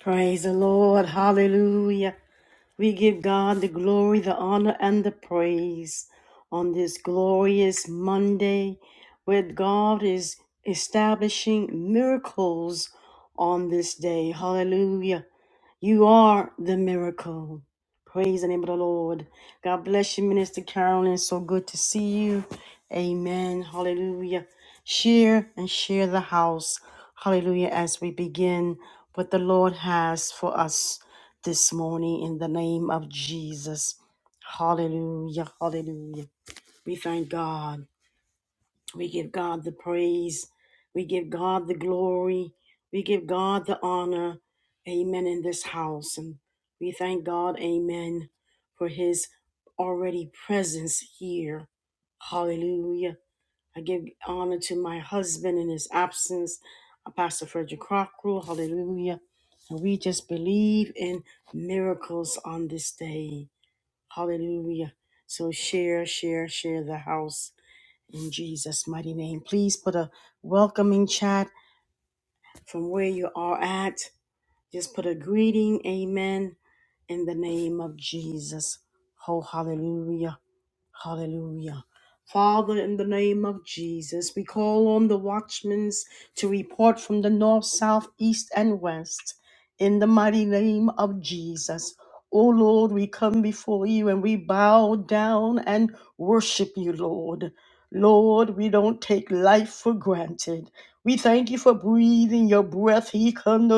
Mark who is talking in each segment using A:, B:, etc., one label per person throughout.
A: Praise the Lord. Hallelujah. We give God the glory, the honor, and the praise on this glorious Monday where God is establishing miracles on this day. Hallelujah. You are the miracle. Praise the name of the Lord. God bless you, Minister Carolyn. So good to see you. Amen. Hallelujah. Share and share the house. Hallelujah. As we begin what the Lord has for us this morning in the name of Jesus. Hallelujah. Hallelujah. We thank God. We give God the praise. We give God the glory. We give God the honor. Amen. In this house. And we thank God, amen, for his already presence here. Hallelujah. I give honor to my husband in his absence, uh, Pastor Frederick Crocker. Hallelujah. And we just believe in miracles on this day. Hallelujah. So share, share, share the house in Jesus' mighty name. Please put a welcoming chat from where you are at. Just put a greeting, amen, in the name of Jesus. Oh, hallelujah, Hallelujah. Father, in the name of Jesus, we call on the watchmen to report from the north, south, east, and west. In the mighty name of Jesus. O Lord, we come before you and we bow down and worship you, Lord. Lord, we don't take life for granted. We thank you for breathing your breath, He in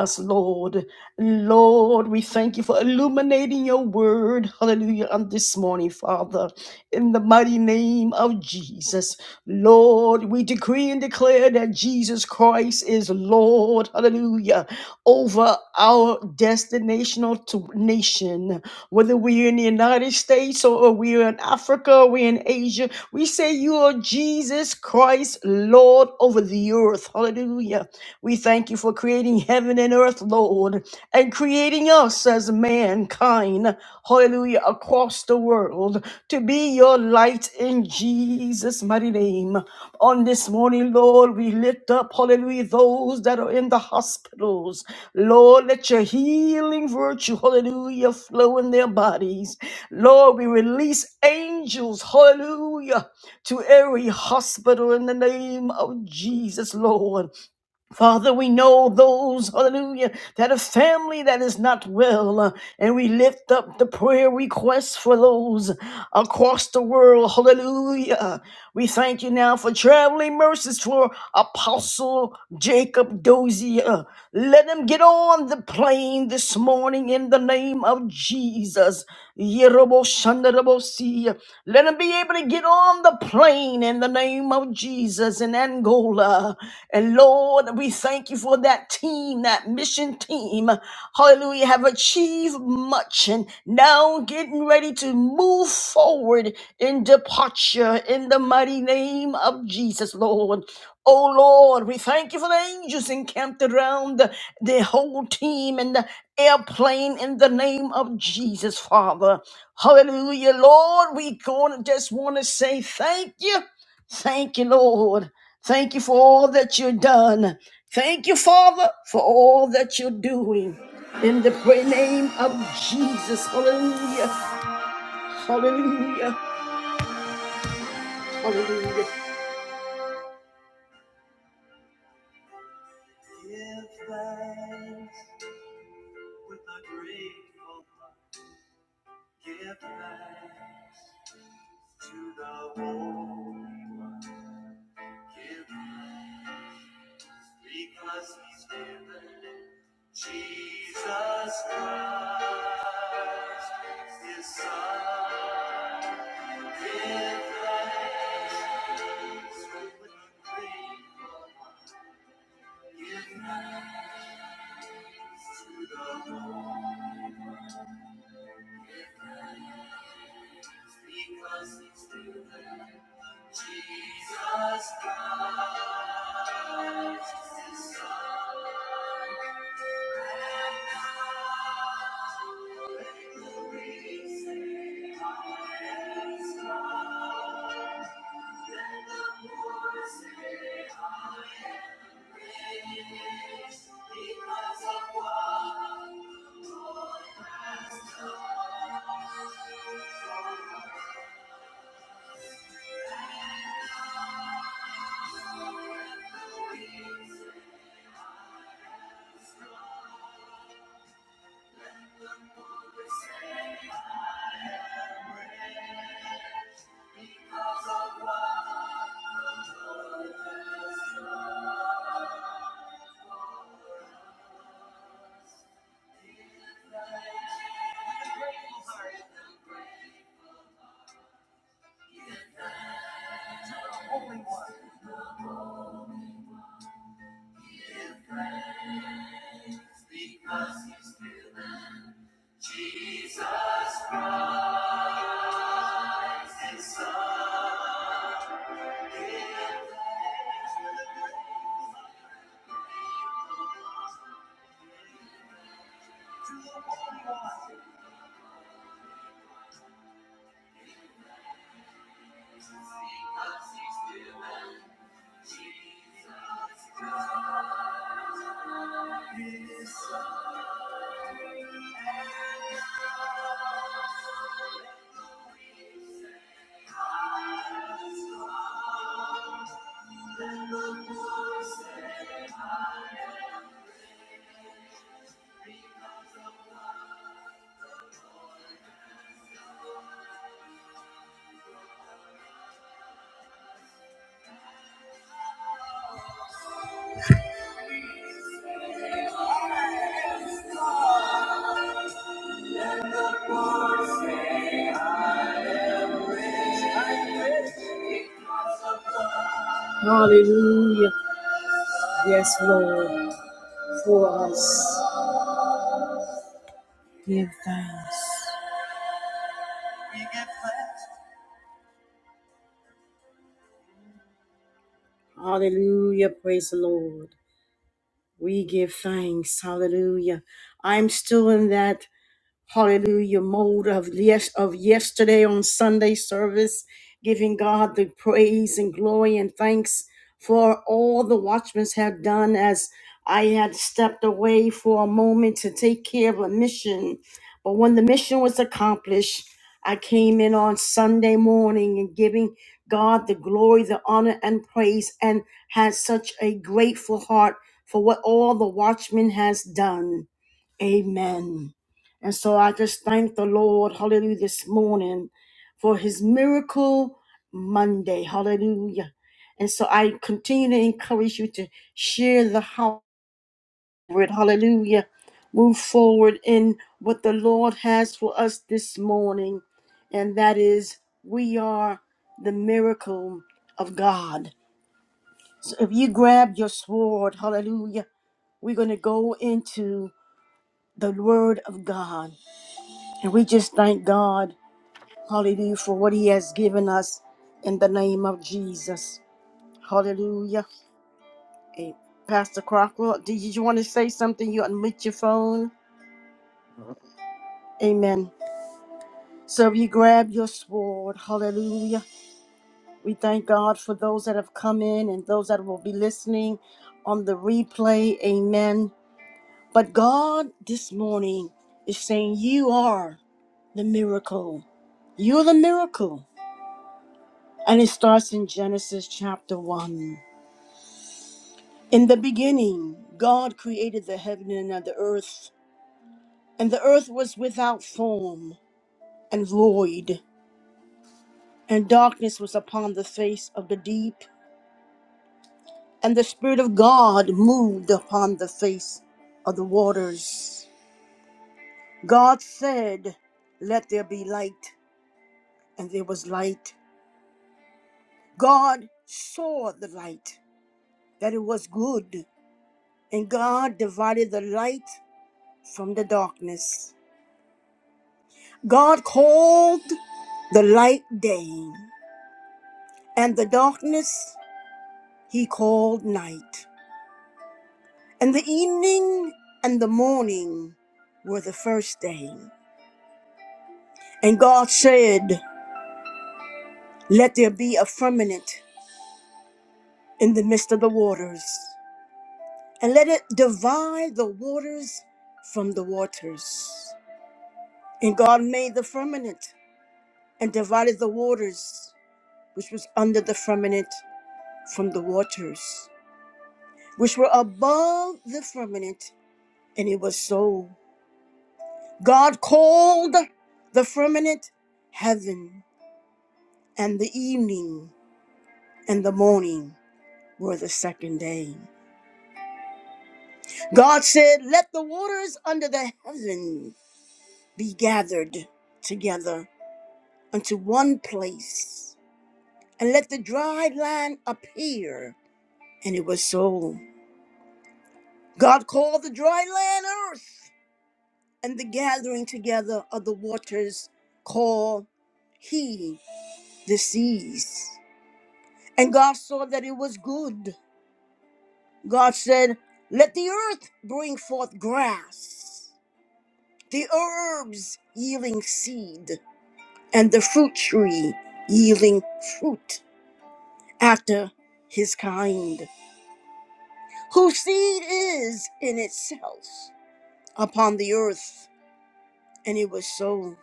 A: us, Lord. Lord, we thank you for illuminating your word. Hallelujah. On this morning, Father, in the mighty name of Jesus. Lord, we decree and declare that Jesus Christ is Lord. Hallelujah over our destinational to nation, whether we're in the United States or we're in Africa, we're in Asia. We say you are Jesus Christ, Lord over the earth. Hallelujah. We thank you for creating heaven and earth, Lord, and creating us as mankind. Hallelujah. Across the world to be your light in Jesus' mighty name. On this morning, Lord, we lift up, hallelujah, those that are in the hospitals. Lord, let your healing virtue, hallelujah, flow in their bodies. Lord, we release angels, hallelujah, to every hospital in the name of Jesus, Lord. Father, we know those, hallelujah, that a family that is not well, uh, and we lift up the prayer requests for those across the world, hallelujah. We thank you now for traveling mercies for Apostle Jacob Dozier. Let them get on the plane this morning in the name of Jesus. Yeroboshandarabosi. Let them be able to get on the plane in the name of Jesus in Angola. And Lord, we thank you for that team, that mission team. Hallelujah, have achieved much and now getting ready to move forward in departure in the mighty name of Jesus, Lord. Oh Lord, we thank you for the angels encamped around the, the whole team and the airplane in the name of Jesus, Father. Hallelujah, Lord. We gonna just want to say thank you. Thank you, Lord. Thank you for all that you've done. Thank you, Father, for all that you're doing. In the pray- name of Jesus. Hallelujah. Hallelujah. Hallelujah. Hallelujah. Yes, Lord, for us. Give thanks. Hallelujah. Praise the Lord. We give thanks. Hallelujah. I'm still in that. hallelujah mode of yes of yesterday on Sunday service, giving God the praise and glory and thanks for all the watchmen have done as I had stepped away for a moment to take care of a mission. But when the mission was accomplished, I came in on Sunday morning and giving God the glory, the honor, and praise, and had such a grateful heart for what all the watchmen has done. Amen. And so I just thank the Lord, hallelujah, this morning for his miracle Monday. Hallelujah. And so I continue to encourage you to share the house. word, Hallelujah. Move forward in what the Lord has for us this morning. And that is, we are the miracle of God. So if you grab your sword, hallelujah, we're going to go into the word of God. And we just thank God, hallelujah, for what He has given us in the name of Jesus. Hallelujah. Eh, Pastor Crocker, did you want to say something? You unmute your phone. Amen. So you grab your sword. Hallelujah. We thank God for those that have come in and those that will be listening on the replay. Amen. But God this morning is saying, You are the miracle. You're the miracle. And it starts in Genesis chapter 1. In the beginning, God created the heaven and the earth, and the earth was without form and void, and darkness was upon the face of the deep, and the Spirit of God moved upon the face of the waters. God said, Let there be light, and there was light. God saw the light, that it was good, and God divided the light from the darkness. God called the light day, and the darkness he called night. And the evening and the morning were the first day. And God said, Let there be a firmament in the midst of the waters, and let it divide the waters from the waters. And God made the firmament and divided the waters which was under the firmament from the waters. which were above the firmament, and it was so. God called the firmament heaven, and the evening and the morning were the second day. God said, Let the waters under the heaven be gathered together unto one place, and let the dry land appear. And it was so. God called the dry land earth, and the gathering together of the waters called he the seas. And God saw that it was good. God said, Let the earth bring forth grass, the herbs yielding seed, and the fruit tree yielding fruit after his kind, whose seed is in itself upon the earth. And it was so.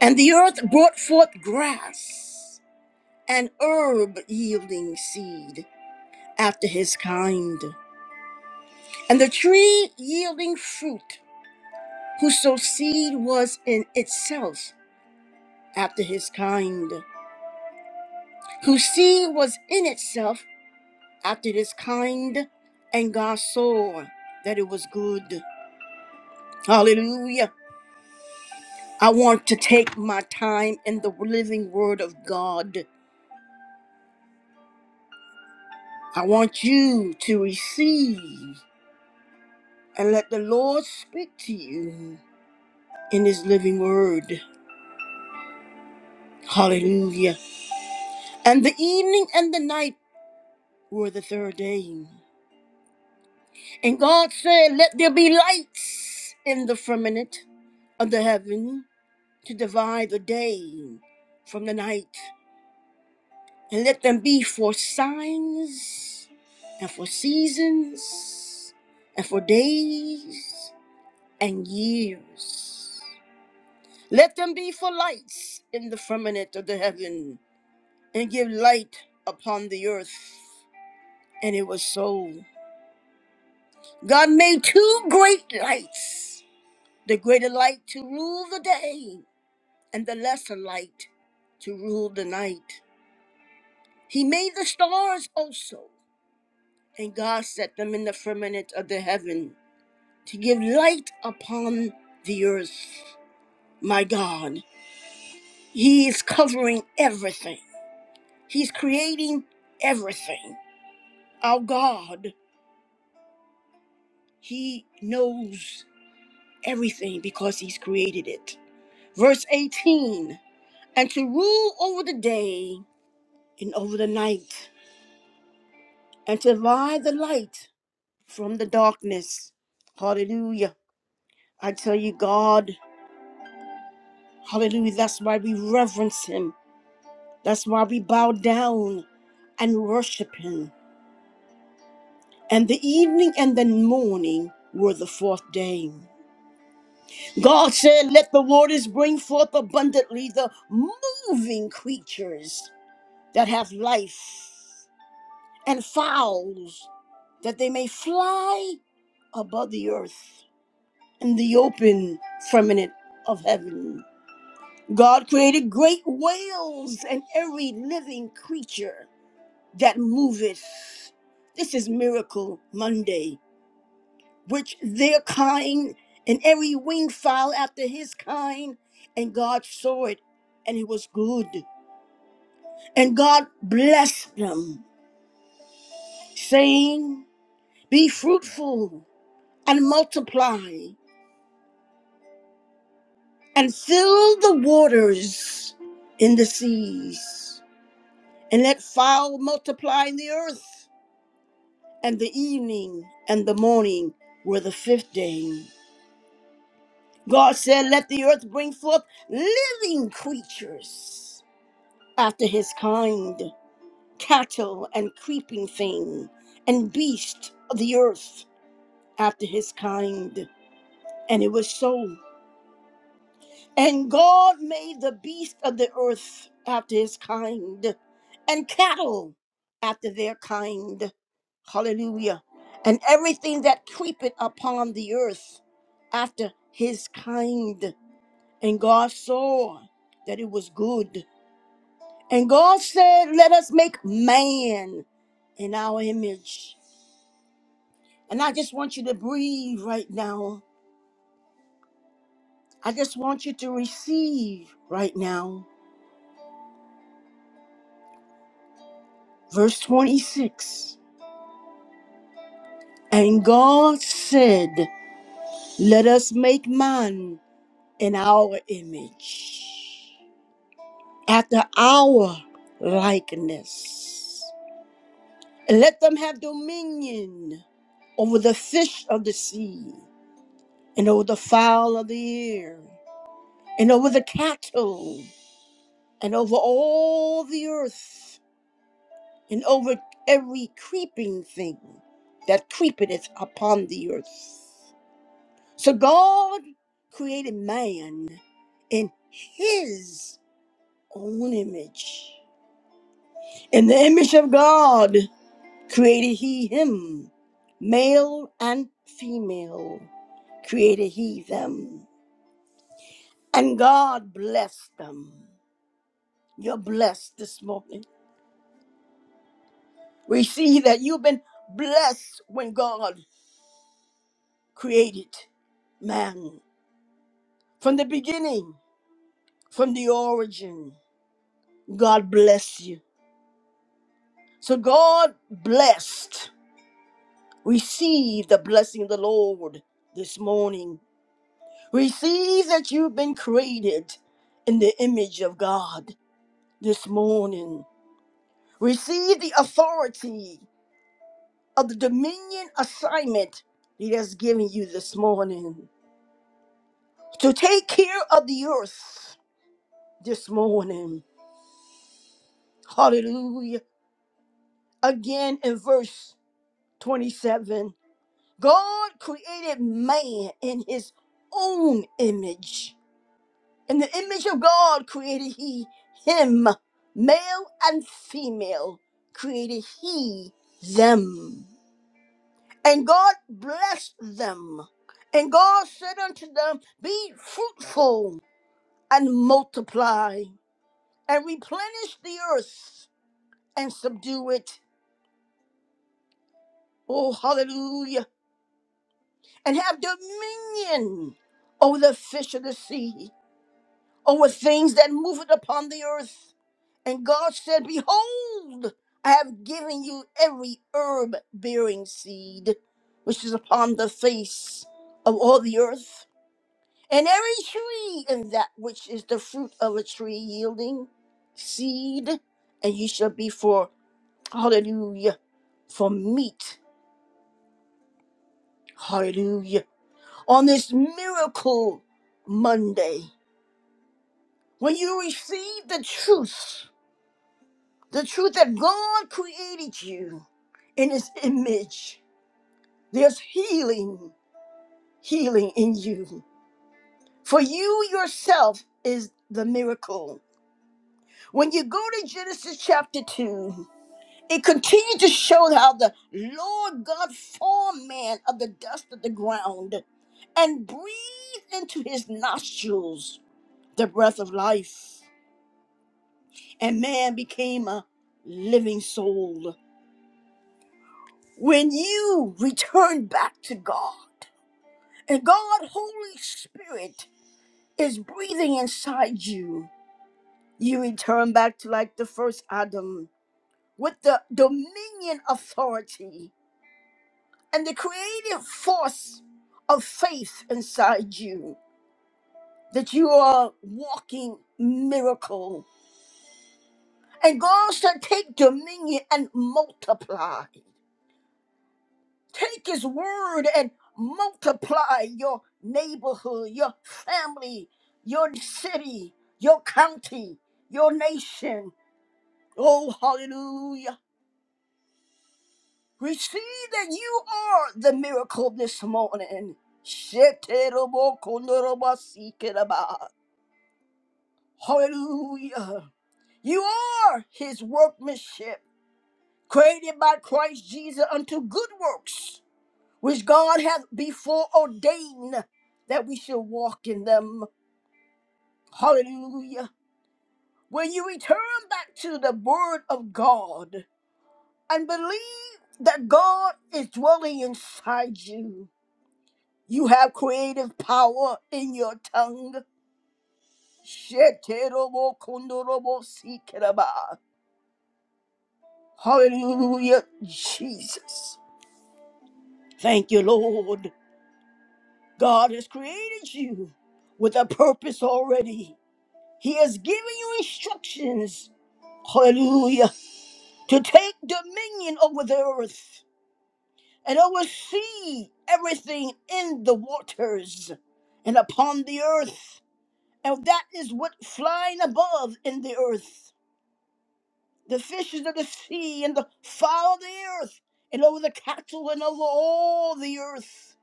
A: And the earth brought forth grass an herb yielding seed after his kind, and the tree yielding fruit, whose seed was in itself after his kind, whose seed was in itself after his kind, and God saw that it was good. Hallelujah. I want to take my time in the living word of God. I want you to receive and let the Lord speak to you. in his living word. Hallelujah. And the evening and the night were the third day. And God said, Let there be lights in the firmament of the heaven to divide the day from the night, and let them be for signs and for seasons and for days and years. Let them be for lights in the firmament of the heaven and give light upon the earth. And it was so. God made two great lights the greater light to rule the day, and the lesser light to rule the night. He made the stars also, and God set them in the firmament of the heaven to give light upon the earth. My God, He is covering everything, He's creating everything. Our God, He knows everything because he's created it. Verse 18 And to rule over the day and over the night, and to divide the light from the darkness. Hallelujah. I tell you, God, hallelujah. That's why we reverence him. That's why we bow down and worship him. And the evening and the morning were the fourth day. God said, Let the waters bring forth abundantly the moving creatures. that have life, and fowls that they may fly above the earth in the open firmament of heaven. God created great whales and every living creature that moveth. This is Miracle Monday, which their kind and every winged fowl after his kind. And God saw it, and it was good. And God blessed them, saying, Be fruitful and multiply and fill the waters in the seas. And let fowl multiply in the earth. And the evening and the morning were the fifth day. God said, Let the earth bring forth living creatures after his kind, cattle and creeping thing, and beast of the earth after his kind. And it was so. And God made the beast of the earth after his kind, and cattle after their kind. Hallelujah. And everything that creepeth upon the earth after his kind. And God saw that it was good. And God said, Let us make man in our image. And I just want you to breathe right now. I just want you to receive right now. Verse 26. And God said, Let us make man in our image, after our likeness. And let them have dominion over the fish of the sea, and over the fowl of the air, and over the cattle, and over all the earth, and over every creeping thing that creepeth upon the earth. So God created man in his own image. In the image of God created he him. Male and female created he them. And God blessed them. You're blessed this morning. We see that you've been blessed when God created man. From the beginning, from the origin, God bless you. So God blessed. Receive the blessing of the Lord this morning. Receive that you've been created in the image of God this morning. Receive the authority of the dominion assignment He has given you this morning to take care of the earth this morning. Hallelujah. Again in verse 27 God created man in his own image. In the image of God created he him. Male and female created he them. And God blessed them. And God said unto them, Be fruitful and multiply and replenish the earth and subdue it. Oh, hallelujah. And have dominion over the fish of the sea over things that moveth upon the earth. And God said, Behold, I have given you every herb bearing seed which is upon the face of all the earth, and every tree and that which is the fruit of a tree yielding seed, and ye shall be for, hallelujah, for meat, hallelujah. On this miracle Monday, when you receive the truth, The truth that God created you in his image. There's healing, healing in you. For you yourself is the miracle. When you go to Genesis chapter 2, it continues to show how the Lord God formed man of the dust of the ground and breathed into his nostrils the breath of life. And man became a living soul. When you return back to God and God, Holy Spirit, is breathing inside you, you return back to like the first Adam with the dominion authority and the creative force of faith inside you that you are walking miracle. And God shall take dominion and multiply. Take his word and multiply your neighborhood, your family, your city, your county, your nation. Oh, hallelujah. Receive that you are the miracle this morning. Sheterobokondorobasikeraba. Hallelujah. You are his workmanship, created by Christ Jesus unto good works which God hath before ordained that we shall walk in them. Hallelujah. When you return back to the Word of God and believe that God is dwelling inside you, you have creative power in your tongue. Sheterobokundorobosikiraba. Hallelujah, Jesus. Thank you, Lord. God has created you with a purpose already. He has given you instructions, hallelujah, to take dominion over the earth and oversee everything in the waters and upon the earth. And that is what flying above in the earth, the fishes of the sea and the fowl of the earth, and over the cattle and over all the earth.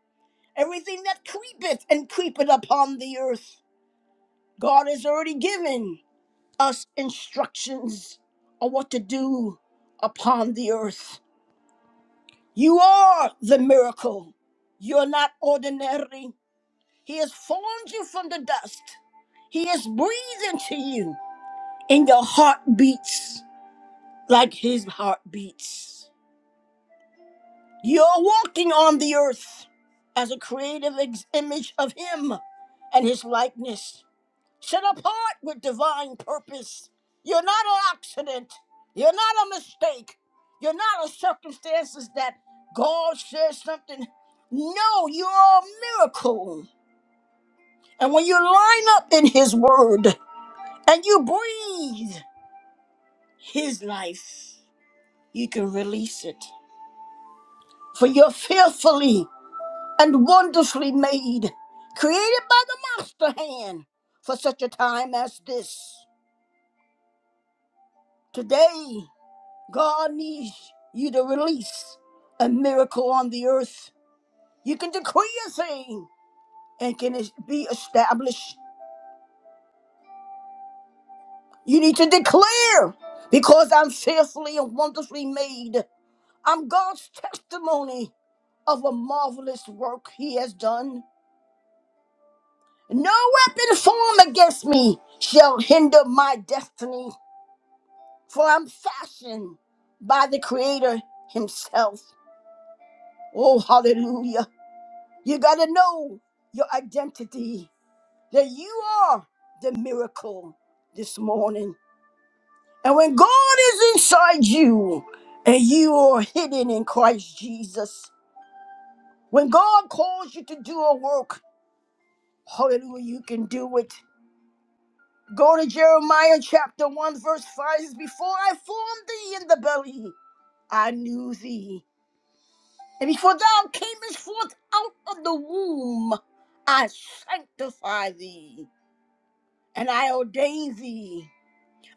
A: Everything that creepeth and creepeth upon the earth, God has already given. us instructions on what to do upon the earth. You are the miracle. You're not ordinary. He has formed you from the dust. He has breathed into you, and your heart beats like his heart beats. You're walking on the earth as a creative ex- image of him and his likeness. set apart with divine purpose. You're not an accident. You're not a mistake. You're not a circumstances that God says something. No, you're a miracle. And when you line up in His Word and you breathe His life, you can release it. For you're fearfully and wonderfully made, created by the master hand for such a time as this. Today, God needs you to release a miracle on the earth. You can decree a thing and can it be established. You need to declare because I'm fearfully and wonderfully made. I'm God's testimony of a marvelous work he has done. No weapon formed against me shall hinder my destiny, for I'm fashioned by the Creator himself. Oh, hallelujah. You got to know your identity that you are the miracle this morning. And when God is inside you and you are hidden in Christ Jesus, when God calls you to do a work, hallelujah, you can do it. Go to Jeremiah chapter 1, verse 5. It says, Before I formed thee in the belly, I knew thee. And before thou camest forth out of the womb, I sanctify thee. and I ordain thee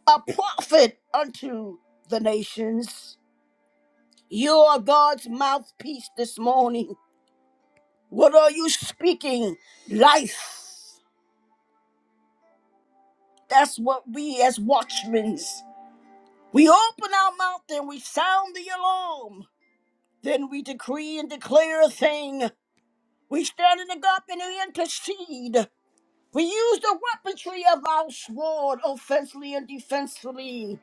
A: a prophet unto the nations. You are God's mouthpiece this morning. What are you speaking? Life. That's what we as watchmen, we open our mouth and we sound the alarm. Then we decree and declare a thing. We stand in the gap and we intercede. We use the weaponry of our sword offensively and defensively.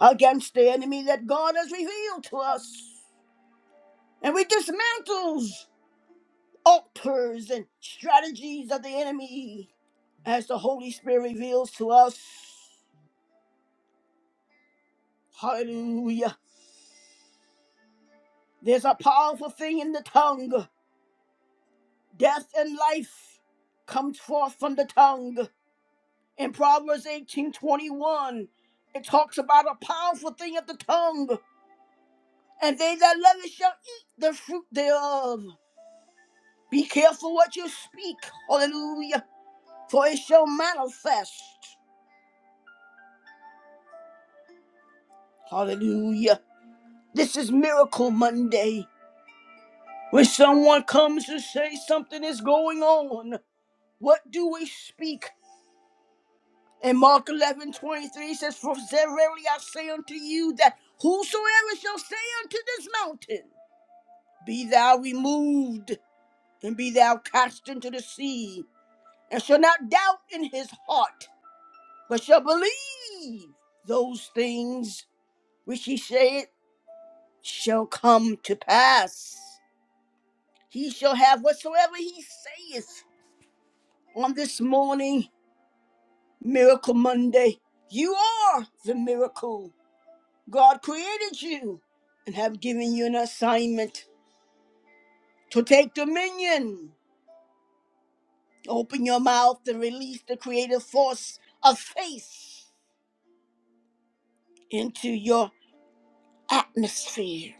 A: against the enemy that God has revealed to us. And we dismantle altars and strategies of the enemy as the Holy Spirit reveals to us. Hallelujah. There's a powerful thing in the tongue. Death and life comes forth from the tongue. In Proverbs 18:21, it talks about a powerful thing of the tongue. And they that love it shall eat the fruit thereof. Be careful what you speak. Hallelujah for it shall manifest. Hallelujah. This is Miracle Monday. When someone comes to say something is going on, what do we speak? And Mark 11:23 says, For verily I say unto you that whosoever shall say unto this mountain, Be thou removed, and be thou cast into the sea, and shall not doubt in his heart, but shall believe those things which he said." shall come to pass. He shall have whatsoever he saith. On this morning, Miracle Monday, you are the miracle. God created you and have given you an assignment to take dominion. Open your mouth and release the creative force of faith into your atmosphere,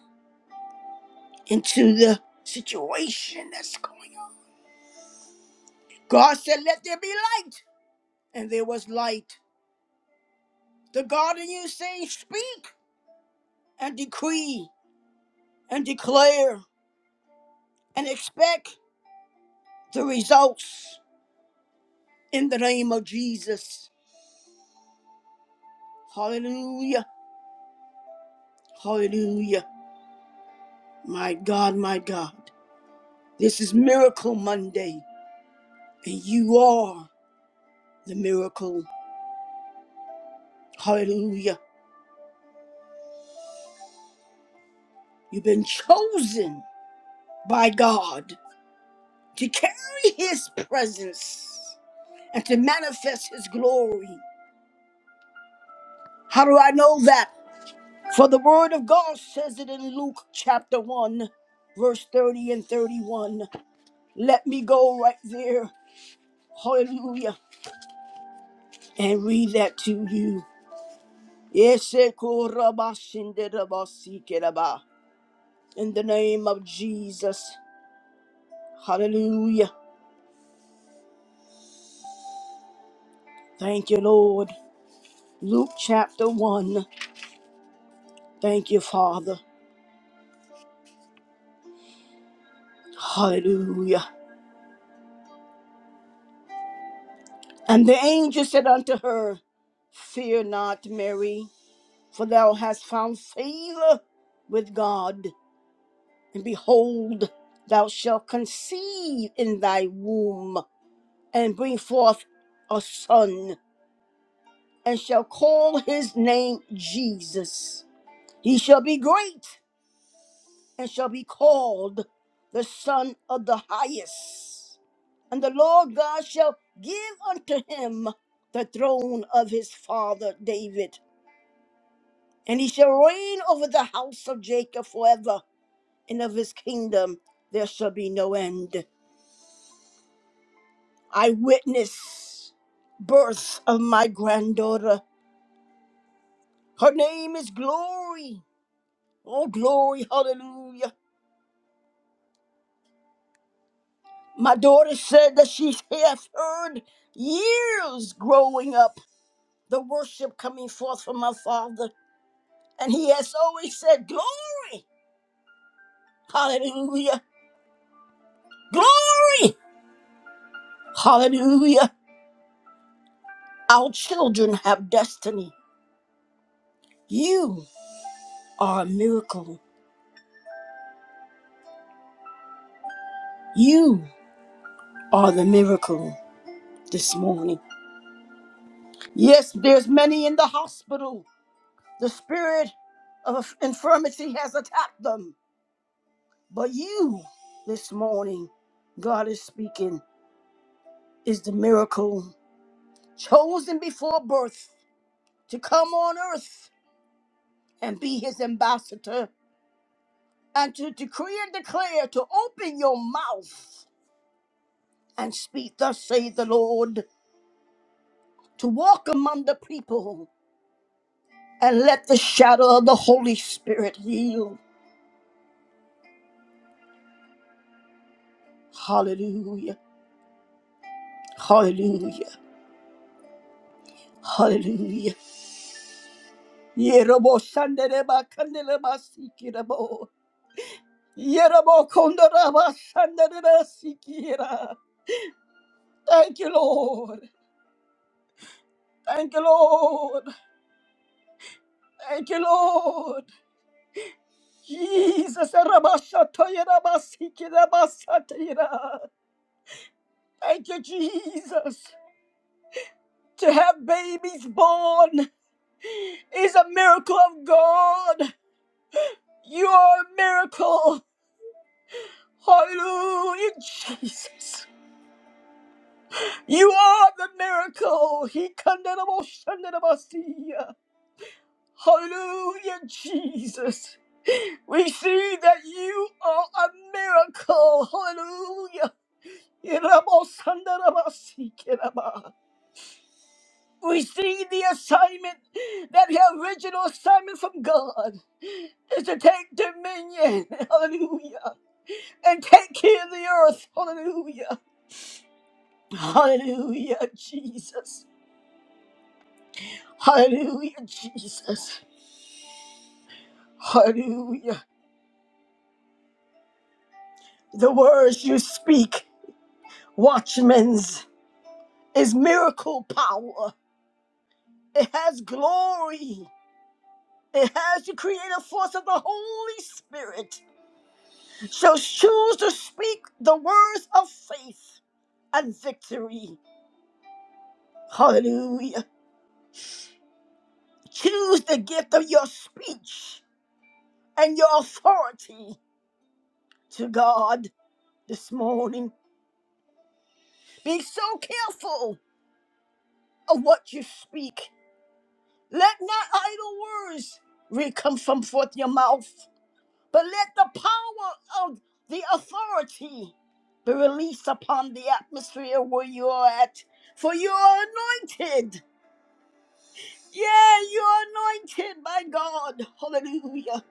A: into the situation that's going on. God said, Let there be light, and there was light. The God in you says, speak and decree and declare and expect the results in the name of Jesus. Hallelujah. Hallelujah. My God, my God. This is Miracle Monday, and you are the miracle. Hallelujah. You've been chosen by God to carry His presence and to manifest His glory. How do I know that? For the word of God says it in Luke chapter 1, verse 30 and 31. Let me go right there. Hallelujah. And read that to you. Ese korabashinderabasikeraba. In the name of Jesus. Hallelujah. Thank you, Lord. Luke chapter 1. Thank you, Father. Hallelujah. And the angel said unto her, Fear not, Mary for thou hast found favor with God. And behold, thou shalt conceive in thy womb and bring forth a son, and shall call his name Jesus. He shall be great and shall be called the Son of the Highest. And the Lord God shall give unto him the throne of his father David, and he shall reign over the house of Jacob forever and of his kingdom there shall be no end. I witness birth of my granddaughter. Her name is Glory. Oh, glory, hallelujah. My daughter said that she has heard years growing up the worship coming forth from my father. And he has always said, Glory, hallelujah, glory, hallelujah. Our children have destiny. You are a miracle. You are the miracle this morning. Yes, there's many in the hospital. The spirit of infirmity has attacked them. But you this morning, God is speaking, is the miracle chosen before birth to come on earth and be his ambassador and to decree and declare to open your mouth and speak, thus saith the Lord, to walk among the people and let the shadow of the Holy Spirit heal Hallelujah. Hallelujah. Hallelujah. Yerobo shandereba kandeleba sikirabo. Yerobo kondoraba shandereba sikira. Thank you, Lord. Thank you, Lord. Thank you, Lord. Jesus. eraba shatoyeraba sikiraba satira. Thank you, Jesus. To have babies born is a miracle of God. You are a miracle. Hallelujah, Jesus. You are the miracle. He kandarabosandarabasiya. Hallelujah, Jesus. We see that you are a miracle. Hallelujah. Irabosandarabasikeraba. We see the assignment that the original assignment from God is to take dominion. Hallelujah. And take care of the earth. Hallelujah. Hallelujah, Jesus. Hallelujah, Jesus. Hallelujah. The words you speak, watchmen's, is miracle power. It has glory. It has the creative force of the Holy Spirit. So choose to speak the words of faith and victory. Hallelujah. Choose the gift of your speech and your authority to God this morning. Be so careful of what you speak Let not idle words re- come from forth your mouth, but let the power of the authority be released upon the atmosphere where you are at. For you are anointed. Yeah, you are anointed by God. Hallelujah.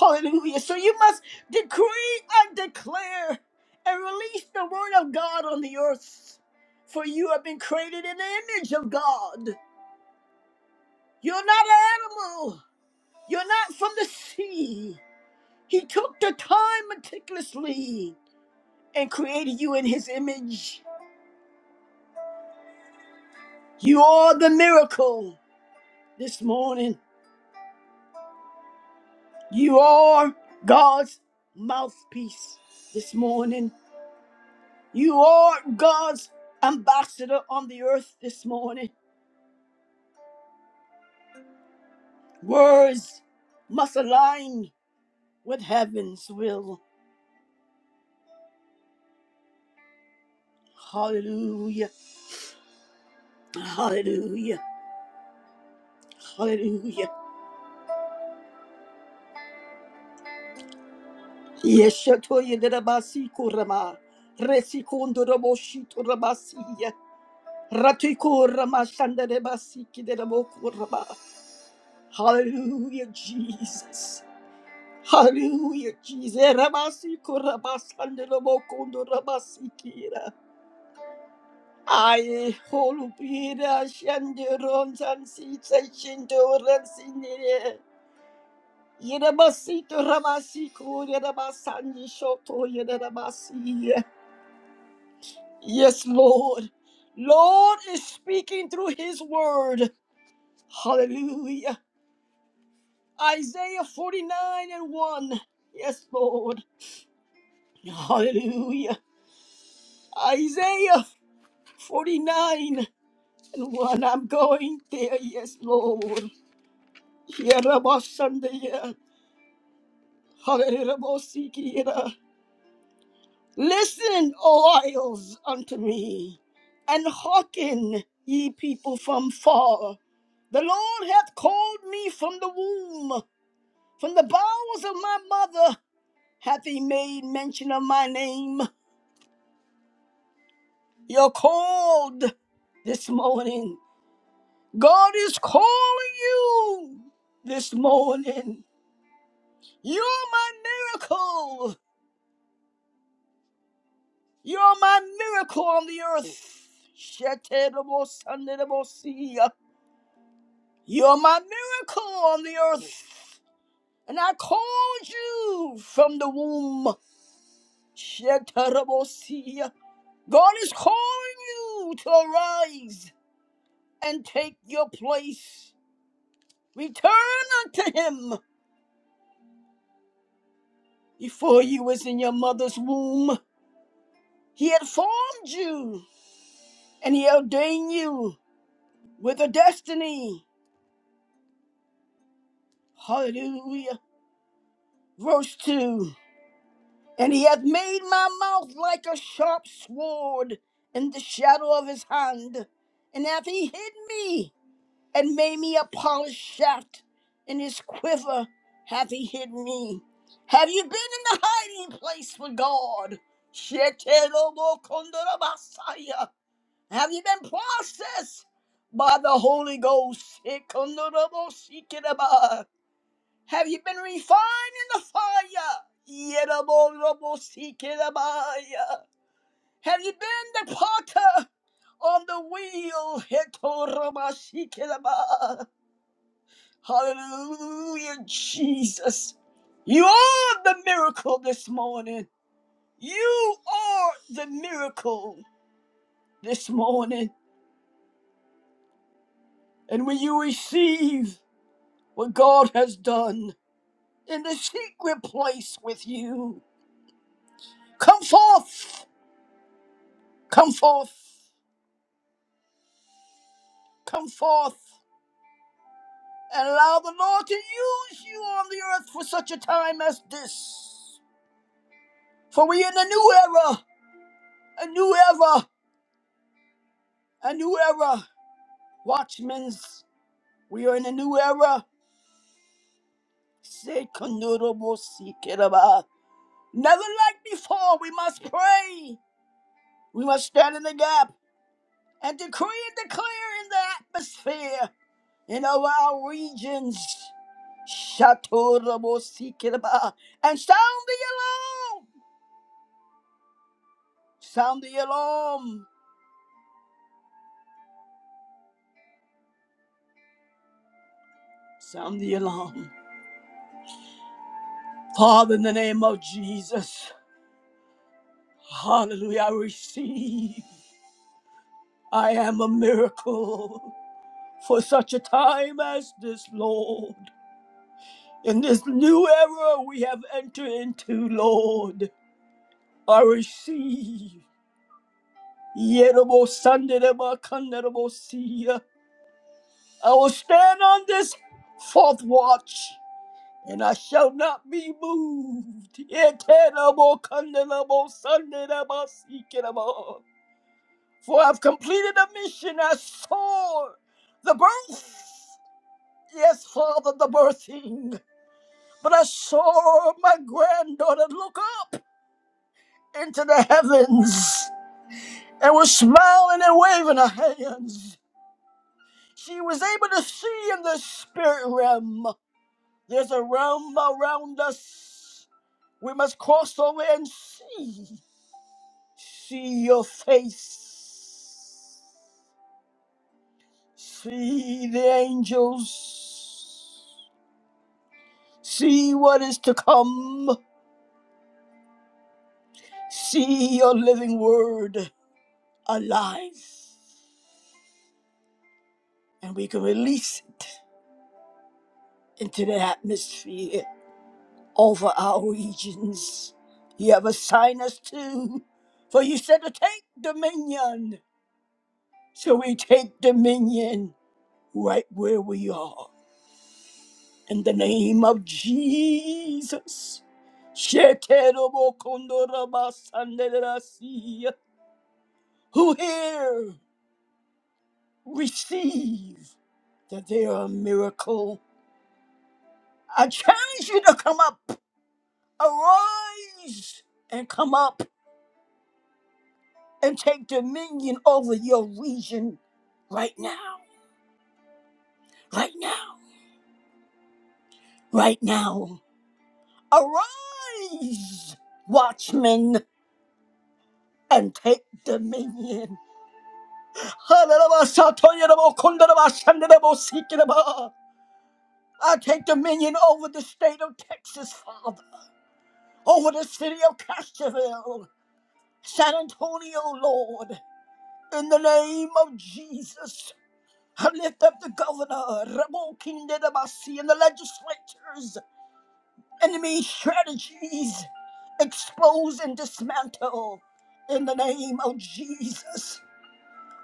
A: Hallelujah. So you must decree and declare and release the word of God on the earth. For you have been created in the image of God. You're not an animal. You're not from the sea. He took the time meticulously and created you in his image. You are the miracle this morning. You are God's mouthpiece this morning. You are God's ambassador on the earth this morning. Words must align with heaven's will. Hallelujah. Hallelujah. Hallelujah. Yeshatoye derabasi kurama. Resikundo raboshi turabasiya. Ratiko ramashanda rebasi kiderabo kurama. Hallelujah, Jesus. Hallelujah, Jesus. Rabasi kurabasanda rabokundo rabasi kira. Aye, holupira shanduron sansi sashindoran sinire. Yerabasi turabasi kurabasandi shoto yerabasiya. Yes, Lord. Lord is speaking through his word. Hallelujah. Isaiah 49 and 1. Yes, Lord. Hallelujah. Isaiah 49 and 1. I'm going there. Yes, Lord. Hallelujah. Listen, O isles, unto me, and hearken, ye people from far. The Lord hath called me from the womb, from the bowels of my mother hath he made mention of my name. You're called this morning. God is calling you this morning. You're my miracle. You're my miracle on the earth. Shetable, You're my miracle on the earth, and I called you from the womb. Shetarabosia. God is calling you to arise and take your place. Return unto Him before you was in your mother's womb. He had formed you, and He ordained you with a destiny. Hallelujah. Verse 2. And he hath made my mouth like a sharp sword in the shadow of his hand. And hath he hid me, and made me a polished shaft. In his quiver hath he hid me. Have you been in the hiding place with God? Shetelobokondorabasaya. Have you been processed by the Holy Ghost? Sekondorobosikiraba. Have you been refined in the fire? Yeraborobosikirabaya. Have you been the potter on the wheel? Hetorabasikiraba. Hallelujah, Jesus. You are the miracle this morning. You are the miracle this morning. And when you receive what God has done in the secret place with you, come forth, come forth. Come forth and allow the Lord to use you on the earth for such a time as this. For we are in a new era, a new era, a new era. Watchmen, we are in a new era. Say "Kanurobo-sikeraba." Never like before, we must pray. We must stand in the gap and decree and declare in the atmosphere, in all our regions. Shatorabo Sikiraba and sound the alarm Sound the alarm. Sound the alarm. Father, in the name of Jesus, hallelujah, I receive. I am a miracle for such a time as this, Lord. In this new era we have entered into, Lord, I receive. Yerobo Sandereba Kanderebo Sia. I will stand on this fourth watch and I shall not be moved. Yekerabo kandelabo sandelabo sikerabo. For I've completed the mission. I saw the birth. Yes, Father, the birthing. But I saw my granddaughter look up into the heavens and was smiling and waving her hands. She was able to see in the spirit realm. There's a realm around us we must cross over and see. See your face. See the angels. See what is to come. See your living word alive. And we can release it into the atmosphere over our regions. You have assigned us to, for you said to take dominion. So we take dominion right where we are. In the name of Jesus. Sheterobokondorabasanderasia. Who here receive that they are a miracle? I challenge you to come up. Arise and come up and take dominion over your region right now. Right now. Right now. Arise, watchmen, and take dominion. I take dominion over the state of Texas, Father, over the city of Castroville, San Antonio, Lord. In the name of Jesus, I lift up the governor, Rabo Kinderabasi, and the legislatures, enemy strategies, expose and dismantle. In the name of Jesus,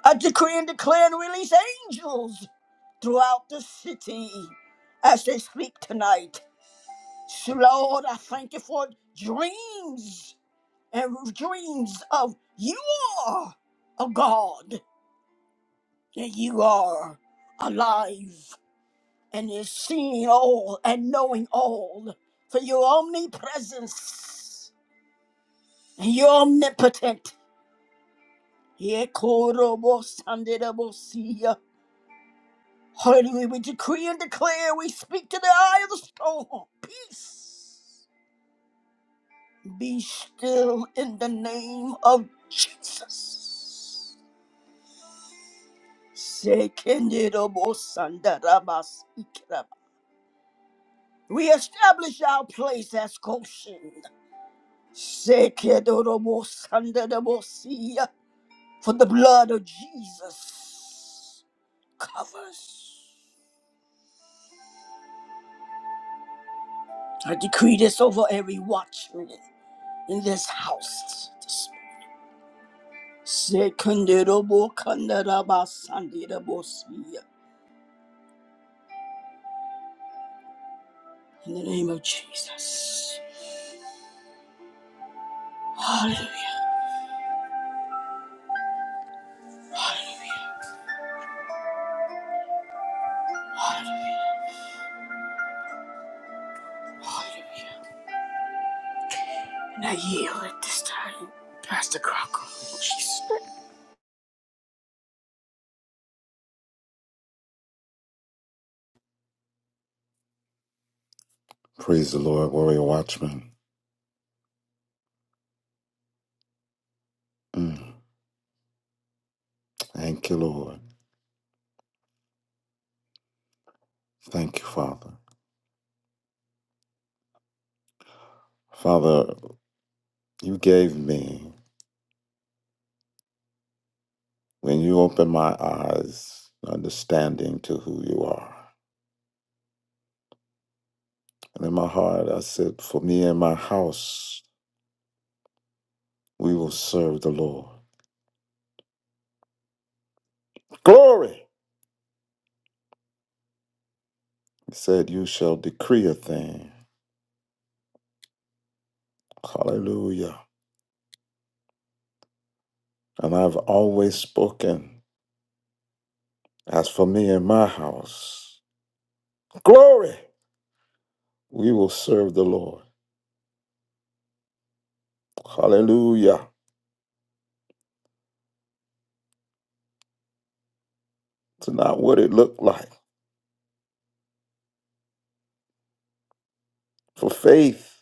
A: I decree and declare and release angels. throughout the city as they sleep tonight. So, Lord, I thank you for dreams and dreams of you are a God, and you are alive and is seeing all and knowing all for your omnipresence and your omnipotent. Yekorobosanderebosia. Hallelujah. We decree and declare, we speak to the eye of the storm. Peace. Be still in the name of Jesus. Sekenderabosandarabasikeraba. We establish our place as Goshen. Sekedorobosandarabosia. For the blood of Jesus covers. I decree this over every watchman in this house. Sekenderobokandarabasandarabosia. In the name of Jesus. Hallelujah. Hallelujah. Hallelujah. Hallelujah. And I yield at this time, Pastor Crocker. Jesus.
B: Praise the Lord, warrior watchman. Mm. Thank you, Lord. Thank you, Father. Father, you gave me, when you opened my eyes, understanding to who you are. And in my heart, I said, For me and my house, we will serve the Lord. Glory! He said, You shall decree a thing. Hallelujah. And I've always spoken, As for me and my house, glory! We will serve the Lord. Hallelujah. to not what it looked like. For faith,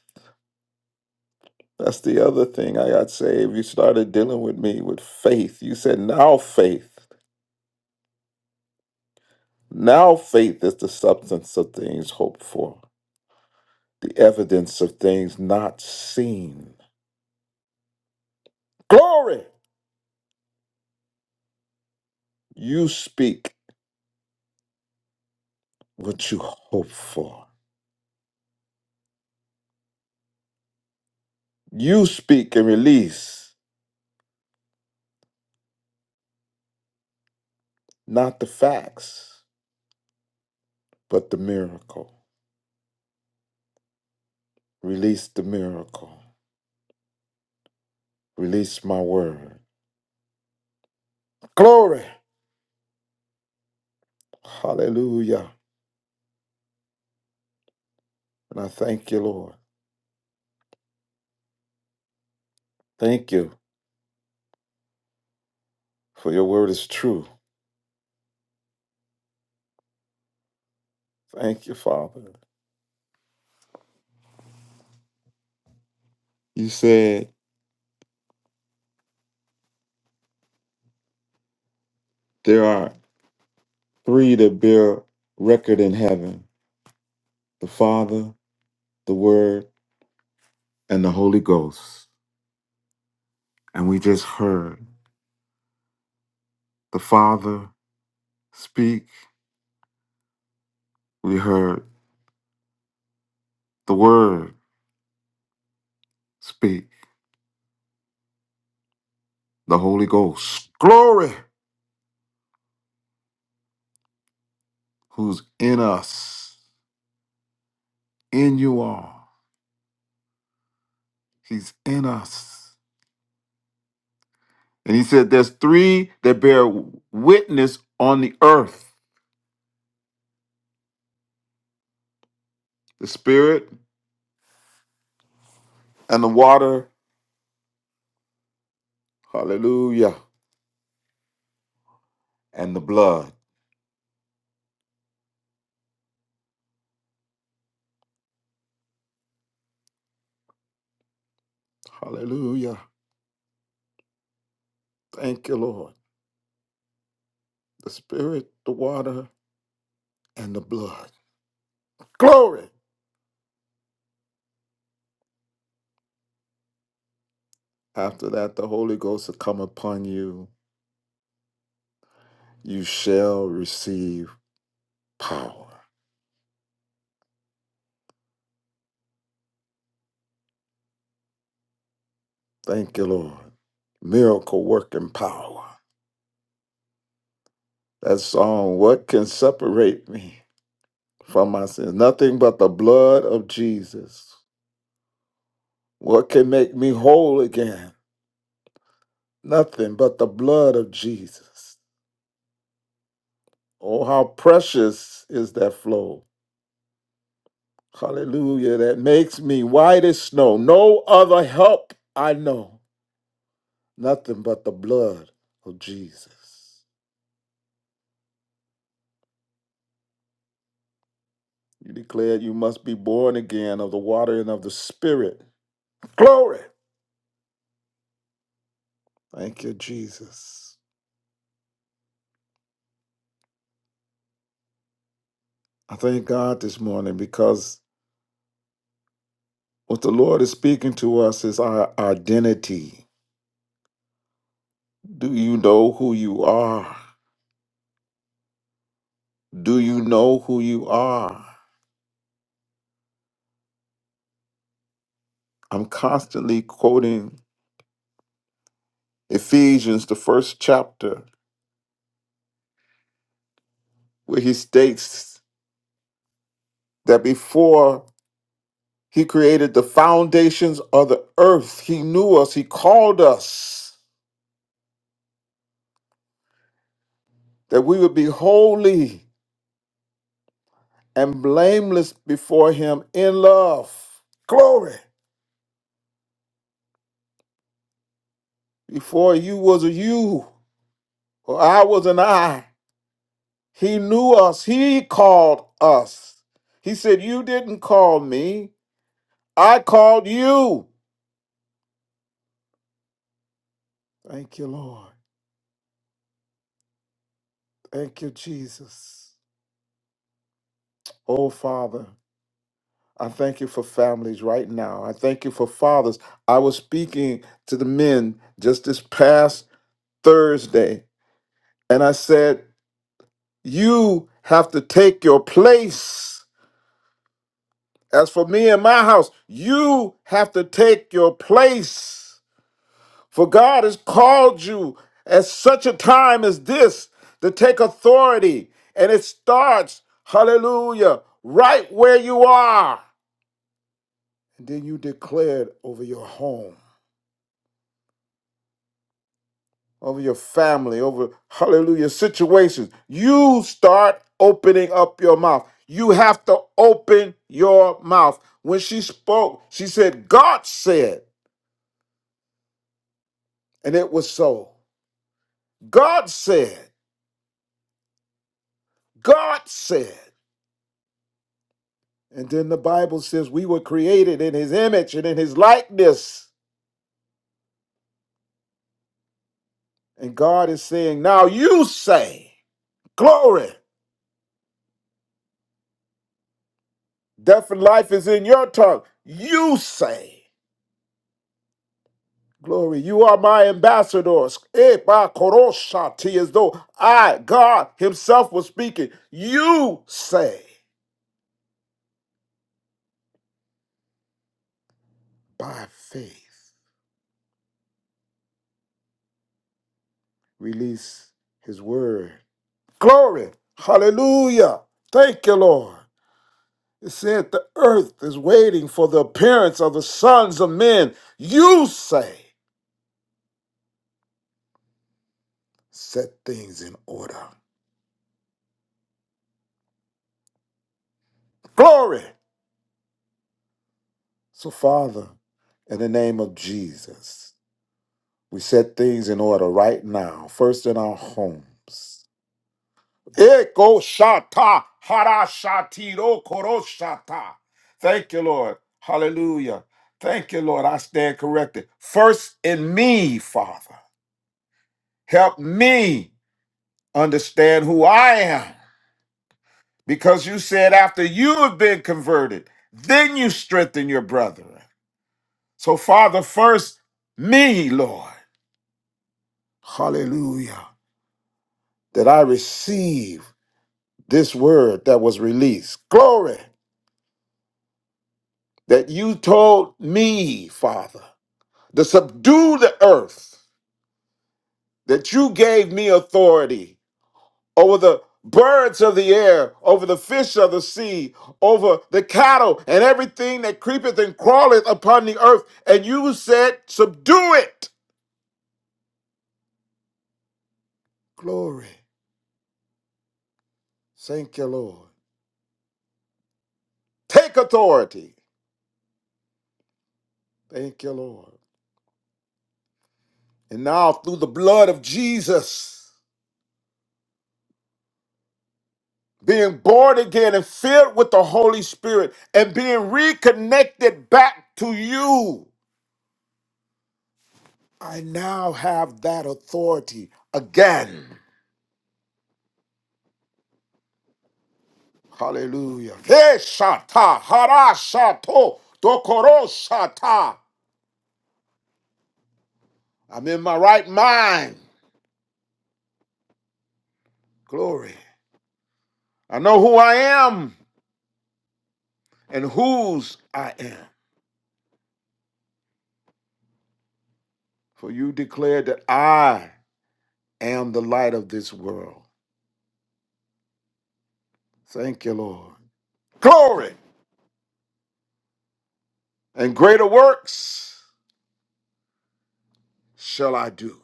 B: that's the other thing I got saved. You started dealing with me with faith. You said, now faith. Now faith is the substance of things hoped for, the evidence of things not seen. Glory! You speak what you hope for. You speak and release not the facts, but the miracle. Release the miracle. Release my word. Glory! Hallelujah. And I thank you, Lord. Thank you for your word is true. Thank you, Father. You said there are three that bear record in heaven the Father, the Word, and the Holy Ghost. And we just heard the Father speak. We heard the Word speak. The Holy Ghost, glory, who's in us, in you all. He's in us. And he said, There's three that bear witness on the earth the Spirit and the water. Hallelujah. And the blood. Hallelujah. Thank you, Lord. The Spirit, the water, and the blood. Glory. After that, the Holy Ghost will come upon you. You shall receive power. Thank you, Lord. Miracle working power. That song, What Can Separate Me from My Sins? Nothing but the blood of Jesus. What can make me whole again? Nothing but the blood of Jesus. Oh, how precious is that flow. Hallelujah. That makes me white as snow. No other help I know. Nothing but the blood of Jesus. You declared you must be born again of the water and of the Spirit. Glory. Thank you, Jesus. I thank God this morning because what the Lord is speaking to us is our identity Do you know who you are? Do you know who you are? I'm constantly quoting Ephesians, the first chapter, where he states that before he created the foundations of the earth, he knew us, he called us, that we would be holy and blameless before him in love. Glory! Before you was a you, or I was an I. He knew us. He called us. He said, You didn't call me. I called you. Thank you, Lord. Thank you, Jesus. Oh, Father, I thank you for families right now. I thank you for fathers. I was speaking to the men just this past Thursday, and I said, You have to take your place. As for me and my house, you have to take your place. For God has called you at such a time as this to take authority. And it starts, hallelujah, right where you are. And then you declare it over your home, over your family, over, hallelujah, situations. You start opening up your mouth. You have to open your mouth. When she spoke, she said, God said, and it was so. God said, God said. And then the Bible says we were created in his image and in his likeness. And God is saying, Now you say, Glory, death and life is in your tongue. You say, Glory, you are my ambassadors. Eh, ba koroshati, As though I, God Himself, was speaking. You say, By faith, release His word. Glory, hallelujah. Thank you, Lord. It said the earth is waiting for the appearance of the sons of men. You say, set things in order. Glory. So, Father, in the name of Jesus, we set things in order right now, first in our homes. Eko shata hara shatiro koro shata. Thank you, Lord. Hallelujah. Thank you, Lord. I stand corrected. First in me, Father. Help me understand who I am Because you said after you have been converted, then you strengthen your brethren. So, Father, first me, Lord. Hallelujah. That I receive this word that was released. Glory. That you told me, Father, to subdue the earth, that you gave me authority over the birds of the air, over the fish of the sea, over the cattle and everything that creepeth and crawleth upon the earth. And you said, Subdue it. Glory. Thank you, Lord. Take authority. Thank you, Lord. And now, through the blood of Jesus, being born again and filled with the Holy Spirit and being reconnected back to you, I now have that authority again. Hallelujah. Hey, shata, hara, shato, dokoro, shata. I'm in my right mind. Glory. I know who I am and whose I am. For you declared that I am the light of this world. Thank you, Lord. Glory. And greater works shall I do.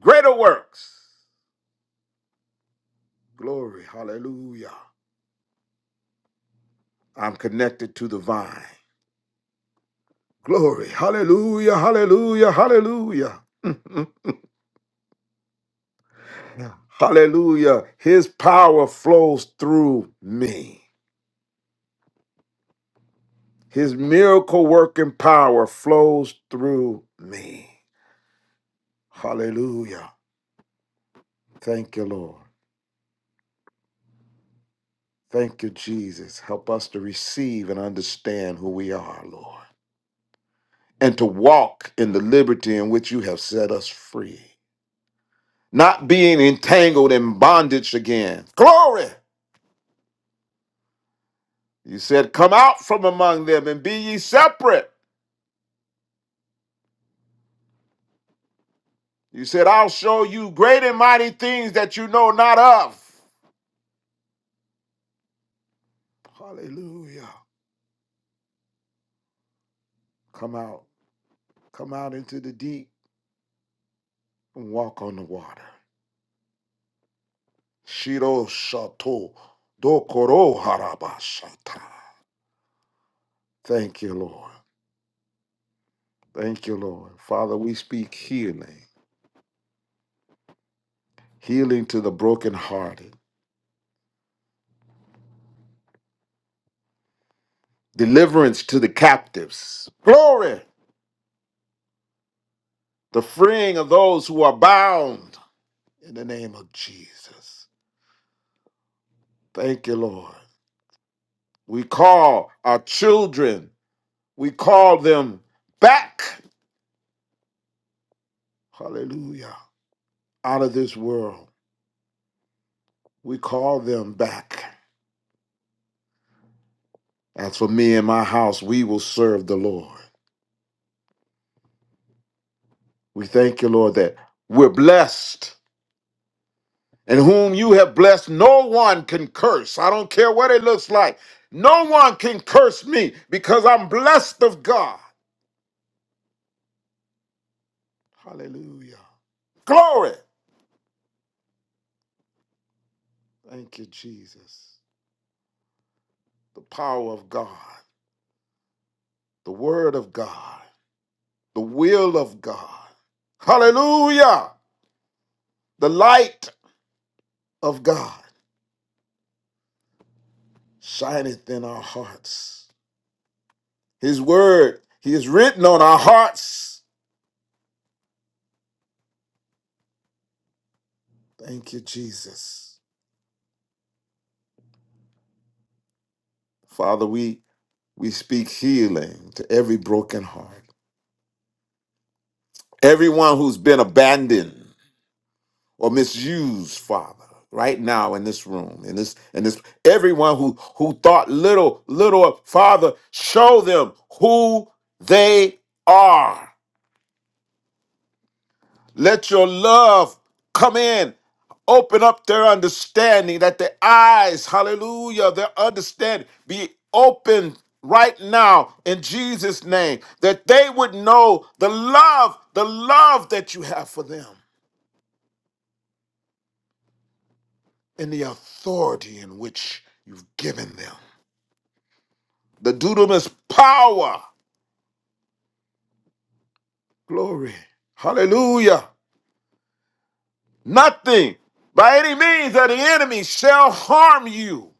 B: Greater works. Glory. Hallelujah. I'm connected to the vine. Glory. Hallelujah. Hallelujah. Hallelujah. Hallelujah. His power flows through me. His miracle working power flows through me. Hallelujah. Thank you, Lord. Thank you, Jesus. Help us to receive and understand who we are, Lord, and to walk in the liberty in which you have set us free, not being entangled in bondage again. Glory. You said, Come out from among them and be ye separate. You said, I'll show you great and mighty things that you know not of. Hallelujah. Come out. Come out into the deep and walk on the water. Shiro Shato Dokoro Harabashata. Thank you, Lord. Thank you, Lord. Father, we speak healing, healing to the brokenhearted, deliverance to the captives. Glory, the freeing of those who are bound in the name of Jesus. Thank you, Lord. We call our children, we call them back. Hallelujah. Out of this world, we call them back. As for me and my house, we will serve the Lord. We thank you, Lord, that we're blessed. And whom you have blessed, no one can curse. I don't care what it looks like. No one can curse me because I'm blessed of God. Hallelujah. Glory. Thank you, Jesus. The power of God, the word of God. the will of God. Hallelujah. The light of God shineth in our hearts. His word, He is written on our hearts. Thank you, Jesus. Father, we, we speak healing to every broken heart, everyone who's been abandoned or misused, Father. Right now in this room, in this, in this, everyone who who thought little, little, of, Father, show them who they are. Let your love come in. Open up their understanding that their eyes, hallelujah, their understanding be open right now in Jesus' name, that they would know the love, the love that you have for them and the authority in which you've given them. The dudamus power. Glory. Hallelujah. Nothing by any means that the enemy shall harm you.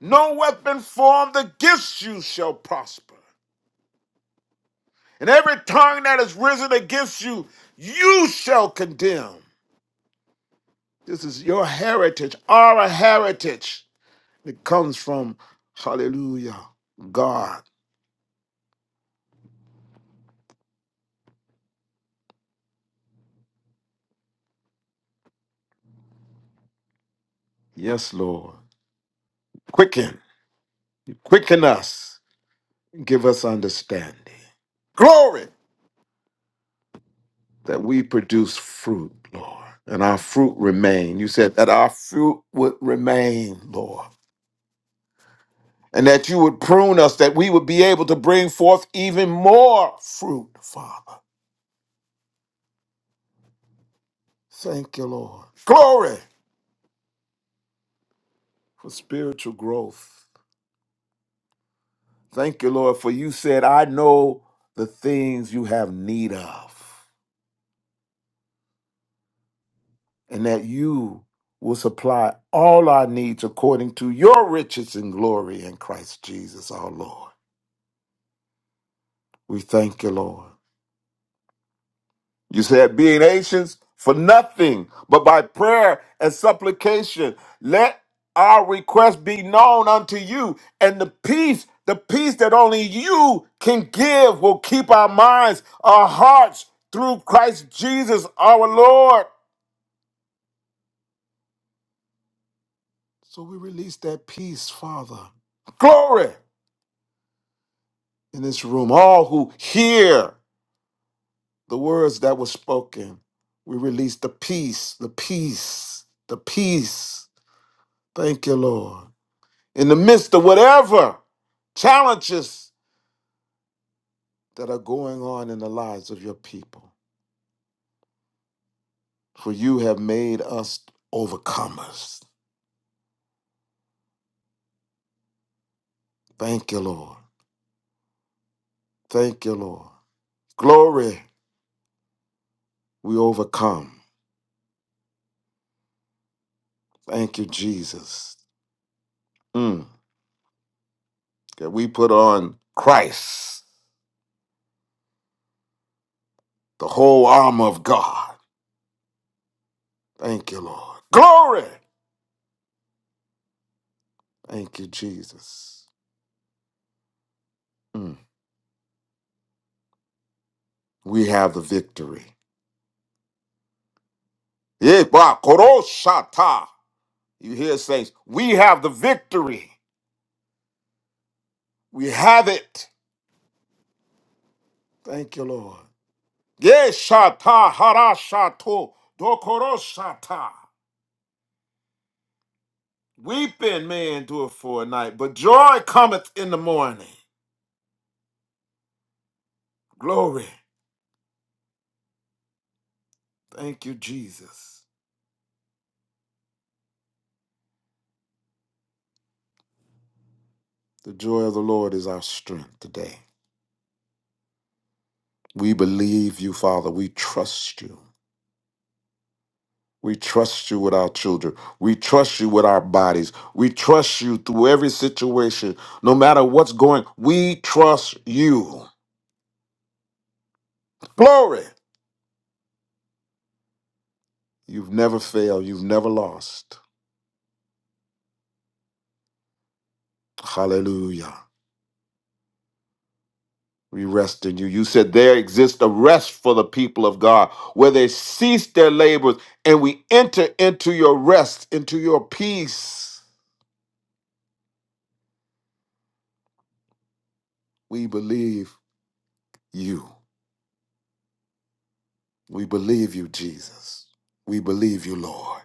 B: No weapon formed against you shall prosper. And every tongue that is risen against you, you shall condemn. This is your heritage, our heritage. It comes from, hallelujah, God. Yes, Lord. Quicken, quicken us, give us understanding. Glory that we produce fruit, Lord, and our fruit remain. You said that our fruit would remain, Lord. and that you would prune us, that we would be able to bring forth even more fruit, Father. Thank you, Lord. Glory for spiritual growth. Thank you, Lord, for you said, I know the things you have need of, and that you will supply all our needs according to your riches and glory in Christ Jesus our Lord. We thank you, Lord. You said, being anxious for nothing, but by prayer and supplication, let our request be known unto you. And the peace, the peace that only you can give, will keep our minds, our hearts through Christ Jesus our Lord. So we release that peace, Father. Glory in this room. All who hear the words that were spoken, we release the peace, the peace, the peace. Thank you, Lord. in the midst of whatever challenges that are going on in the lives of your people. For you have made us overcomers. Thank you, Lord. Thank you, Lord. Glory, we overcome. Thank you, Jesus. Mm, That we put on Christ, the whole armor of God. Thank you, Lord. Glory. Thank you, Jesus. Mm, We have the victory. Yeah, ba- koroshata. You hear, saints? We have the victory. We have it. Thank you, Lord. Yes, shata harashato dokoroshata. Weeping may endure for a night, but joy cometh in the morning. Glory. Thank you, Jesus. The joy of the Lord is our strength today. We believe you, Father. We trust you. We trust you with our children. We trust you with our bodies. We trust you through every situation. No matter what's going, we trust you. Glory. You've never failed. You've never lost. Hallelujah. We rest in you. You said there exists a rest for the people of God where they cease their labors and we enter into your rest, into your peace. We believe you. We believe you, Jesus. We believe you, Lord.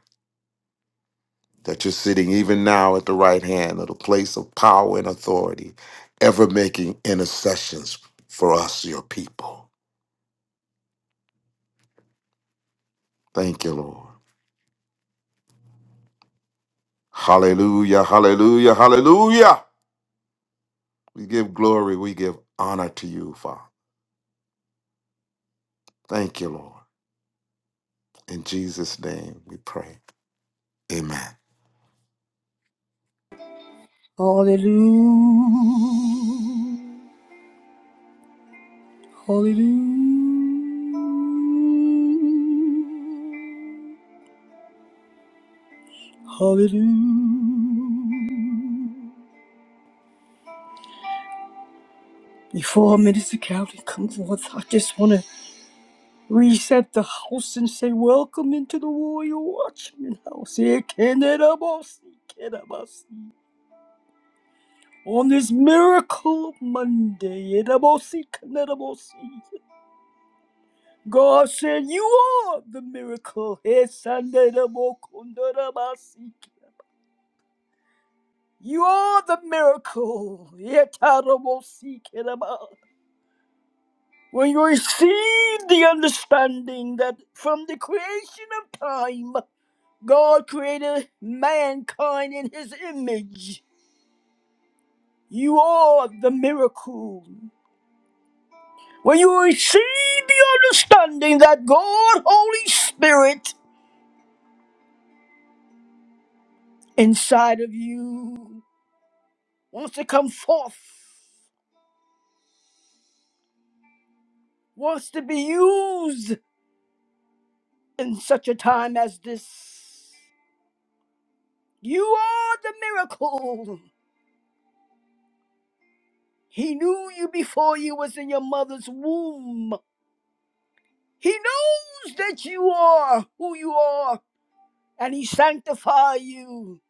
B: that you're sitting even now at the right hand of the place of power and authority, ever making intercessions for us, your people. Thank you, Lord. Hallelujah, hallelujah, hallelujah. We give glory, we give honor to you, Father. Thank you, Lord. In Jesus' name we pray. Amen.
A: Hallelujah. Hallelujah. Hallelujah. Before Minister Calvin comes forth, I just want to reset the house and say, Welcome into the Royal Watchman House. Here, Canada, Boss, Canada Boss. On this miracle Monday, Edabosi Kanadabosi, God said, You are the miracle. Esandedabokundadabasi. You are the miracle. Yetarabosi Kedaba. When you receive the understanding that from the creation of time, God created mankind in his image. You are the miracle. where you receive the understanding that God, Holy Spirit, inside of you wants to come forth, wants to be used in such a time as this. You are the miracle. He knew you before you was in your mother's womb. He knows that you are who you are, and he sanctify you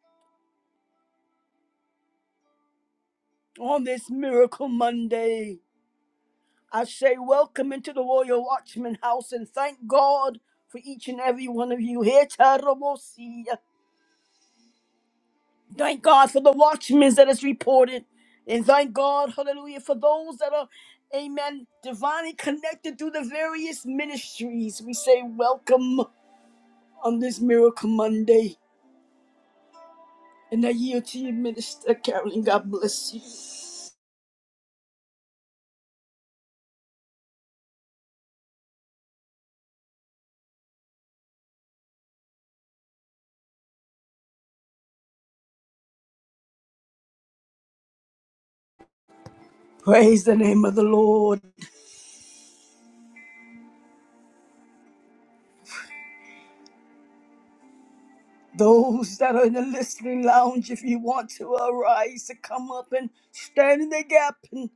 A: on this miracle Monday. I say, welcome into the Royal Watchman House and thank God for each and every one of you here. Tarabosia. Thank God for the watchmen that is reported. And thank God, hallelujah, for those that are, amen, divinely connected through the various ministries. We say, welcome on this Miracle Monday. And I yield to you, Minister Carolyn. God bless you. Praise the name of the Lord. Those that are in the listening lounge, if you want to arise to come up and stand in the gap and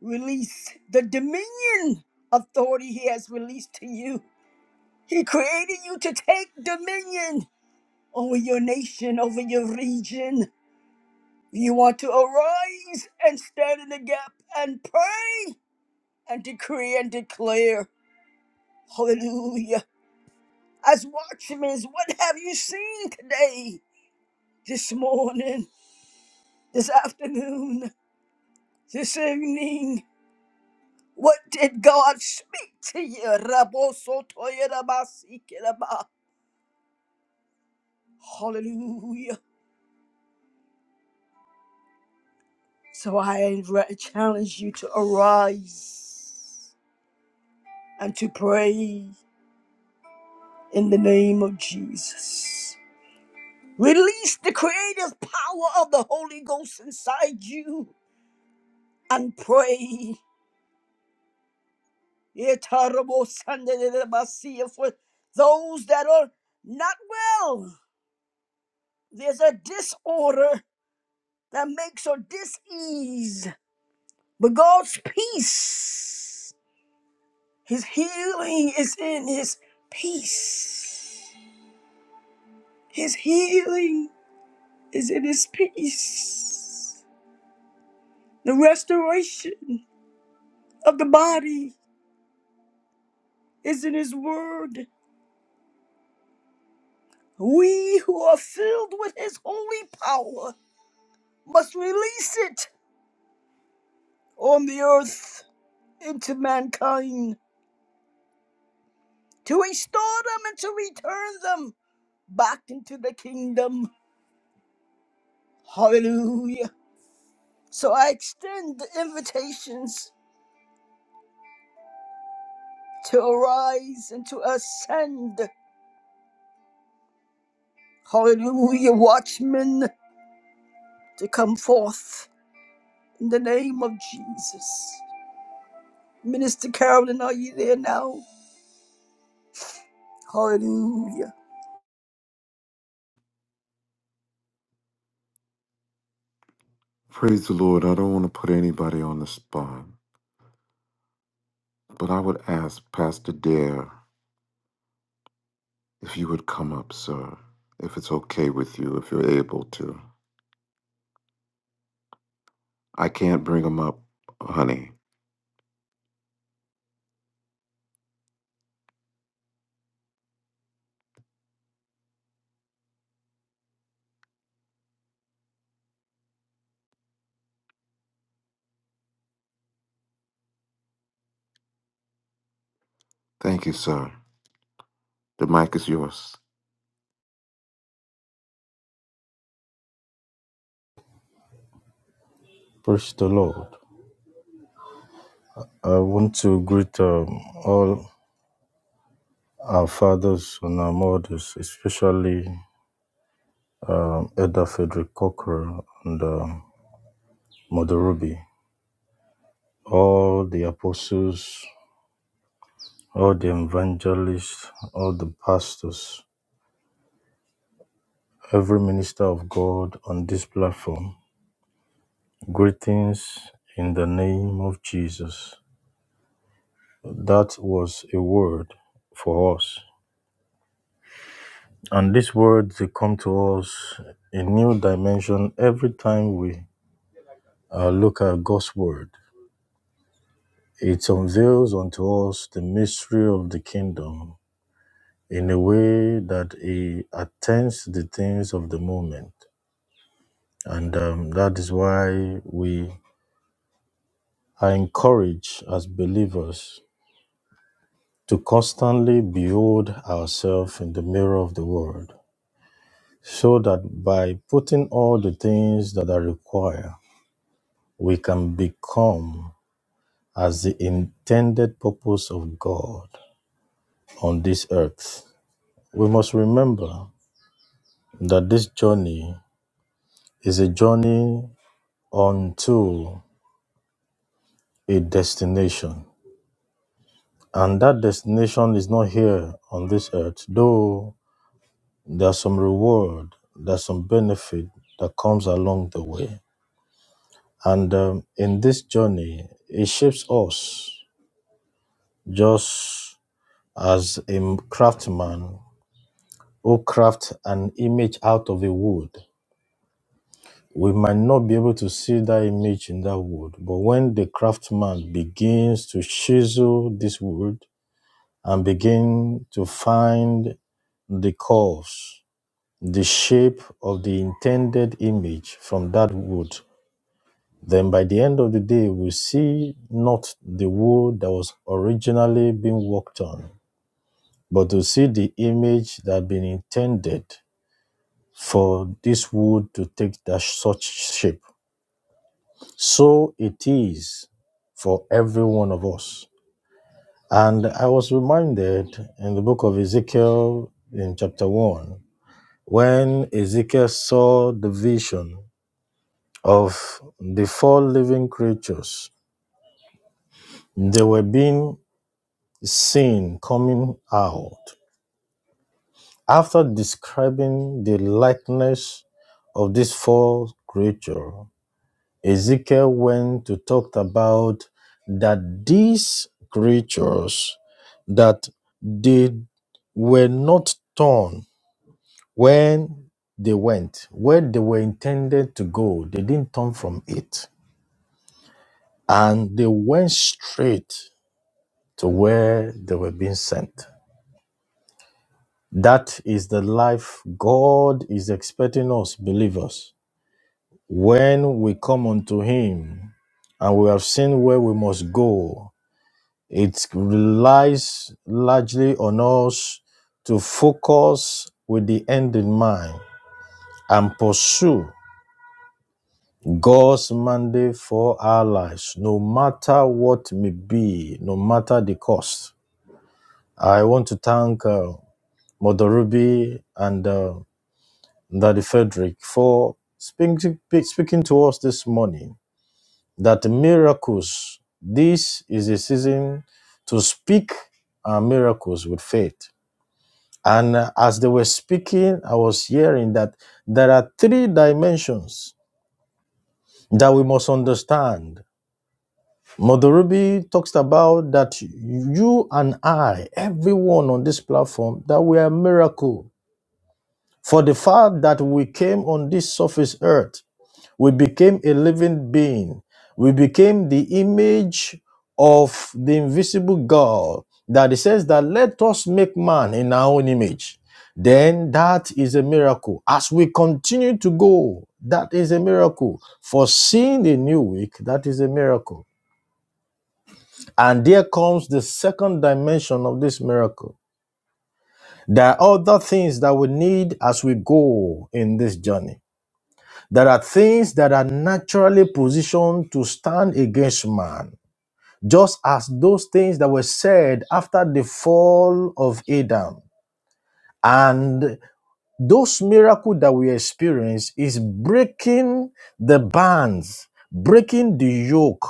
A: release the dominion authority he has released to you. He created you to take dominion over your nation, over your region. You want to arise and stand in the gap and pray and decree and declare. Hallelujah. As watchmen, what have you seen today, this morning, this afternoon? This evening, what did God speak to you? Rabosotoyerabasikeraba. Hallelujah. So I re- challenge you to arise and to pray in the name of Jesus. Release the creative power of the Holy Ghost inside you and pray. Yetarabosanderabasi. For those that are not well, there's a disorder that makes your dis-ease. But God's peace, his healing is in his peace. His healing is in his peace. The restoration of the body is in his word. We who are filled with his holy power must release it on the earth into mankind to restore them and to return them back into the kingdom. Hallelujah. So I extend the invitations to arise and to ascend. Hallelujah, watchmen, to come forth in the name of Jesus. Minister Carolyn, are you there now? Hallelujah.
B: Praise the Lord. I don't want to put anybody on the spot, but I would ask Pastor Dare if you would come up, sir, if it's okay with you, if you're able to. I can't bring them up, honey. Thank you, sir. The mic is yours.
C: Praise the Lord. I want to greet um, all our fathers and our mothers, especially um, Elder Frederick Cockrell and um, Mother Ruby, all the apostles, all the evangelists, all the pastors, every minister of God on this platform. Greetings in the name of Jesus. That was a word for us. And these words, they come to us a new dimension every time we uh, look at God's word. It unveils unto us the mystery of the kingdom in a way that it attends to the things of the moment. And um, that is why we are encouraged as believers to constantly behold ourselves in the mirror of the word, so that by putting all the things that are required, we can become as the intended purpose of God on this earth. We must remember that this journey is a journey unto a destination. And that destination is not here on this earth, though there's some reward, there's some benefit that comes along the way. And um, in this journey, it shapes us just as a craftsman who craft an image out of a wood. We might not be able to see that image in that wood, but when the craftsman begins to chisel this wood and begin to find the curves, the shape of the intended image from that wood, then by the end of the day, we see not the wood that was originally being worked on, but to see the image that had been intended for this wood to take that such shape. So it is for every one of us. And I was reminded in the book of Ezekiel in chapter 1, when Ezekiel saw the vision of the four living creatures, they were being seen coming out. After describing the likeness of these four creatures, Ezekiel went to talk about that these creatures that they were not torn when they went where they were intended to go they didn't turn from it and they went straight to where they were being sent that is the life god is expecting us believers when we come unto him and we have seen where we must go It relies largely on us to focus with the end in mind and pursue God's mandate for our lives, no matter what may be, no matter the cost. I want to thank uh, Mother Ruby and uh, Daddy Frederick for speaking, speaking to us this morning that miracles, this is a season to speak our miracles with faith. And uh, as they were speaking, I was hearing that there are three dimensions that we must understand. Mother Ruby talks about that you and I, everyone on this platform, that we are a miracle for the fact that we came on this surface earth We became a living being. We became the image of the invisible God. That it says that let us make man in our own image. Then that is a miracle. As we continue to go, that is a miracle. For seeing the new week, that is a miracle. And there comes the second dimension of this miracle. There are other things that we need as we go in this journey. There are things that are naturally positioned to stand against man, just as those things that were said after the fall of Adam. And those miracles that we experience is breaking the bands, breaking the yoke,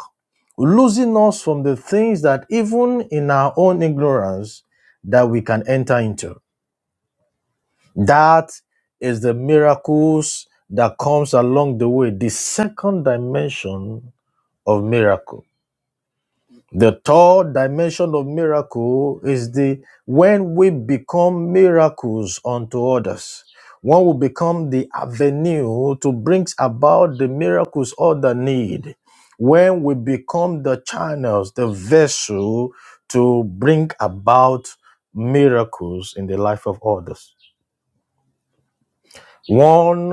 C: losing us from the things that even in our own ignorance that we can enter into. That is the miracles that comes along the way. The second dimension of miracle. The third dimension of miracle is the when we become miracles unto others. One will become the avenue to bring about the miracles others need. When we become the channels, the vessel to bring about miracles in the life of others. One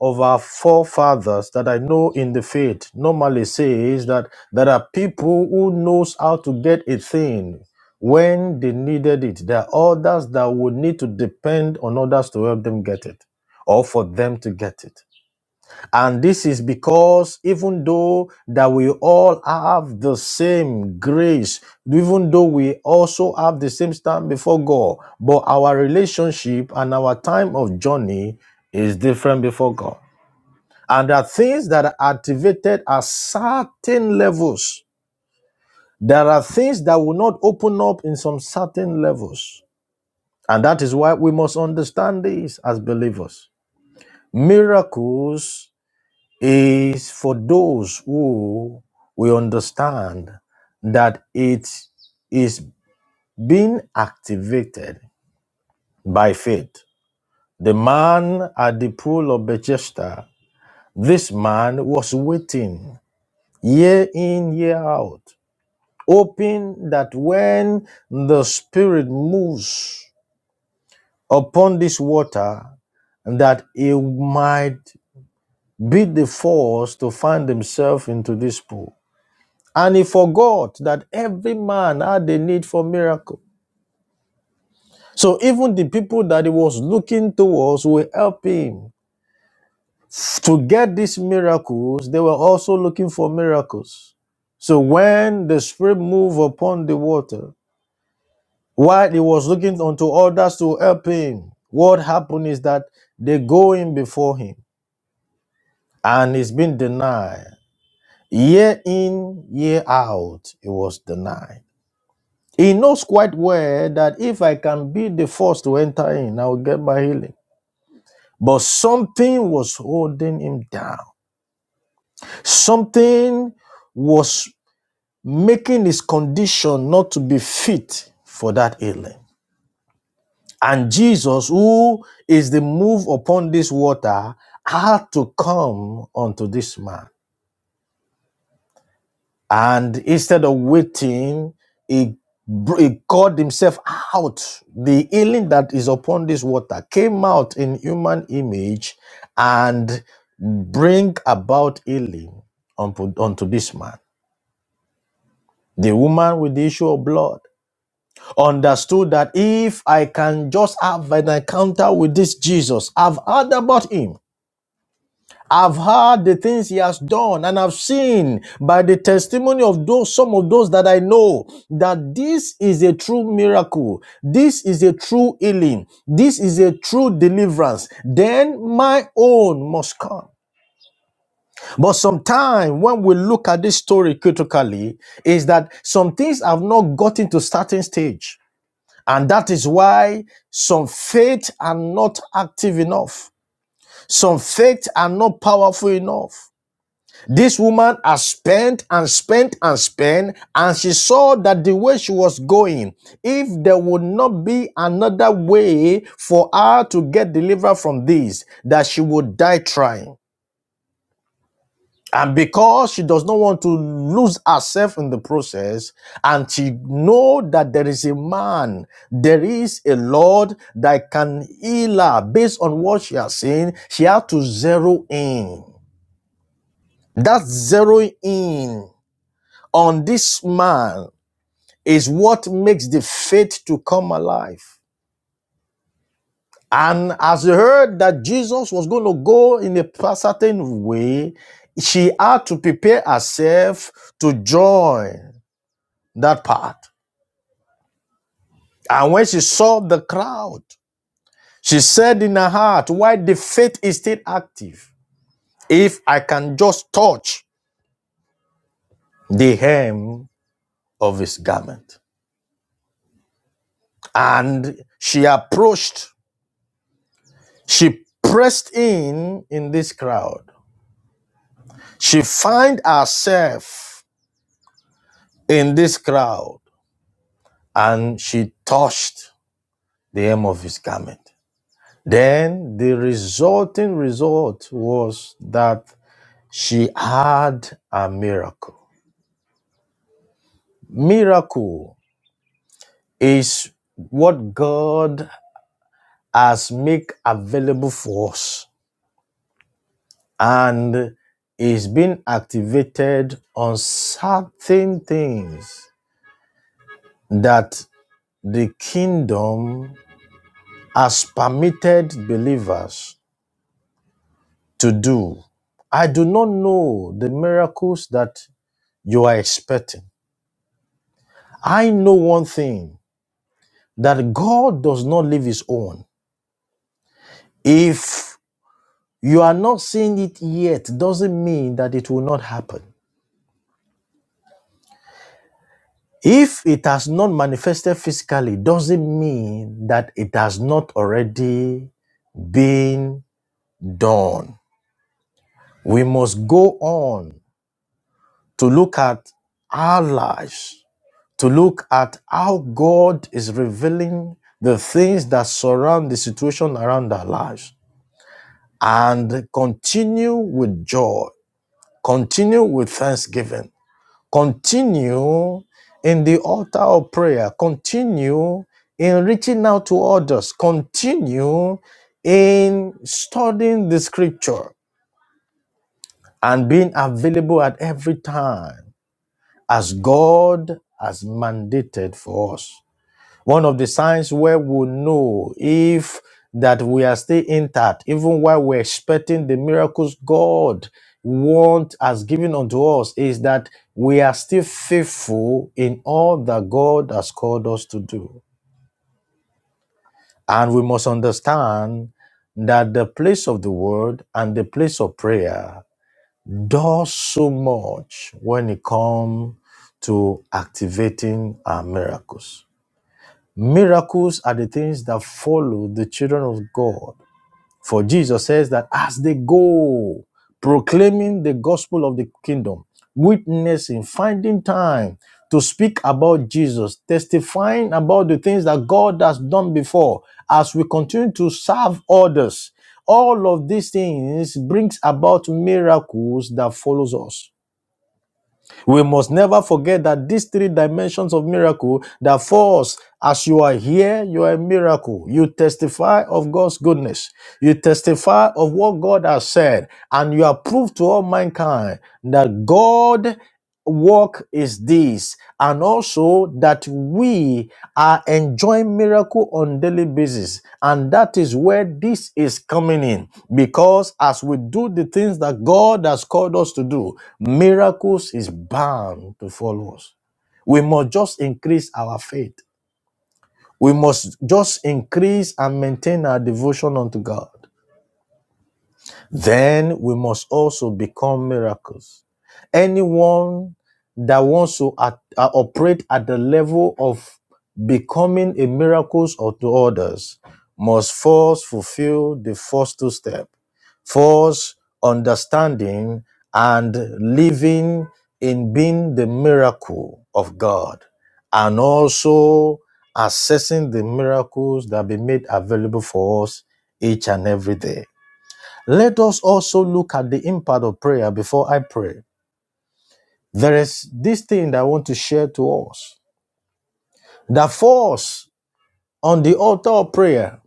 C: of our forefathers that I know in the faith normally says that there are people who knows how to get a thing when they needed it. There are others that would need to depend on others to help them get it or for them to get it. And this is because even though that we all have the same grace, even though we also have the same stand before God, but our relationship and our time of journey is different before God. And there are things that are activated at certain levels. There are things that will not open up in some certain levels. And that is why we must understand this as believers. Miracles is for those who we understand that it is being activated by faith. The man at the pool of Bethesda, this man was waiting year in, year out, hoping that when the Spirit moves upon this water, that he might be the force to find himself into this pool. And he forgot that every man had a need for miracle. So even the people that he was looking towards will help him. To get these miracles, they were also looking for miracles. So when the spirit moved upon the water, while he was looking unto others to help him, what happened is that they go in before him and he's been denied. Year in, year out, it was denied. He knows quite well that if I can be the first to enter in, I will get my healing. But something was holding him down. Something was making his condition not to be fit for that healing. And Jesus, who is the move upon this water, had to come unto this man. And instead of waiting, he, he called himself out. The healing that is upon this water came out in human image and bring about healing unto, unto this man. The woman with the issue of blood understood that if I can just have an encounter with this Jesus, I've heard about him. I've heard the things he has done, and I've seen by the testimony of those, some of those that I know, that this is a true miracle. This is a true healing. This is a true deliverance. Then my own must come. But sometimes when we look at this story critically, is that some things have not gotten to starting stage. And that is why some faith are not active enough. Some faith are not powerful enough. This woman has spent and spent and spent, and she saw that the way she was going, if there would not be another way for her to get delivered from this, that she would die trying. And because she does not want to lose herself in the process, and she know that there is a man, there is a Lord that can heal her based on what she has seen, she had to zero in. That zeroing in on this man is what makes the faith to come alive. And as they heard that Jesus was going to go in a certain way, she had to prepare herself to join that path. And when she saw the crowd, she said in her heart, Why the faith is still active if I can just touch the hem of his garment. And she approached She pressed in in this crowd. She find herself in this crowd and she touched the hem of his garment. Then the resulting result was that she had a miracle. Miracle is what God has made available for us and is being activated on certain things that the kingdom has permitted believers to do. I do not know the miracles that you are expecting. I know one thing that God does not leave his own. If you are not seeing it yet, doesn't mean that it will not happen. If it has not manifested physically, doesn't mean that it has not already been done. We must go on to look at our lives, to look at how God is revealing the things that surround the situation around our lives, and continue with joy, continue with thanksgiving, continue in the altar of prayer, continue in reaching out to others, continue in studying the scripture and being available at every time as God has mandated for us. One of the signs where we know if that we are still intact, even while we're expecting the miracles God wants has given unto us, is that we are still faithful in all that God has called us to do. And we must understand that the place of the word and the place of prayer does so much when it comes to activating our miracles. Miracles are the things that follow the children of God for Jesus says that as they go, proclaiming the gospel of the kingdom, witnessing, finding time to speak about Jesus, testifying about the things that God has done before, as we continue to serve others, all of these things brings about miracles that follows us. We must never forget that these three dimensions of miracle that for us, as you are here, you are a miracle. You testify of God's goodness. You testify of what God has said, and you are proof to all mankind that God work is this and also that we are enjoying miracle on daily basis and that is where this is coming in because as we do the things that god has called us to do miracles is bound to follow us we must just increase our faith we must just increase and maintain our devotion unto god then we must also become miracles. Anyone that wants to at- uh, operate at the level of becoming a miracle to others must first fulfill the first two steps. First, understanding and living in being the miracle of God, and also assessing the miracles that be made available for us each and every day. Let us also look at the impact of prayer before I pray. There is this thing that I want to share to us that for us on the altar of prayer,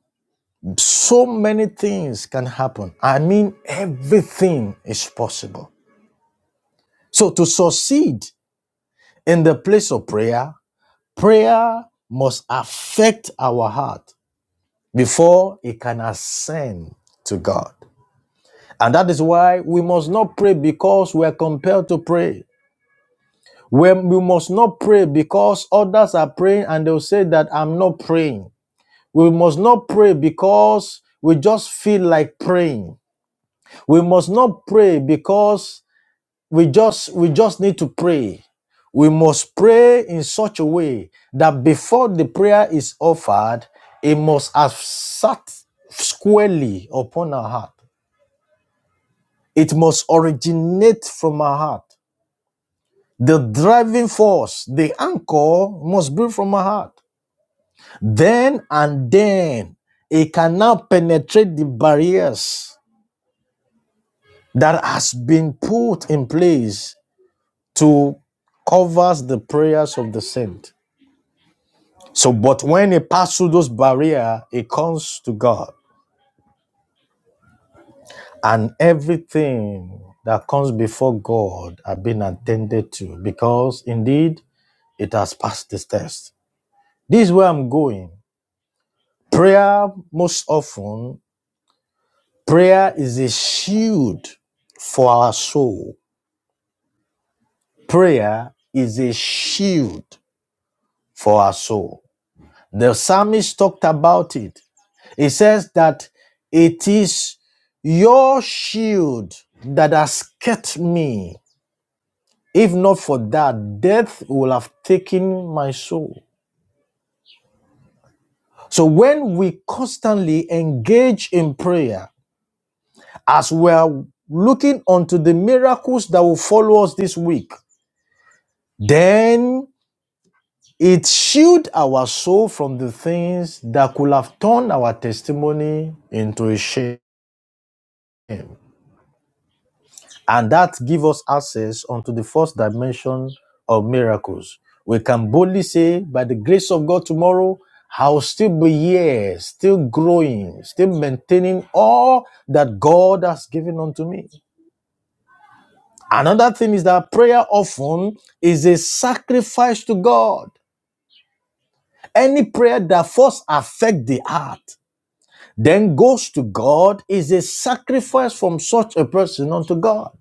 C: so many things can happen. I mean, everything is possible. So, to succeed in the place of prayer, prayer must affect our heart before it can ascend to God. And that is why we must not pray because we are compelled to pray. When we must not pray because others are praying and they'll say that I'm not praying. We must not pray because we just feel like praying. We must not pray because we just we just need to pray. We must pray in such a way that before the prayer is offered, it must have sat squarely upon our heart. It must originate from our heart. The driving force, the anchor must be from our heart. Then and then, it can now penetrate the barriers that has been put in place to cover the prayers of the saint. So, but when it passes through those barriers, it comes to God, and everything that comes before God have been attended to, because indeed it has passed this test. This is where I'm going. Prayer most often Prayer is a shield for our soul. Prayer is a shield for our soul. The psalmist talked about it. He says that it is your shield that has kept me. If not for that, death will have taken my soul. So when we constantly engage in prayer, as we are looking onto the miracles that will follow us this week, then It shielded our soul from the things that could have turned our testimony into a shame. And that gives us access onto the first dimension of miracles. We can boldly say, by the grace of God tomorrow, I'll still be here, still growing, still maintaining all that God has given unto me. Another thing is that prayer often is a sacrifice to God. Any prayer that first affect the heart then goes to God is a sacrifice from such a person unto God.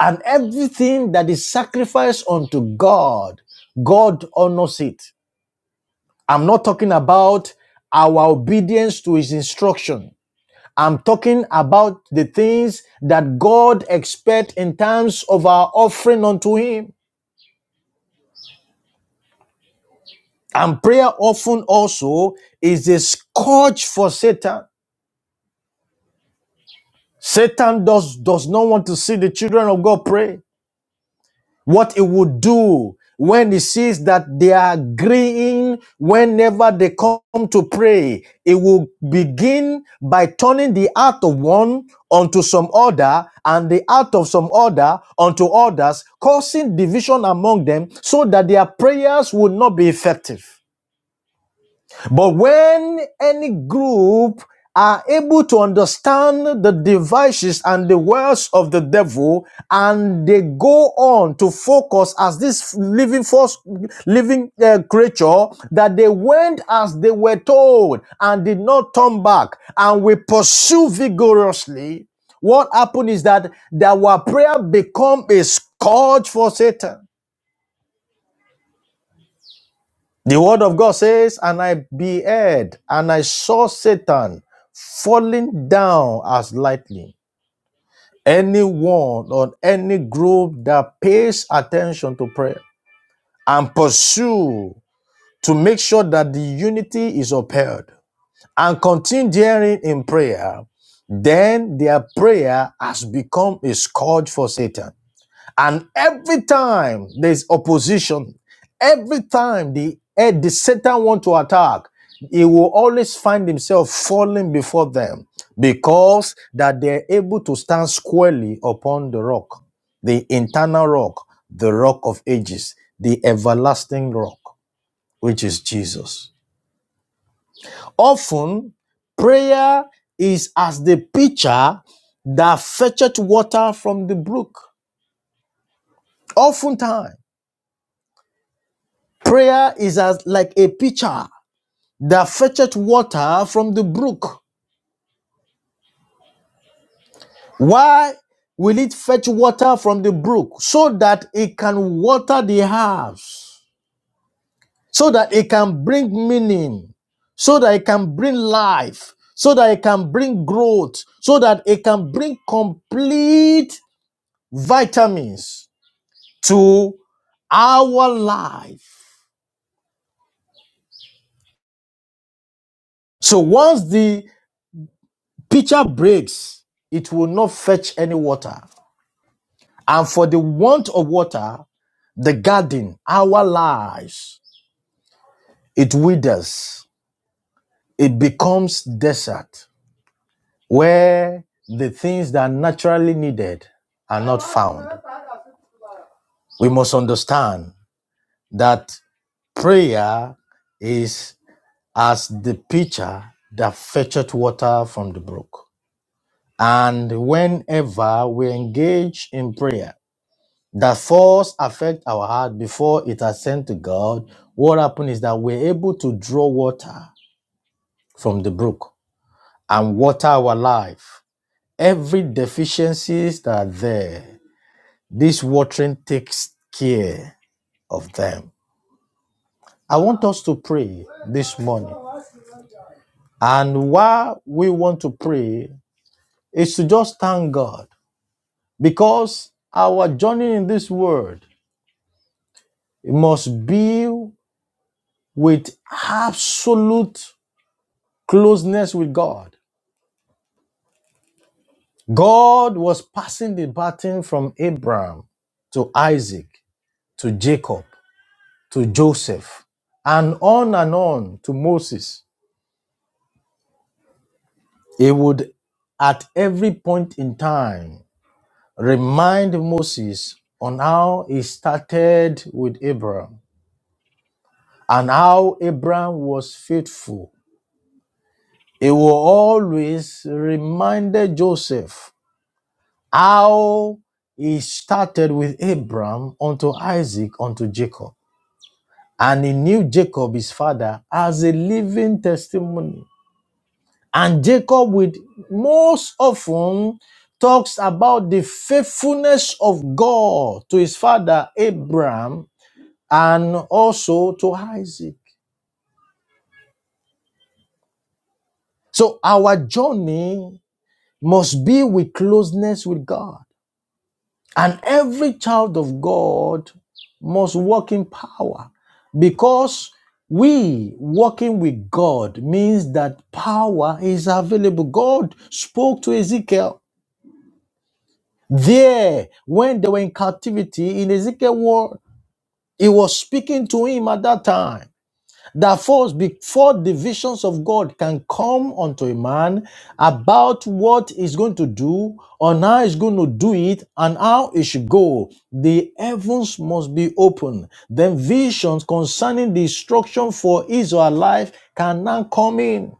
C: And everything that is sacrificed unto God, God honors it. I'm not talking about our obedience to his instruction. I'm talking about the things that God expects in terms of our offering unto him. And prayer often also is a scourge for Satan. Satan does, does not want to see the children of God pray. what he would do when he sees that they are agreeing whenever they come to pray. It will begin by turning the heart of one unto some other and the heart of some other unto others, causing division among them so that their prayers would not be effective. But when any group are able to understand the devices and the words of the devil, and they go on to focus as this living force, living uh, creature, that they went as they were told and did not turn back, and we pursue vigorously. What happened is that our prayer become a scourge for Satan. The word of God says, And I beheld, and I saw Satan falling down as lightning. Anyone or any group that pays attention to prayer and pursue to make sure that the unity is upheld and continue daring in prayer, then their prayer has become a scourge for Satan. And every time there's opposition, every time the, eh, the Satan want to attack, he will always find himself falling before them because that they're able to stand squarely upon the rock, the internal rock, the rock of ages, the everlasting rock, which is Jesus. Often, prayer is as the pitcher that fetcheth water from the brook. Oftentimes, Prayer is as like a pitcher that fetcheth water from the brook. Why will it fetch water from the brook? So that it can water the house, so that it can bring meaning, so that it can bring life, so that it can bring growth, so that it can bring complete vitamins to our life. So once the pitcher breaks, it will not fetch any water. And for the want of water, the garden, our lives, it withers. It becomes desert where the things that are naturally needed are not found. We must understand that prayer is as the pitcher that fetcheth water from the brook. And whenever we engage in prayer, that falls affect our heart before it has sent to God, what happened is that we're able to draw water from the brook and water our life. Every deficiencies that are there, this watering takes care of them. I want us to pray this morning. And why we want to pray is to just thank God because our journey in this world must be with absolute closeness with God. God was passing the baton from Abraham to Isaac, to Jacob, to Joseph, and on and on to Moses. He would, at every point in time, remind Moses on how he started with Abraham and how Abraham was faithful. He will always remind Joseph how he started with Abraham unto Isaac unto Jacob. And he knew Jacob, his father, as a living testimony. And Jacob, with most often, talks about the faithfulness of God to his father Abraham and also to Isaac. So our journey must be with closeness with God. And every child of God must walk in power because we walking with God means that power is available. God spoke to Ezekiel there when they were in captivity in Ezekiel one, He was speaking to him at that time that first before the visions of God can come unto a man about what he's going to do on how he's going to do it and how it should go, the heavens must be open. Then visions concerning the instruction for Israel life can now come in.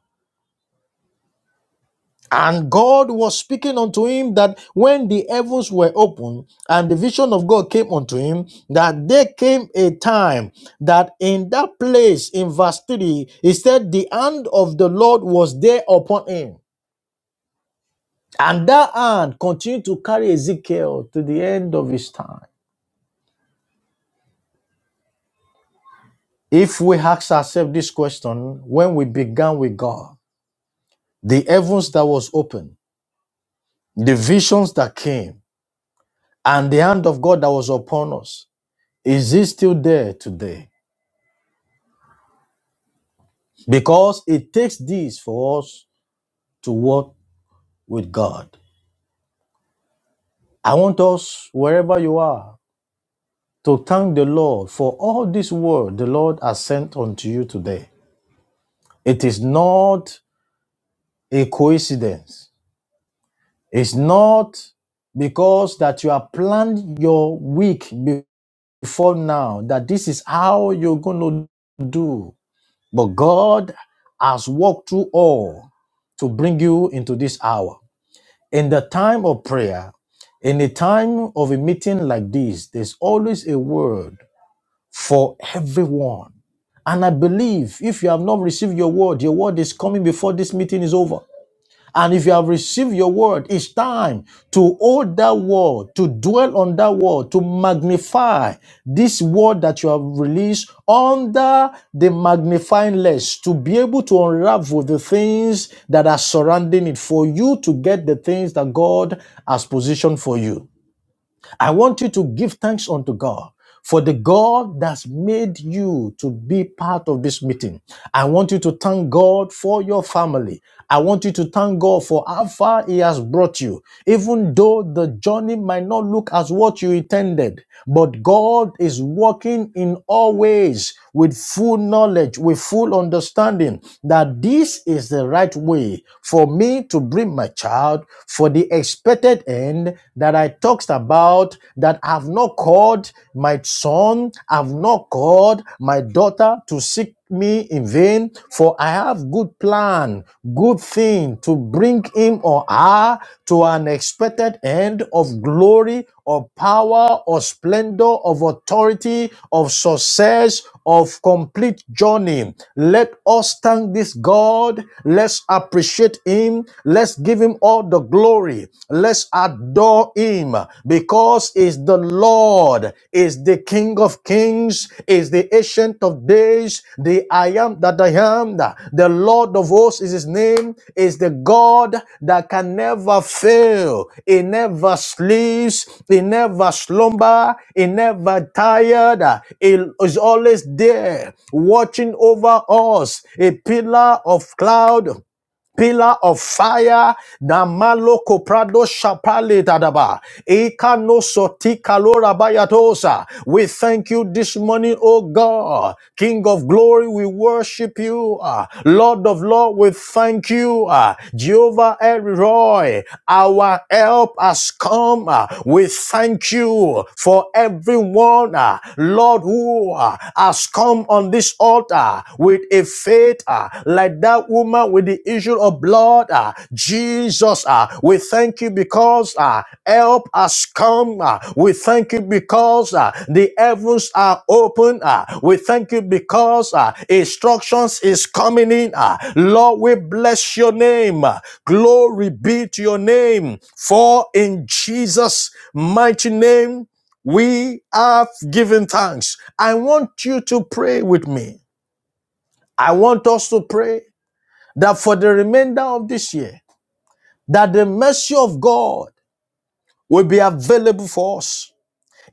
C: And God was speaking unto him that when the heavens were open and the vision of God came unto him, that there came a time that in that place in verse 3, he said, The hand of the Lord was there upon him. And that hand continued to carry Ezekiel to the end of his time. If we ask ourselves this question, when we began with God, the heavens that was open, the visions that came, and the hand of God that was upon us, Is it still there today? Because it takes this for us to walk with God. I want us, wherever you are, to thank the Lord for all this word the Lord has sent unto you today. It is not a coincidence. It's not because that you have planned your week before now that this is how you're going to do. But God has walked through all to bring you into this hour. in the time of prayer, in the time of a meeting like this, there's always a word for everyone. And I believe if you have not received your word, your word is coming before this meeting is over. And if you have received your word, it's time to hold that word, to dwell on that word, to magnify this word that you have released under the magnifying lens, to be able to unravel the things that are surrounding it, for you to get the things that God has positioned for you. I want you to give thanks unto God for the God that's made you to be part of this meeting. I want you to thank God for your family. I want you to thank God for how far He has brought you. Even though the journey might not look as what you intended, but God is working in all ways with full knowledge, with full understanding that this is the right way for me to bring my child for the expected end that I talked about, that I've not called my son, I've not called my daughter to seek me in vain for i have good plan good thing to bring him or her to an expected end of glory or power or splendor of authority of success of complete journey. Let us thank this God. Let's appreciate Him. Let's give Him all the glory. Let's adore Him because is the Lord, is the King of Kings, is the Ancient of Days, the I am that I that I am. The Lord of hosts is his name, is the God that can never fail. He never sleeps, he never slumber, he never tired. He is always there, watching over us, a pillar of cloud pillar of fire namalo koprado shapale dadaba ikano soti kalora bayatosa we thank you this morning O god king of glory we worship you Ah, lord of lord we thank you Ah, jehovah El Roy. our help has come Ah, we thank you for everyone ah, lord who ah, has come on on this altar with a faith uh, like that woman with the issue of blood. uh, Jesus, uh, we thank you because uh, help has come. uh, we thank you because uh, the heavens are open. uh, we thank you because uh, instructions is coming in. uh, Lord, we bless your name. uh, Glory be to your name. For in Jesus' mighty name, we have given thanks. I want you to pray with me. I want us to pray that for the remainder of this year, that the mercy of God will be available for us,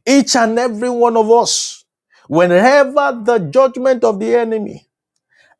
C: each and every one of us, whenever the judgment of the enemy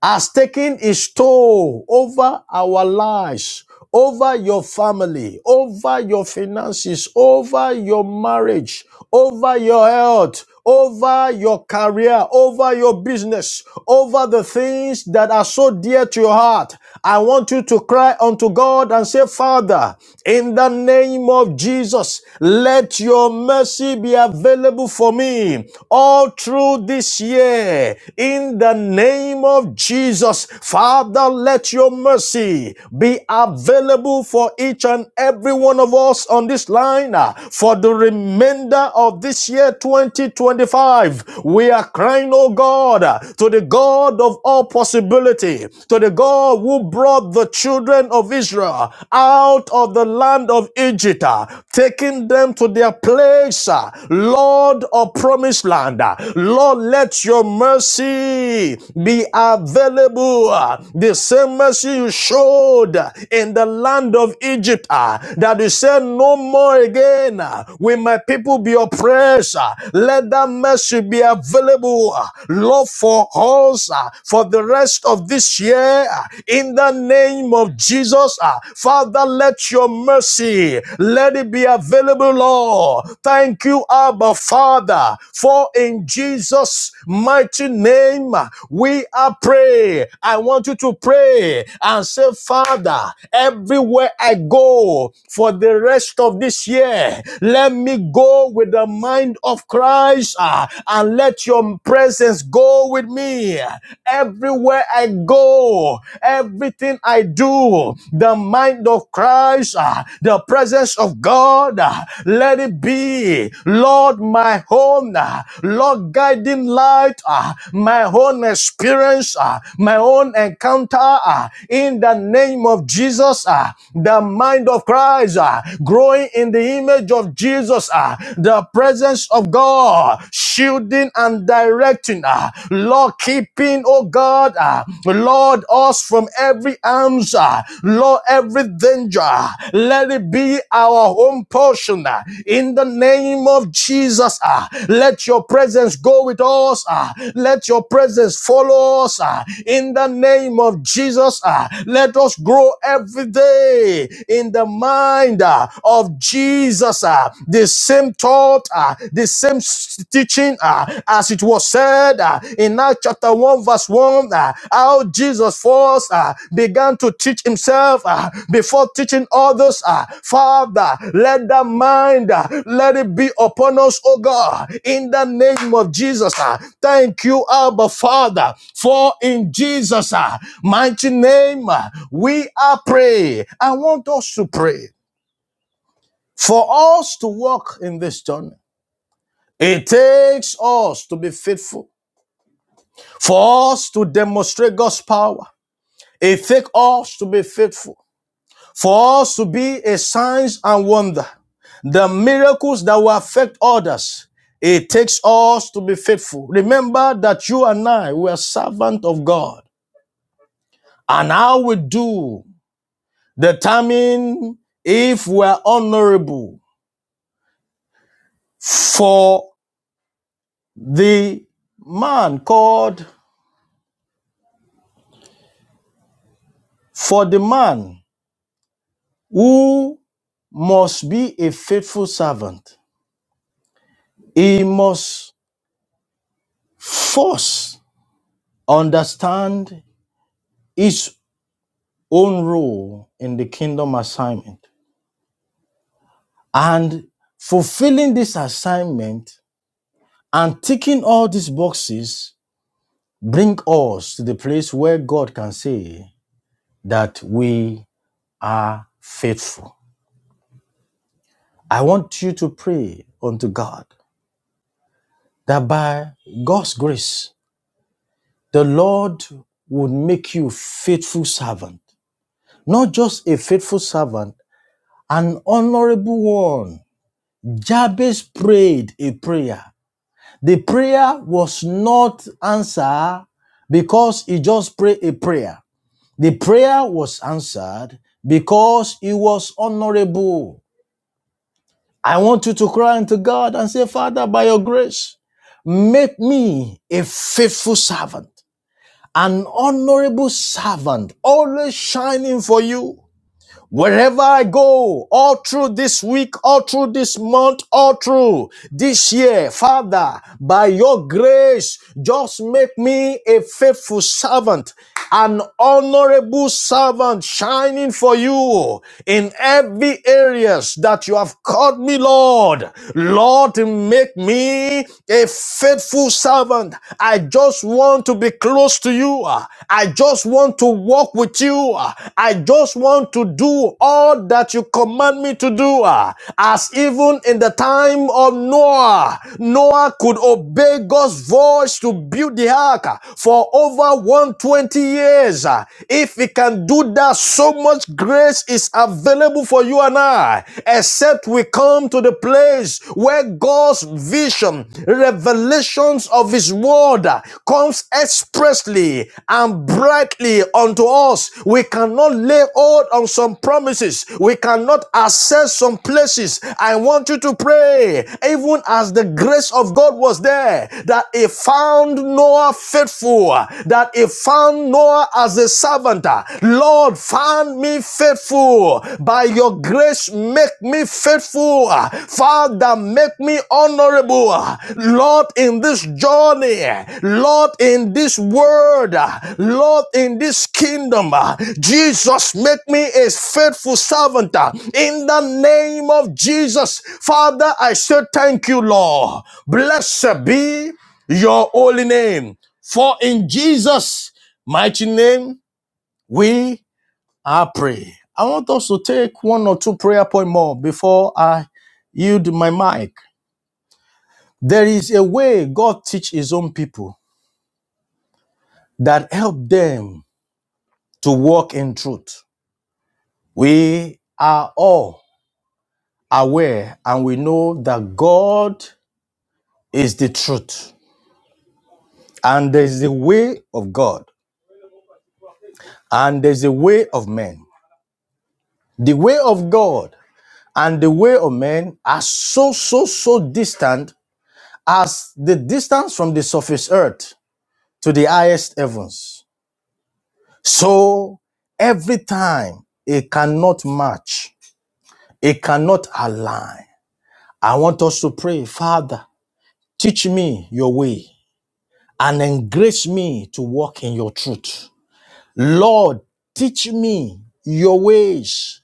C: has taken its toll over our lives, over your family, over your finances, over your marriage, over your health, over your career, over your business, over the things that are so dear to your heart. I want you to cry unto God and say, Father, in the name of Jesus, let your mercy be available for me all through this year. In the name of Jesus, Father, let your mercy be available for each and every one of us on this line uh, for the remainder of this year 2025. We are crying, oh God, uh, to the God of all possibilities." possibility to the God who brought the children of Israel out of the land of Egypt, uh, taking them to their place, uh, Lord of promised land. uh, Lord, let your mercy be available. uh, The same mercy you showed in the land of Egypt, uh, that you said, No more again uh, will my people be oppressed. uh, Let that mercy be available, uh, Lord, all for us uh, for the rest of this year uh, in the name of Jesus. uh, Father, let your mercy let it be available, Lord. Thank you, Abba Father, for in Jesus' mighty name uh, we are praying. I want you to pray and say, Father, everywhere I go for the rest of this year, let me go with the mind of Christ. ah and let your presence go with me everywhere I go, everything I do. The mind of Christ, ah, the presence of God, ah, let it be. Lord, my own, ah, Lord, guiding light, ah, my own experience, ah, my own encounter, ah, in the name of Jesus, ah, the mind of Christ, ah, growing in the image of Jesus, ah, the presence presence of God, shielding and directing, ah, Lord, keeping, oh God, ah, Lord, us from every arms, ah, Lord, every danger. Let it be our home portion ah, in the name of Jesus. ah. Let your presence go with us. ah. Let your presence follow us ah, in the name of Jesus. ah. Let us grow every day in the mind ah, of Jesus. Jesus, uh, the same thought, uh, the same s- teaching, uh, as it was said uh, in Acts chapter 1, verse 1, uh, how Jesus first uh, began to teach himself uh, before teaching others. Uh, Father, let that mind, uh, let it be upon us, oh God, in the name of Jesus. uh. thank you, Abba Father, for in Jesus' uh, mighty name uh, we are praying. I want us to pray. For us to walk in this journey, it takes us to be faithful. For us to demonstrate God's power, it takes us to be faithful. For us to be a signs and wonder, the miracles that will affect others, it takes us to be faithful. Remember that you and I, we are servants of God. And how we do determine if we are honorable for the man called For the man who must be a faithful servant, he must first understand his own role in the kingdom assignment. And fulfilling this assignment and ticking all these boxes bring us to the place where God can say that we are faithful. I want you to pray unto God that by God's grace, The Lord would make you faithful servant, not just a faithful servant, an honorable one. Jabez prayed a prayer. The prayer was not answered because he just prayed a prayer. The prayer was answered because he was honorable. I want you to cry unto God and say, Father, by your grace, make me a faithful servant. an honorable servant always shining for you. Wherever I go, all through this week, all through this month, all through this year, Father, by your grace, just make me a faithful servant, an honorable servant shining for you in every areas that you have called me, Lord. Lord, make me a faithful servant. I just want want to be close to you. Uh, I just want to walk with you. Uh, I just want to do all that you command me to do. Uh, As even in the time of Noah, Noah could obey God's voice to build the ark uh, for over 120 years. Uh, If he can do that, so much grace is available for you and I, except we come to the place where God's vision, revelations of His word uh, comes expressly and brightly unto us. We cannot lay hold on some promises. We cannot access some places. I want you to pray, even as the grace of God was there, that He found Noah faithful, that He found Noah as a servant. Lord, find me faithful. By your grace, make me faithful. Father, make me honorable. Lord, in this journey, Lord, in this word, Lord, in this kingdom, Jesus, make me a faithful servant. In the name of Jesus, Father, I say thank you, Lord. Blessed be your holy name. For in Jesus' mighty name, we I pray. I want us to take one or two prayer point more before I yield my mic. There is a way God teach His own people that help them to walk in truth. We are all aware and we know that God is the truth, and there's the way of God, and there's the way of men. The way of God and the way of men are so, so, so distant as the distance from the surface earth. to the highest heavens. So every time it cannot match, it cannot align. I want us to pray, Father, teach me your way and engrace me to walk in your truth. Lord, teach me your ways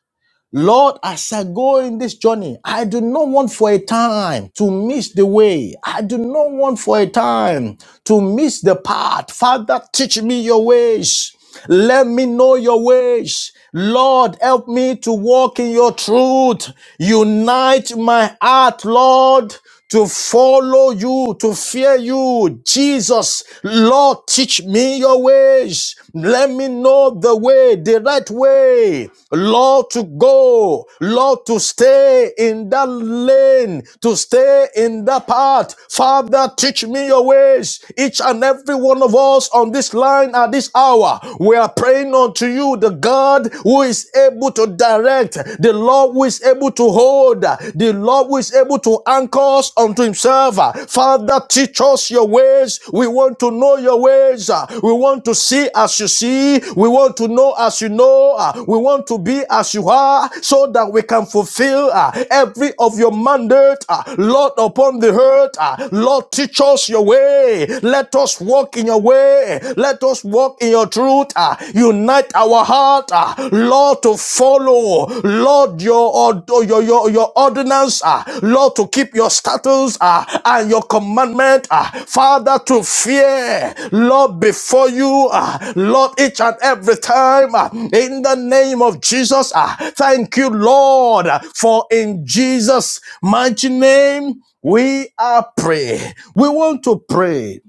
C: Lord, as I go in this journey, I do not want for a time to miss the way. I do not want for a time to miss the path. Father, teach me your ways. Let me know your ways. Lord, help me to walk in your truth. Unite my heart, Lord, to follow you, to fear you. Jesus, Lord, teach me your ways. Let me know the way, the right way. Lord, to go. Lord, to stay in that lane, to stay in that path. Father, teach me your ways. Each and every one of us on this line at this hour, we are praying unto you, the God who is able to direct, the the Lord who is able to hold, uh, the Lord who is able to anchor us unto Himself. uh. Father, teach us your ways. We want to know your ways. uh. We want to see as you see. We want to know as you know. uh. We want to be as you are so that we can fulfill uh, every of your mandate. uh. Lord, upon the earth, uh, Lord, teach us your way. Let us walk in your way. Let us walk in your truth. uh. Unite our heart, ah, Lord, to follow, Lord, your your your, your ordinance, ah, Lord, to keep your statutes ah, and your commandment, ah, Father, to fear, Lord, before you, ah, Lord, each and every time, ah, in the name of Jesus. ah, Thank you, Lord, uh, for in Jesus' mighty name we are praying. We want to pray.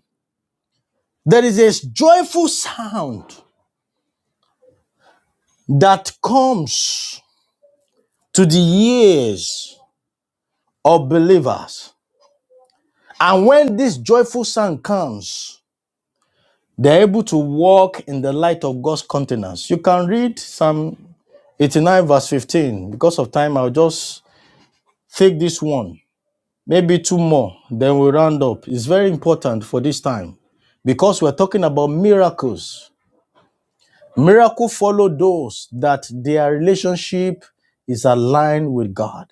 C: There is a joyful sound that comes to the ears of believers. And when this joyful sound comes, they're able to walk in the light of God's countenance. You can read Psalm 89, verse 15. Because of time, I'll just take this one, maybe two more, then we'll round up. It's very important for this time because we're talking about miracles. Miracle follow those that their relationship is aligned with God.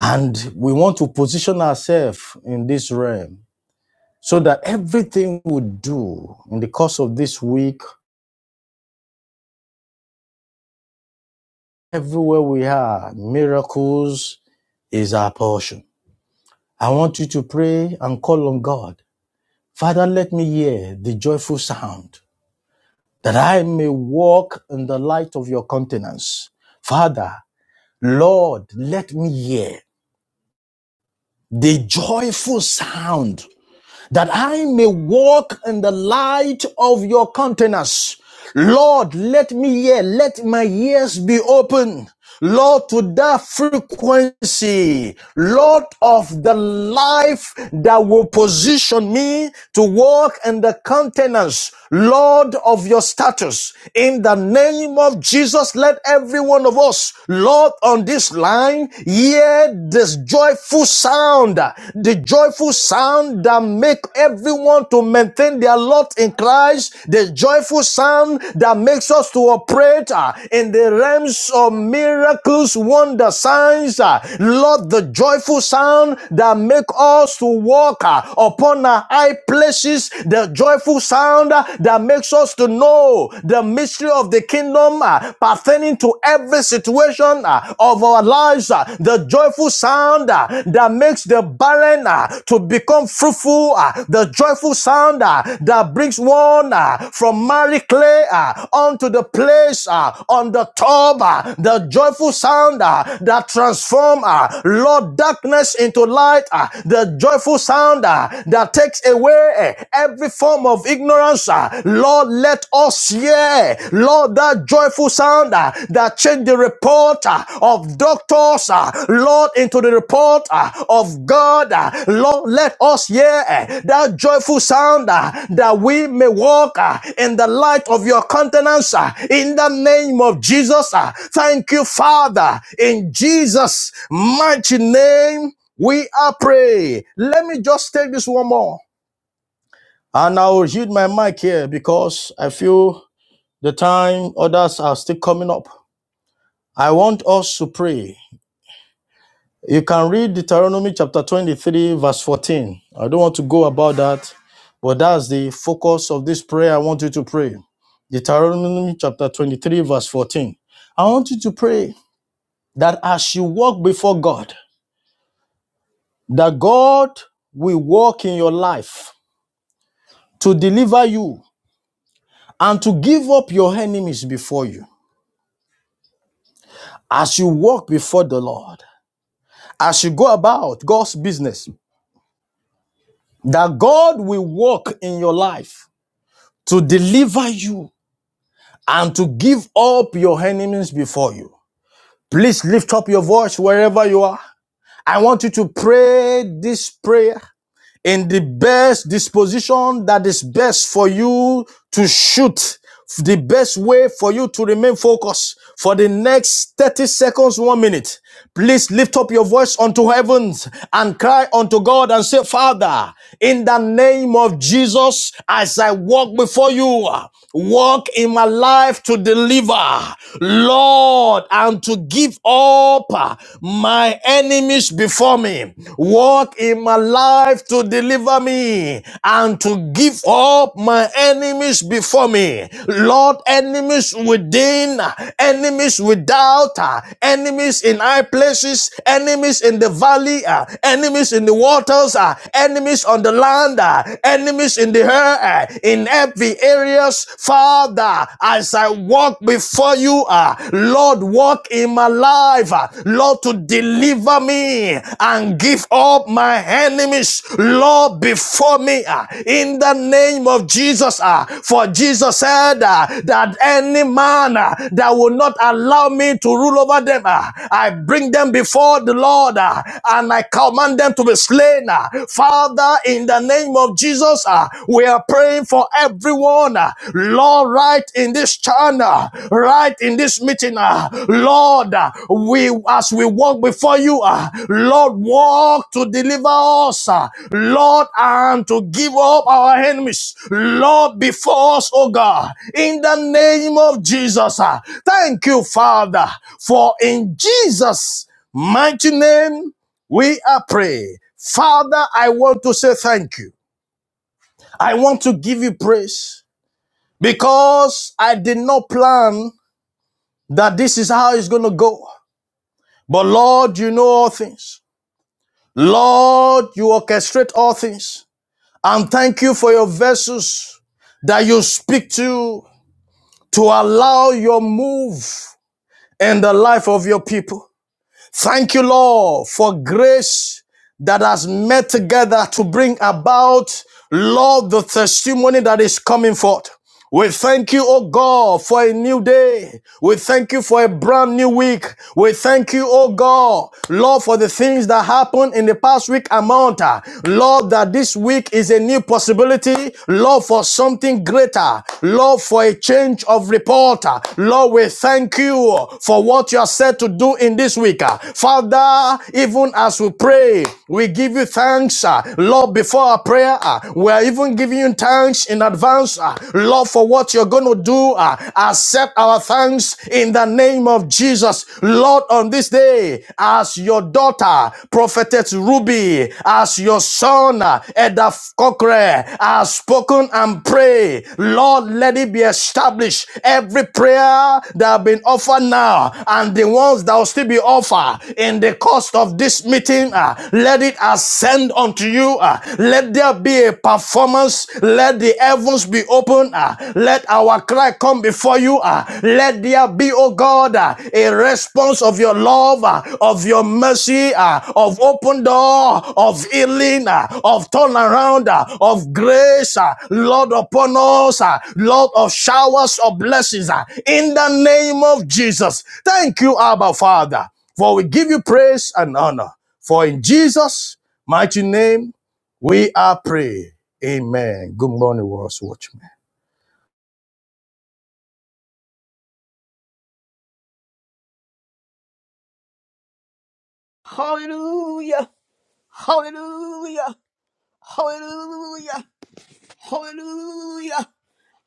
C: And we want to position ourselves in this realm so that everything we do in the course of this week, everywhere we are, miracles is our portion. I want you to pray and call on God. Father, let me hear the joyful sound that I may walk in the light of your countenance. Father, Lord, let me hear the joyful sound that I may walk in the light of your countenance. Lord, let me hear, let my ears be open. Lord, to that frequency, Lord of the life that will position me to walk in the countenance, Lord of your status. In the name of Jesus, let every one of us, Lord, on this line, hear this joyful sound, the joyful sound that make everyone to maintain their lot in Christ, the joyful sound that makes us to operate uh, in the realms of miracles, wonder, signs. uh, Lord, the joyful sound that make us to walk uh, upon our high places, the joyful sound uh, that makes us to know the mystery of the kingdom uh, pertaining to every every situation uh, of our lives, uh, the joyful sound uh, that makes the barren uh, to become fruitful, uh, the joyful sound uh, that brings one uh, from Mary Clay uh, onto the place uh, on the top, uh, the joyful sound uh, that transforms, uh, Lord, darkness into light, uh, the joyful sound uh, that takes away uh, every form of ignorance. uh, Lord, let us here, Lord, that joyful sound uh, that changed the report uh, of doctors, uh, Lord, into the report uh, of God. uh, Lord, let us hear uh, that joyful sound uh, that we may walk uh, in the light of your countenance uh, in the name of Jesus. uh. Thank you, Father, in Jesus' mighty name. We are praying. Let me just take this one more. And I will hit my mic here because I feel the time others are still coming up. I want us to pray. You can read Deuteronomy chapter 23, verse 14. I don't want to go about that, but that's the focus of this prayer. I want you to pray. Deuteronomy chapter 23, verse 14. I want you to pray that as you walk before God, that God will walk in your life to deliver you and to give up your enemies before you as you walk before the Lord. As you go about God's business, that God will work in your life to deliver you and to give up your enemies before you. Please lift up your voice wherever you are. I want you to pray this prayer in the best disposition that is best for you to shoot the best way for you to remain focused for the next 30 seconds, one minute. Please lift up your voice unto heavens and cry unto God and say, Father, in the name of Jesus, as I walk before you, walk in my life to deliver, Lord, and to give up my enemies before me. walk in my life to deliver me and to give up my enemies before me. Lord, enemies within, enemies without, uh, enemies in high places, enemies in the valley, uh, enemies in the waters, uh, enemies on the land, uh, enemies in the air, uh, in every areas. Father, as I I walk before you, ah, Lord, walk in my life, ah, Lord, to deliver me and give up my enemies, Lord, before me, ah, in the name of Jesus. ah. For Jesus said ah, that any man ah, that will not allow me to rule over them, ah, I bring them before the Lord ah, and I command them to be slain. ah. Father, in the name of Jesus. Jesus, uh, we are praying for everyone, uh, Lord, right in this channel, right in this meeting, uh, Lord, uh, we as we walk before you, uh, Lord, walk to deliver us, uh, Lord, and to give up our enemies, Lord, before us, oh God, in the name of Jesus. uh, thank you, Father, for in Jesus' mighty name we are praying. Father, I want to say thank you. I want to give you praise because I did not plan that this is how it's going to go. But Lord, you know all things. Lord, you orchestrate all things. And thank you for your vessels that you speak to to allow your move in the life of your people. Thank you, Lord, for grace that has met together to bring about, Lord, the testimony that is coming forth. We thank you, oh God, for a new day. We thank you for a brand new week. We thank you, oh God, Lord, for the things that happened in the past week and month. Lord, that this week is a new possibility. Lord, for something greater. Lord, for a change of report. Lord, we thank you for what you are set to do in this week. Father, even as as we pray, we give you thanks, uh, Lord, before our prayer. uh, we are even giving you thanks in advance, uh, Lord, for what you're going to do. uh, accept our thanks in the name of Jesus. Lord, on this day, as your daughter, prophetess Ruby, as your son, uh, Edaf Cochrane, has spoken and prayed, Lord, let it be established. Every prayer that has been offered now and the ones that will still be offered in the the cost of this meeting, uh, let it ascend unto you. uh, let there be a performance. Let the heavens be open. uh, let our cry come before you. uh, let there be, oh God, uh, a response of your love, uh, of your mercy, uh, of open door, of healing, uh, of turnaround, uh, of grace, uh, Lord upon us, uh, Lord of showers of blessings, uh, in the name of Jesus. Thank you, Abba Father. For we give you praise and honor. For in Jesus' mighty name we are praying. Amen. Good morning, World's Watchmen.
A: Hallelujah. Hallelujah. Hallelujah. Hallelujah.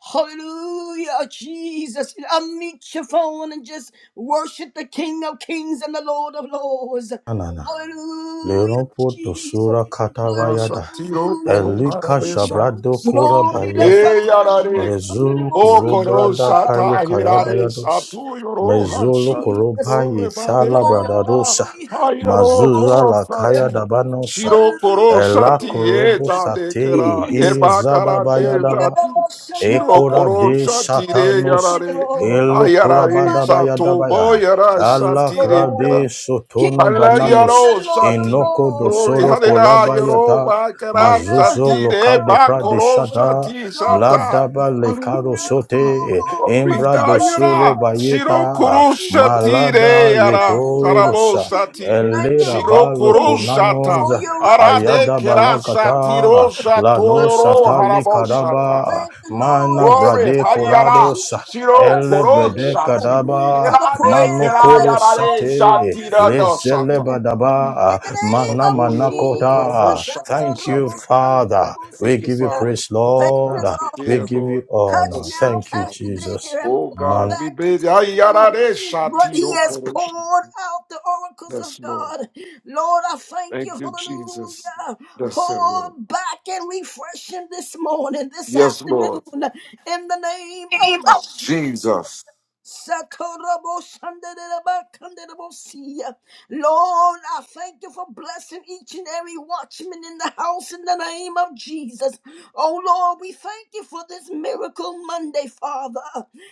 A: Hallelujah, Jesus. Unmute your phone and just worship the King of Kings and the Lord of Lords.
C: Anana.
A: Hallelujah,
C: Leropo
A: Jesus.
C: tosura katarayada.
B: Mashatiro Boro
A: Hallelujah,
C: Elika
B: Harabe
A: Jesus.
B: Shab.
C: shabrado kora
A: Glory to
C: bayata.
A: Satya the most under the
C: Lezulu
A: most
B: O
A: seeking
B: Koro
A: of
C: korobrada
A: God.
B: Sata
C: paye
B: Ahirare
C: karabayados.
B: Satu Yoro
A: Hallelujah,
C: Mezulu
B: Hansat.
A: Jesus.
C: korobaye
B: Glory
C: thala
B: Bade ya.
C: bradadosa.
A: Glory to God, the
B: Hayaro
C: Mazuza
A: most.
B: Koro
C: la kaya
B: Sati.
C: dabanosa.
B: Shiro Koro
C: Ela
B: Sati
C: korobo
B: Eta
A: Hallelujah,
B: Dekera
C: sate.
A: Jesus
B: Eba
C: Izada
B: Kara
A: in
B: De
C: bayadaba.
B: Sati. Shiro
C: Ekora
B: Koro
C: de
B: Sati Re
C: satanos
B: Yarare.
A: The
B: Ayarare
A: mighty name
B: Sato
A: of
C: elokurabadabayadabaya.
B: Boyara
A: Jesus,
C: Allah
B: Sati Re kera.
C: krade
A: Lord. King
C: sotono
A: of
B: Hallelujah,
A: kings
C: bananos
B: oh,
A: and Lord of
B: Sati.
C: enoko
A: lords.
B: Glory,
C: dosoro
B: hallelujah, oh,
C: korabayata
B: my God,
A: Creator of
C: mazuzo
B: Sati,
A: heaven and
C: lokade
A: earth,
B: Reba,
C: prade
B: Bakoro,
A: Lord.
C: shada
B: Sati,
A: Lord, we
B: Sata.
A: thank you
C: ladaba
A: for this
C: lekaro
B: Hallelujah,
A: miracle.
B: Father.
C: sote
B: Glory,
C: embra dosoro
B: Dayara. Shiro
C: bayeta
B: Kuru Sati,
C: malada
B: de,
A: In the
B: Yara.
A: name of
B: Karabo
C: yetoirosa
B: Sati.
A: Jesus. Thank you,
C: elera
B: Shiro Kuru
A: Lord
C: balokonanos
B: Sata.
A: for your revelatory
B: Arade
C: ayada
B: Kera
A: knowledge of your
B: Sati, Ro
C: balakata
A: word
B: Sato,
A: on
C: Lano
A: this
B: Yoro,
C: Satali
B: Harabo
A: morning.
B: Sata.
C: Kadaba,
A: Thank you, Lord.
C: Mana
B: Glory,
C: Brade
B: Hayara.
C: korados
B: Shiro
C: Ele
B: Kuru
C: Brede
A: Eshetaraboshikinabasiya,
B: Sati.
C: Kadaba,
A: For the
B: Irade
C: Mano
A: prayers
B: Kera
A: that
C: Koro
A: has gone
B: Yarare
A: forth
C: Sate,
B: Sati,
A: this
B: Rado
C: Lezele
B: Sata.
A: morning. In
C: Badaba,
A: the name
C: Mana
A: of
B: Shakoyo
C: mana
B: robo korobo
A: Jesus.
C: kota.
B: shanti
C: Thank you,
B: shata.
C: Father. We
B: Thank you,
C: give you
A: Ataraboshandabosiya.
B: Father,
C: praise,
B: for
A: Thank you,
C: Lord.
B: Pastor
C: We
B: dear
A: Lord.
C: give you
B: Lord.
A: Touch
C: honor.
B: Listen,
A: now,
C: Thank you,
B: Father.
A: Pastor
C: Jesus.
A: Dare, and
B: Oh
A: pour
B: God,
C: Man,
B: we
A: back
B: bid
A: into him
B: ayarare
A: what
B: shanti
A: he
B: ro
A: has
B: koro sh-
A: poured out the oracles
B: Yes,
A: of
B: Lord.
A: God. Lord, I thank
B: Thank
A: you,
B: you, Jesus.
A: hallelujah.
B: Yes,
A: Pour
B: Lord.
A: back and refresh him this morning, this
B: Yes, Lord.
A: afternoon, in the name of Jesus.
B: Jesus.
A: Satorobo shandereba kanderebo siya. Lord, I thank you for blessing each and every watchman in the house in the name of Jesus. Oh Lord, we thank you for this miracle Monday, Father.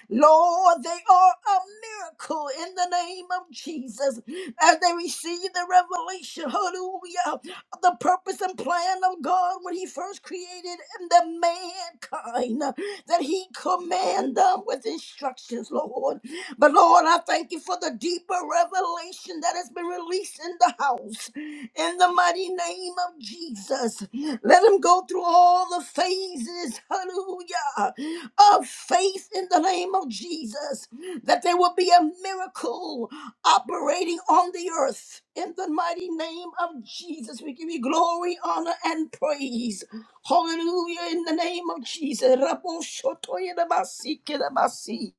A: Lord, they are a miracle in the name of Jesus as they receive the revelation, hallelujah, of the purpose and plan of God when he first created the mankind, that he command them with instructions, Lord. But Lord, I thank you for the deeper revelation that has been released in the house. In the mighty name of Jesus, let him go through all the phases, hallelujah, of faith in the name of Jesus, that there will be a miracle, operating on the earth. In the mighty name of Jesus, we give you glory, honor, and praise. Hallelujah, in the name of Jesus. Raboshotoyedabasikedabasi.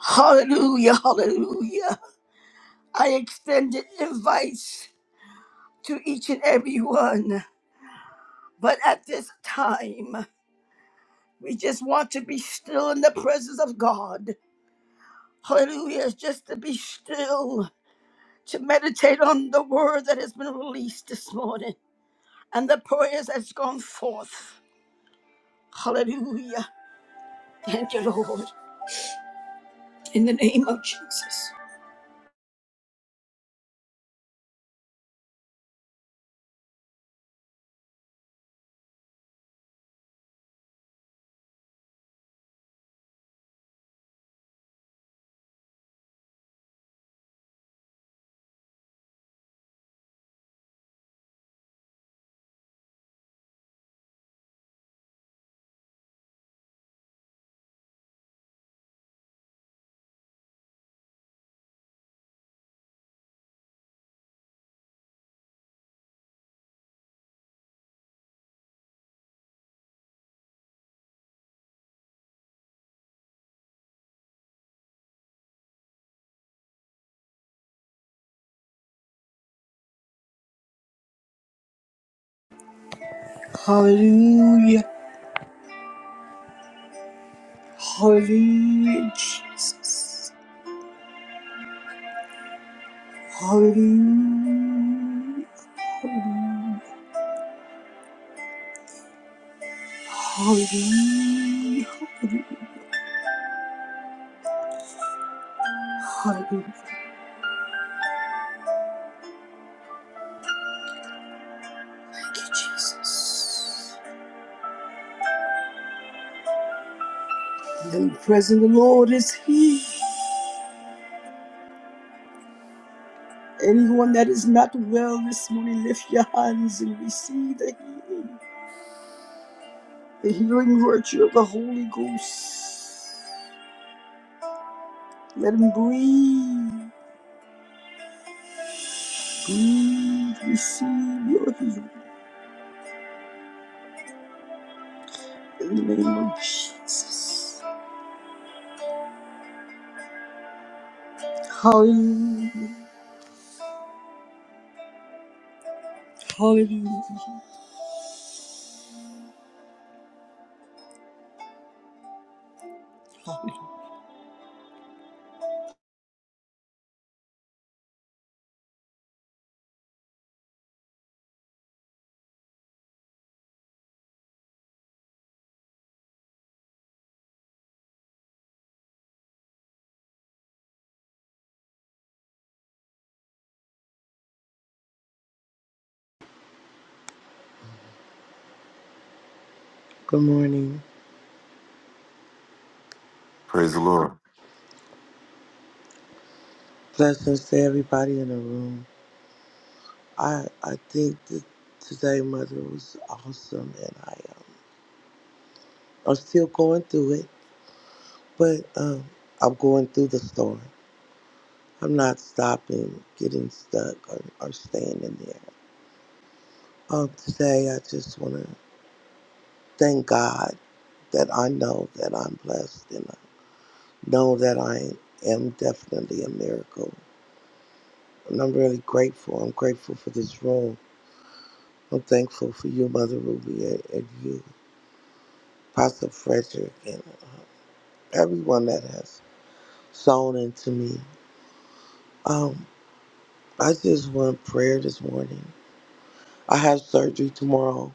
A: Hallelujah, hallelujah. I extended invites to each and every one, but at this time, we just want to be still in the presence of God. Hallelujah, just to be still, to meditate on the word that has been released this morning. and the prayers that's gone forth. Hallelujah. Thank you, Lord. In the name of Jesus. Hallelujah. Hallelujah, Jesus. Hallelujah. Hallelujah. Hallelujah. Hallelujah. Thank you, Jesus. The presence of the Lord is here. Anyone that is not well this morning, lift your hands and receive the healing, the healing virtue of the Holy Ghost. Let him breathe. Breathe. Receive your healing in the name of Jesus. Hallelujah. Hallelujah. Hallelujah.
D: Good morning.
B: Praise the Lord.
D: Blessings to everybody in the room. I I think that today, Mother, was awesome, and I uh, I'm still going through it, but um, I'm going through the storm. I'm not stopping, getting stuck, or, or staying in there. Um, today, I just want to thank God that I know that I'm blessed, and I know that I am definitely a miracle. And I'm really grateful. I'm grateful for this room. I'm thankful for you, Mother Ruby, and, and you. Pastor Frederick, and everyone that has sown into me. Um, I just want prayer this morning. I have surgery tomorrow,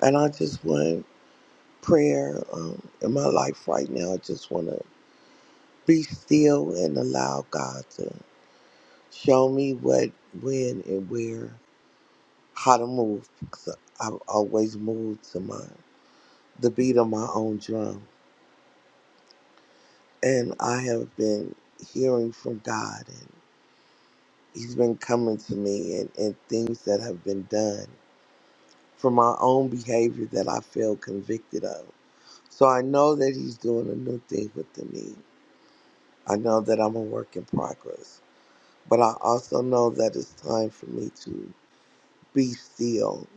D: and I just want prayer um, in my life right now. I just want to be still and allow God to show me what, when, and where, how to move. Because I've always moved to my the beat of my own drum, and I have been hearing from God and he's been coming to me and, and things that have been done for my own behavior that I feel convicted of. So I know that he's doing a new thing within me. I know that I'm a work in progress. But I also know that it's time for me to be still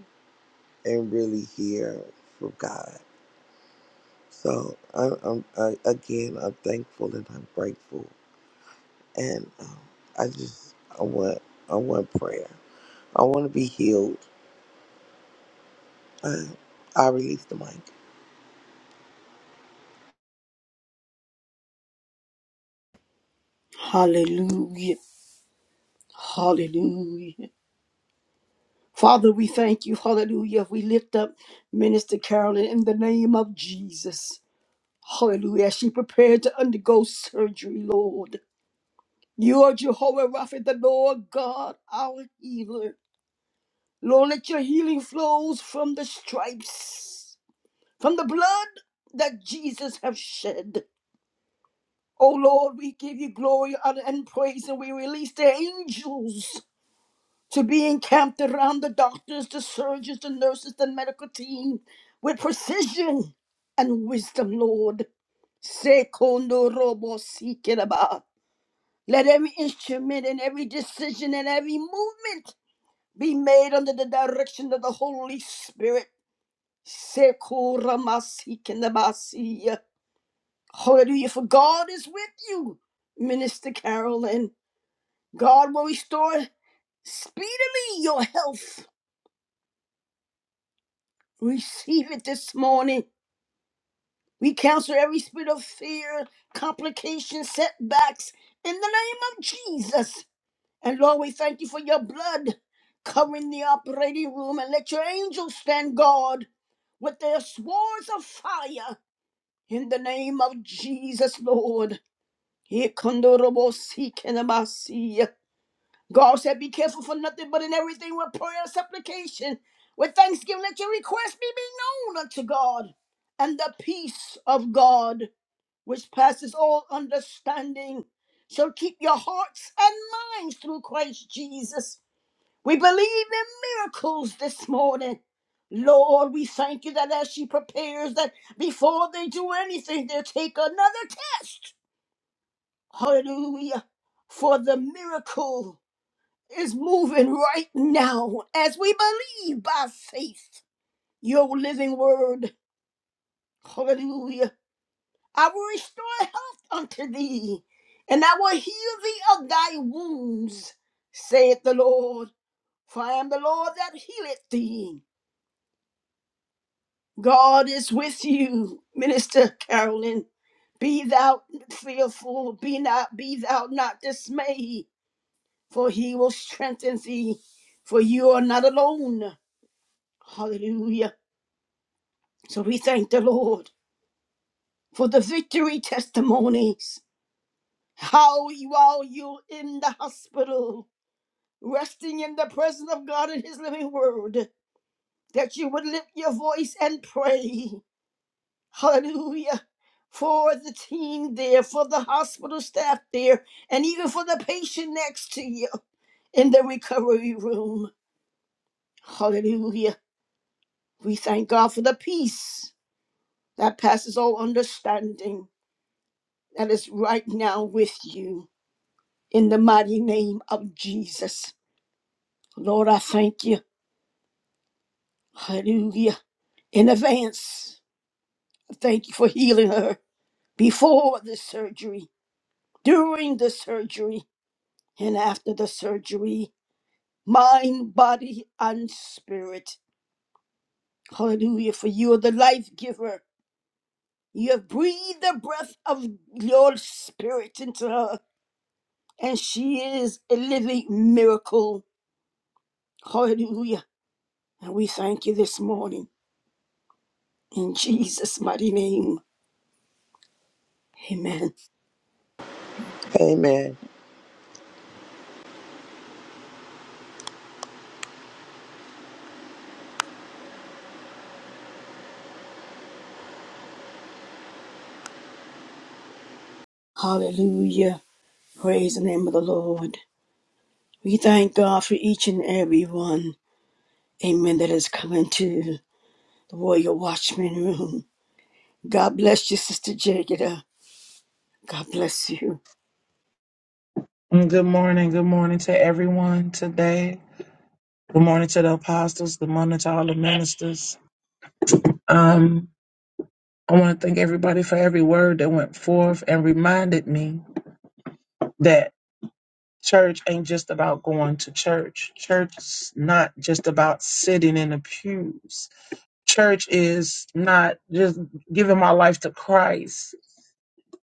D: and really hear from God. So I, I'm, I, again, I'm thankful and I'm grateful. And um, I just, I want, I want prayer. I want to be healed. I, I release the mic.
A: Hallelujah. Hallelujah. Father, we thank you. Hallelujah. We lift up Minister Carolyn in the name of Jesus. Hallelujah. As she prepared to undergo surgery, Lord. You are Jehovah Rapha, the Lord God, our healer. Lord, let your healing flows from the stripes. from the blood that Jesus has shed. Oh Lord, we give you glory, honor, and praise, and we release the angels to be encamped around the doctors, the surgeons, the nurses, the medical team with precision and wisdom, Lord. Secondo robo si keraba. Let every instrument and every decision and every movement be made under the direction of the Holy Spirit. Sekurama Hallelujah. For God is with you, Minister Carol, and God will restore speedily your health. Receive it this morning. We cancel every spirit of fear, complications, setbacks in the name of Jesus. And Lord, we thank you for your blood covering the operating room and let your angels stand guard with their swords of fire in the name of Jesus, Lord. Here, Kondorobo, see, Kenamasi. God said, Be careful for nothing but in everything with prayer and supplication. With thanksgiving, let your requests be made known unto God. And the peace of God, which passes all understanding, shall keep your hearts and minds through Christ Jesus. We believe in miracles this morning. Lord, we thank you that as she prepares, that before they do anything, they'll take another test. Hallelujah. For the miracle is moving right now as we believe by faith your living word. Hallelujah. I will restore health unto thee, and I will heal thee of thy wounds, saith the Lord. For I am the Lord that healeth thee. God is with you, Minister Carolyn. Be thou fearful, be not, be thou not dismayed, for he will strengthen thee, for you are not alone. Hallelujah. So we thank the Lord for the victory testimonies. How while you in the hospital, resting in the presence of God and His living word, that you would lift your voice and pray. Hallelujah. For the team there, for the hospital staff there, and even for the patient next to you in the recovery room. Hallelujah. We thank God for the peace that passes all understanding that is right now with you. in the mighty name of Jesus. Lord, I thank you. Hallelujah. In advance, I thank you for healing her before the surgery, during the surgery, and after the surgery. Mind, body, and spirit. Hallelujah. For you are the life giver. You have breathed the breath of your spirit into her, and she is a living miracle. Hallelujah. And we thank you this morning in Jesus' mighty name. Amen.
D: Amen.
A: Hallelujah. Praise the name of the Lord. We thank God for each and every one. Amen. That has come into the Warrior Watchman room. God bless you, Sister Jagida. God bless you.
E: And Good morning. Good morning to everyone today. Good morning to the apostles. Good morning to all the ministers. Um, I want to thank everybody for every word that went forth and reminded me that church ain't just about going to church. Church is not just about sitting in the pews. Church is not just giving my life to Christ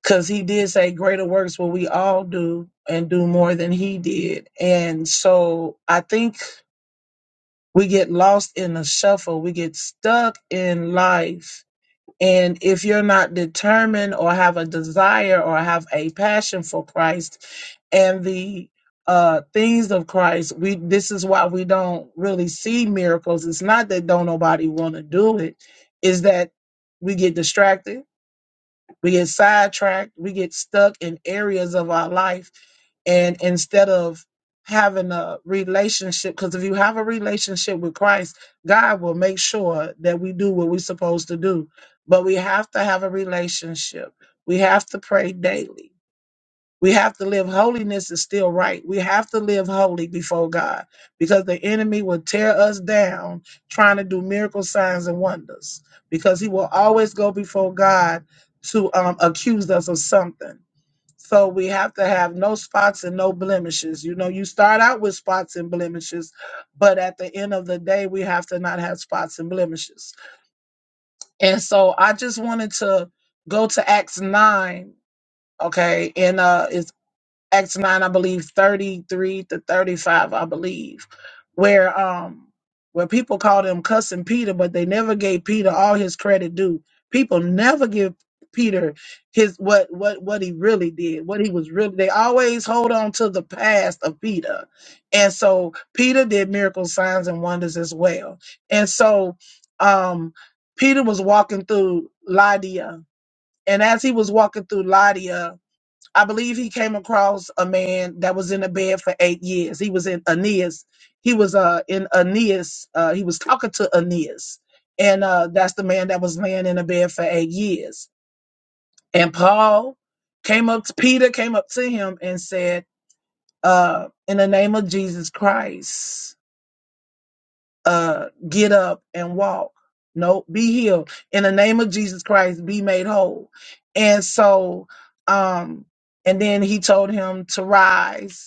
E: because he did say greater works will we all do and do more than he did. And so I think We get lost in the shuffle. We get stuck in life. And if you're not determined or have a desire or have a passion for Christ and the uh, things of Christ, we this is why we don't really see miracles. It's not that don't nobody want to do it, is that we get distracted we get sidetracked. We get stuck in areas of our life. And instead of having a relationship, because if you have a relationship with Christ, God will make sure that we do what we're supposed to do. But we have to have a relationship. We have to pray daily we have to live holiness is still right. We have to live holy before God because the enemy will tear us down trying to do miracle signs and wonders because he will always go before God to um, accuse us of something. So we have to have no spots and no blemishes. You know, you start out with spots and blemishes, but at the end of the day, we have to not have spots and blemishes. And so I just wanted to go to Acts 9, okay? And uh, Acts 9, I believe 33 to 35, I believe, where um where people called him cussing Peter, but they never gave Peter all his credit due. People never give Peter his what what what he really did, what he was really they always hold on to the past of Peter. And so Peter did miracle signs and wonders as well. And so um Peter was walking through Lydia. And as he was walking through Lydia, I believe he came across a man that was in a bed for eight years. He was in Aeneas. He was uh in Aeneas. Uh, he was talking to Aeneas, and uh, that's the man that was laying in a bed for eight years. And Paul came up to Peter, came up to him and said, uh, "In the name of Jesus Christ, uh, get up and walk. No, be healed. In the name of Jesus Christ, be made whole." And so, um, and then he told him to rise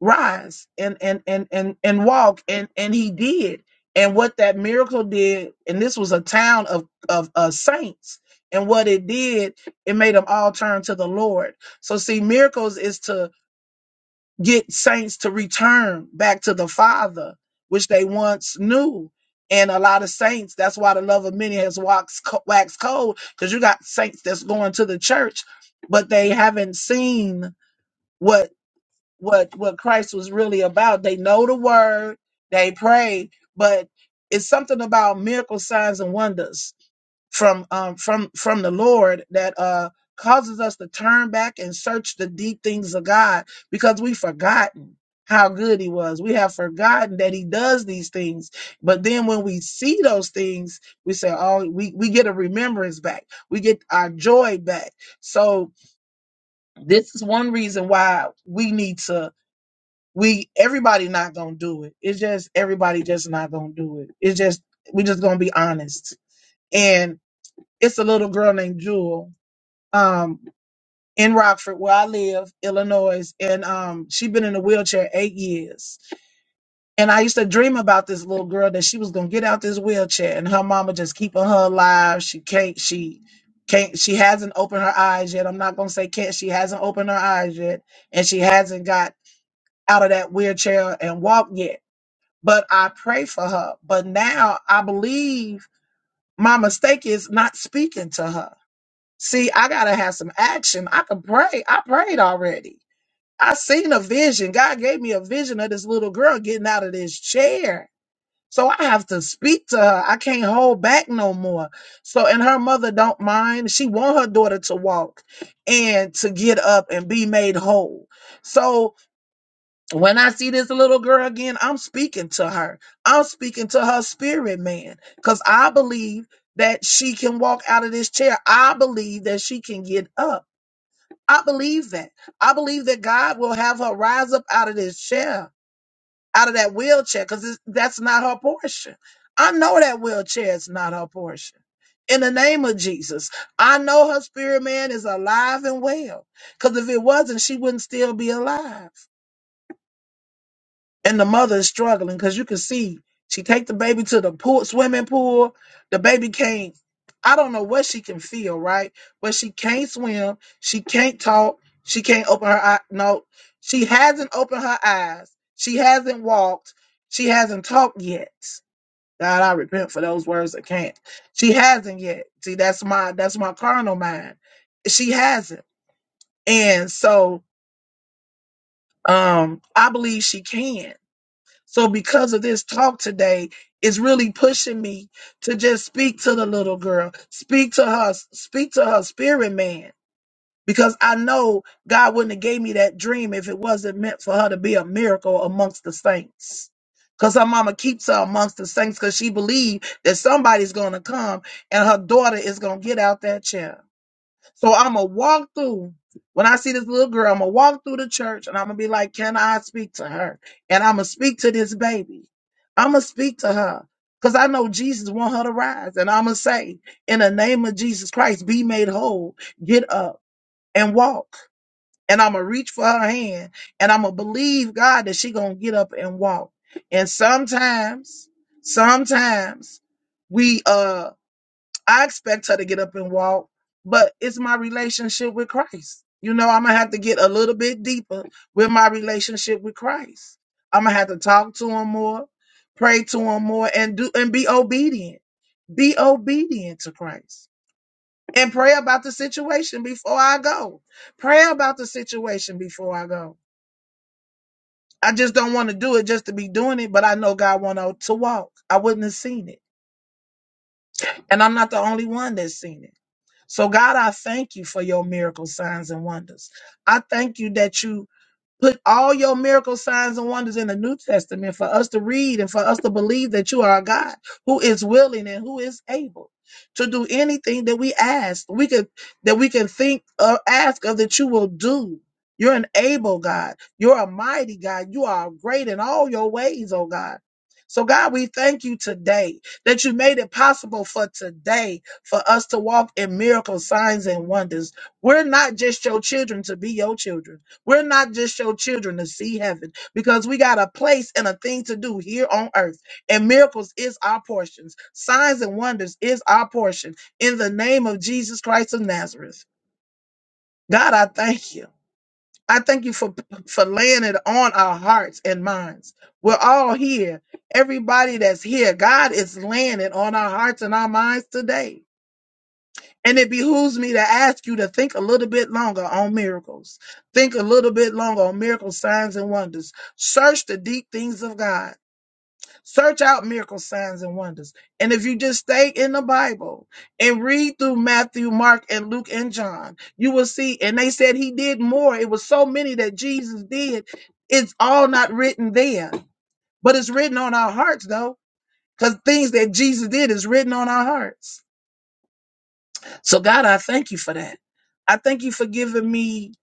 E: rise and and and and and walk and and he did and what that miracle did and this was a town of of uh, saints and what it did it made them all turn to the lord so see miracles is to get saints to return back to the father which they once knew and a lot of saints that's why the love of many has waxed, co- waxed cold because you got saints that's going to the church but they haven't seen what what Christ was really about. They know the word, they pray, but it's something about miracle signs and wonders from um from from the Lord that uh causes us to turn back and search the deep things of God because we've forgotten how good he was. We have forgotten that he does these things. But then when we see those things, we say, oh, we, we get a remembrance back. We get our joy back. So this is one reason why we need to we everybody not gonna do it. It's just everybody just not gonna do it. It's just we just gonna be honest. And it's a little girl named Jewel, um, in Rockford where I live, Illinois, and um she been in a wheelchair eight years. And I used to dream about this little girl that she was gonna get out this wheelchair and her mama just keeping her alive. She can't she can't she hasn't opened her eyes yet. I'm not gonna say can't she hasn't opened her eyes yet and she hasn't got out of that wheelchair and walked yet but I pray for her. But now I believe my mistake is not speaking to her. See, I gotta have some action. I can pray. I prayed already. I seen a vision. God gave me a vision of this little girl getting out of this chair. So I have to speak to her. I can't hold back no more. So and her mother don't mind. She want her daughter to walk and to get up and be made whole. So when I see this little girl again, I'm speaking to her. I'm speaking to her spirit, man, because I believe that she can walk out of this chair. I believe that she can get up. I believe that. I believe that God will have her rise up out of this chair, out of that wheelchair, because that's not her portion. I know that wheelchair is not her portion. In the name of Jesus, I know her spirit man is alive and well. Because if it wasn't, she wouldn't still be alive. and the mother is struggling because you can see she take the baby to the pool swimming pool the baby can't i don't know what she can feel right but she can't swim she can't talk she can't open her eye no she hasn't opened her eyes she hasn't walked she hasn't talked yet god i repent for those words that can't she hasn't yet see that's my that's my carnal mind she hasn't and so um i believe she can so because of this talk today, it's really pushing me to just speak to the little girl, speak to her, speak to her spirit man. Because I know God wouldn't have gave me that dream if it wasn't meant for her to be a miracle amongst the saints. Because her mama keeps her amongst the saints because she believed that somebody's gonna come and her daughter is gonna get out that chair. So I'm gonna walk through. When I see this little girl, I'm gonna walk through the church and I'm gonna be like, "Can I speak to her?" And I'm gonna speak to this baby. I'm gonna speak to her because I know Jesus want her to rise. And I'm gonna say, "In the name of Jesus Christ, be made whole. Get up and walk." And I'm gonna reach for her hand and I'm gonna believe God that she gonna get up and walk. And sometimes, sometimes we uh I expect her to get up and walk, but it's my relationship with Christ. You know, I'm gonna have to get a little bit deeper with my relationship with Christ. I'm gonna have to talk to him more, pray to him more, and do and be obedient. Be obedient to Christ. And pray about the situation before I go. Pray about the situation before I go. I just don't want to do it just to be doing it, but I know God want to walk. I wouldn't have seen it. And I'm not the only one that's seen it. So, God, I thank you for your miracle signs and wonders. I thank you that you Put all your miracle signs and wonders in the New Testament for us to read and for us to believe that you are a God who is willing and who is able to do anything that we ask. We could that we can think or ask of that you will do. You're an able God. You're a mighty God. You are great in all your ways, oh God. So God, we thank you today that you made it possible for today for us to walk in miracle signs and wonders. We're not just your children to be your children. We're not just your children to see heaven because we got a place and a thing to do here on earth. And miracles is our portions. Signs and wonders is our portion in the name of Jesus Christ of Nazareth. God, I thank you. I thank you for, for laying it on our hearts and minds. We're all here. Everybody that's here, God is laying it on our hearts and our minds today. And it behooves me to ask you to think a little bit longer on miracles. Think a little bit longer on miracle signs and wonders. Search the deep things of God. Search out miracle signs and wonders. And if you just stay in the Bible and read through Matthew, Mark, and Luke and John, you will see. And they said he did more. It was so many that Jesus did. It's all not written there, but it's written on our hearts though, because things that Jesus did is written on our hearts. So, God, I thank you for that. I thank you for giving me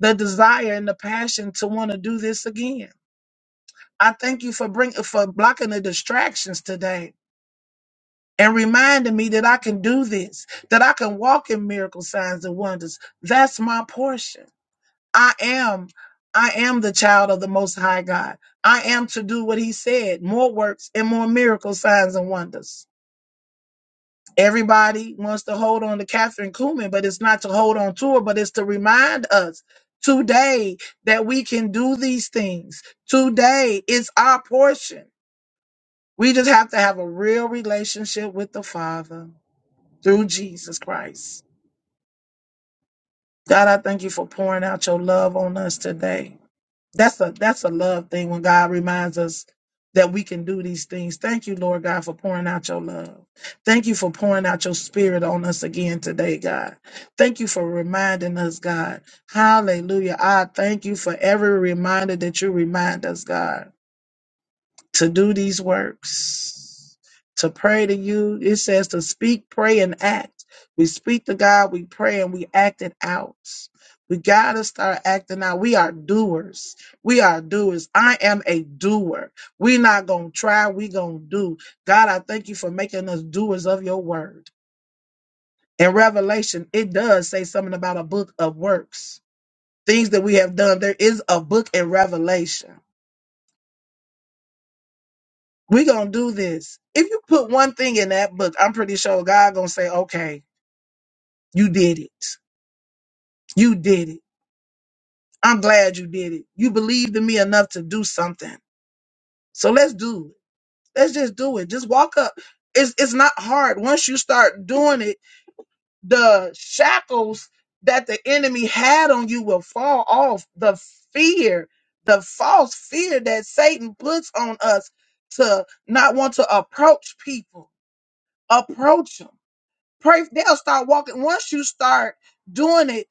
E: the desire and the passion to want to do this again. I thank you for bring for blocking the distractions today and reminding me that I can do this, that I can walk in miracle signs and wonders. That's my portion. I am I am the child of the most high God. I am to do what he said, more works and more miracle signs and wonders. Everybody wants to hold on to Catherine Kuhlman, but it's not to hold on to her, but it's to remind us today that we can do these things. Today is our portion. We just have to have a real relationship with the Father through Jesus Christ. God, I thank you for pouring out your love on us today. That's a that's a love thing when God reminds us that we can do these things. Thank you, Lord God, for pouring out your love. Thank you for pouring out your spirit on us again today, God. Thank you for reminding us, God. Hallelujah. I thank you for every reminder that you remind us, God to do these works, to pray to you. It says to speak, pray, and act. We speak to God, we pray, and we act it out. We got to start acting out. We are doers. We are doers. I am a doer. we not going to try, we going to do. God, I thank you for making us doers of your word. In Revelation, it does say something about a book of works, things that we have done. There is a book in Revelation we gonna do this. If you put one thing in that book, I'm pretty sure God gonna say, okay, you did it. You did it. I'm glad you did it. You believed in me enough to do something. So let's do it. Let's just do it. Just walk up. It's it's not hard. Once you start doing it, the shackles that the enemy had on you will fall off. The fear, the false fear that Satan puts on us to not want to approach people. Approach them. pray they'll start walking once you start doing it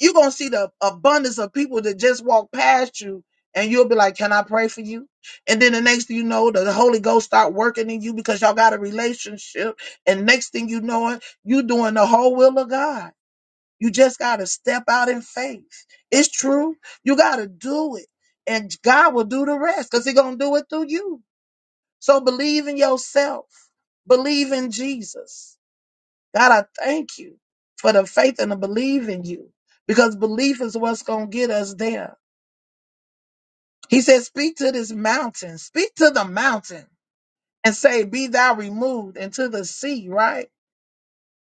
E: you're gonna see the abundance of people that just walk past you and you'll be like can i pray for you and then the next thing you know the holy ghost start working in you because y'all got a relationship and next thing you know it you doing the whole will of god you just gotta step out in faith it's true you gotta do it and god will do the rest because He gonna do it through you so believe in yourself believe in jesus God, I thank you for the faith and the belief in you because belief is what's going to get us there. He said, Speak to this mountain, speak to the mountain and say, Be thou removed into the sea, right?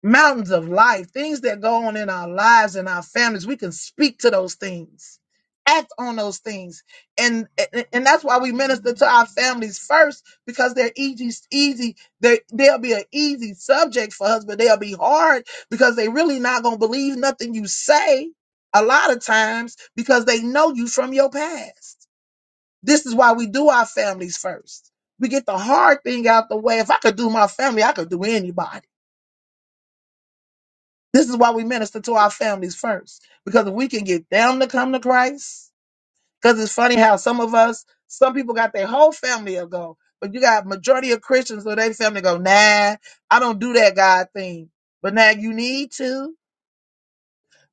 E: mountains of life, things that go on in our lives and our families. We can speak to those things, act on those things, and and, and that's why we minister to our families first because they're easy, easy. They they'll be an easy subject for us, but they'll be hard because they really not gonna believe nothing you say. A lot of times because they know you from your past. This is why we do our families first. We get the hard thing out the way. If I could do my family, I could do anybody. This is why we minister to our families first, because if we can get them to come to Christ, because it's funny how some of us, some people got their whole family to go, but you got majority of Christians where their family go, nah, I don't do that God thing. But now you need to.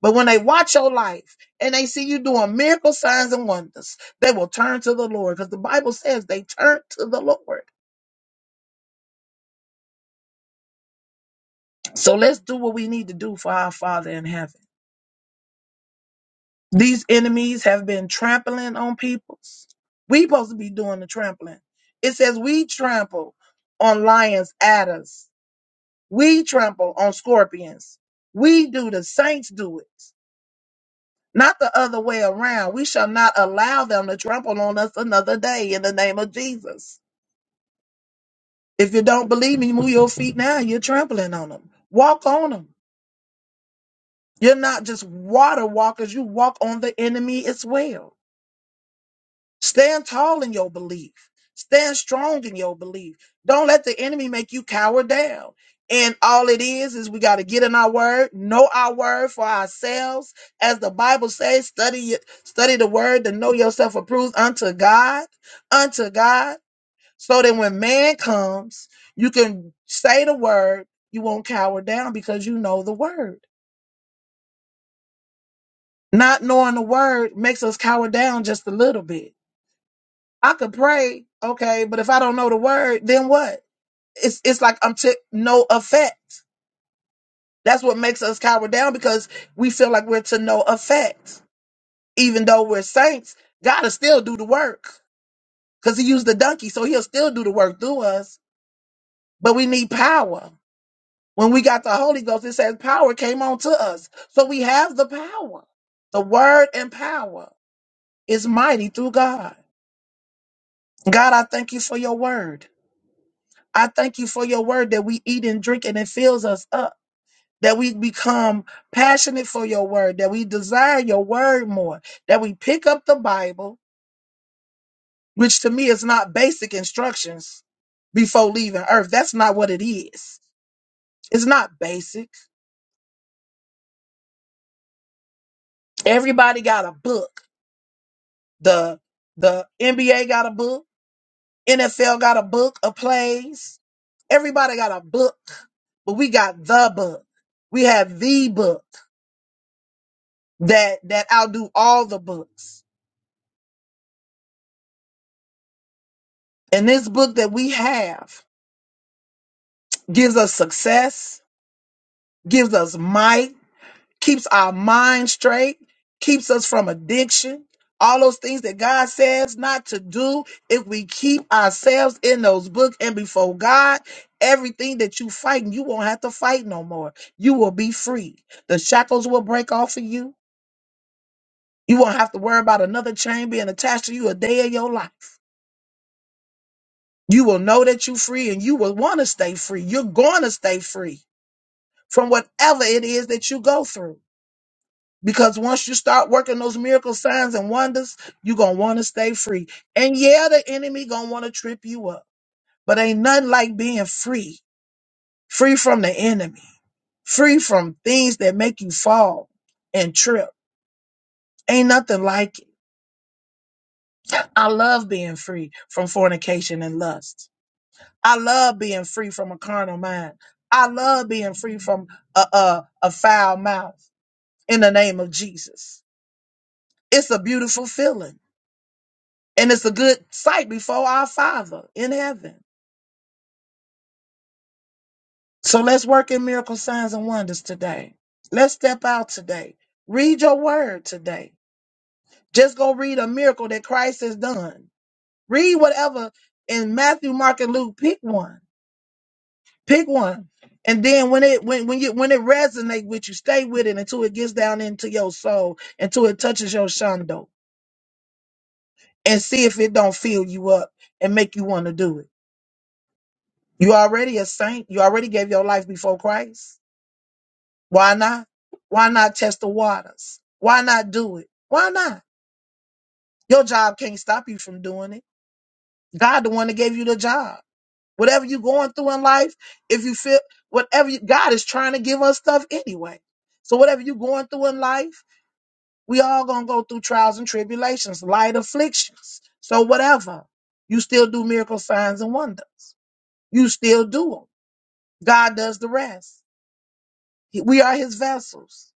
E: But when they watch your life and they see you doing miracle signs and wonders, they will turn to the Lord because the Bible says they turn to the Lord. So let's do what we need to do for our Father in heaven. These enemies have been trampling on peoples. We supposed to be doing the trampling. It says we trample on lions, adders. We trample on scorpions. We do the saints do it, not the other way around. We shall not allow them to trample on us another day in the name of Jesus. If you don't believe me, move your feet now. You're trampling on them. Walk on them. You're not just water walkers. You walk on the enemy as well. Stand tall in your belief. Stand strong in your belief. Don't let the enemy make you cower down. And all it is is we got to get in our word, know our word for ourselves. As the Bible says, study it, study the word to know yourself approved unto God, unto God. So that when man comes, you can say the word, you won't cower down because you know the word. Not knowing the word makes us cower down just a little bit I could pray, okay, but if I don't know the word, then what? It's it's like I'm to no effect. That's what makes us cower down because we feel like we're to no effect. Even though we're saints, God will still do the work because He used the donkey, so He'll still do the work through us. But we need power. When we got the Holy Ghost, it says power came on to us. So we have the power. The word and power is mighty through God. God, I thank you for your word. I thank you for your word that we eat and drink and it fills us up. That we become passionate for your word, that we desire your word more, that we pick up the Bible, which to me is not basic instructions before leaving earth. That's not what it is. It's not basic. Everybody got a book. The the NBA got a book, NFL got a book of plays. Everybody got a book, but we got the book. We have the book. that that outdo all the books. And this book that we have gives us success, gives us might, keeps our mind straight, keeps us from addiction. All those things that God says not to do, if we keep ourselves in those books and before God, everything that you fighting, you won't have to fight no more. You will be free. The shackles will break off of you. You won't have to worry about another chain being attached to you a day of your life. You will know that you're free and you will want to stay free. You're going to stay free from whatever it is that you go through. Because once you start working those miracle signs and wonders, you're going to want to stay free. And yeah, the enemy going to want to trip you up. But ain't nothing like being free, free from the enemy, free from things that make you fall and trip. Ain't nothing like it. I love being free from fornication and lust. I love being free from a carnal mind. I love being free from a, a, a foul mouth in the name of Jesus. It's a beautiful feeling and it's a good sight before our Father in heaven. So let's work in miracle signs and wonders today. Let's step out today. Read your word today. Just go read a miracle that Christ has done. Read whatever in Matthew, Mark, and Luke. Pick one Pick one. And then when it when when you when it resonates with you, stay with it until it gets down into your soul, until it touches your shando, and see if it don't fill you up and make you want to do it. You already a saint. You already gave your life before Christ. Why not? Why not test the waters? Why not do it? Why not? Your job can't stop you from doing it. God, the one that gave you the job. Whatever you're going through in life, if you feel whatever you, God is trying to give us stuff anyway. So whatever you're going through in life We all gonna go through trials and tribulations, light afflictions. So whatever, you still do miracle signs and wonders. You still do them. God does the rest. He- We are His vessels.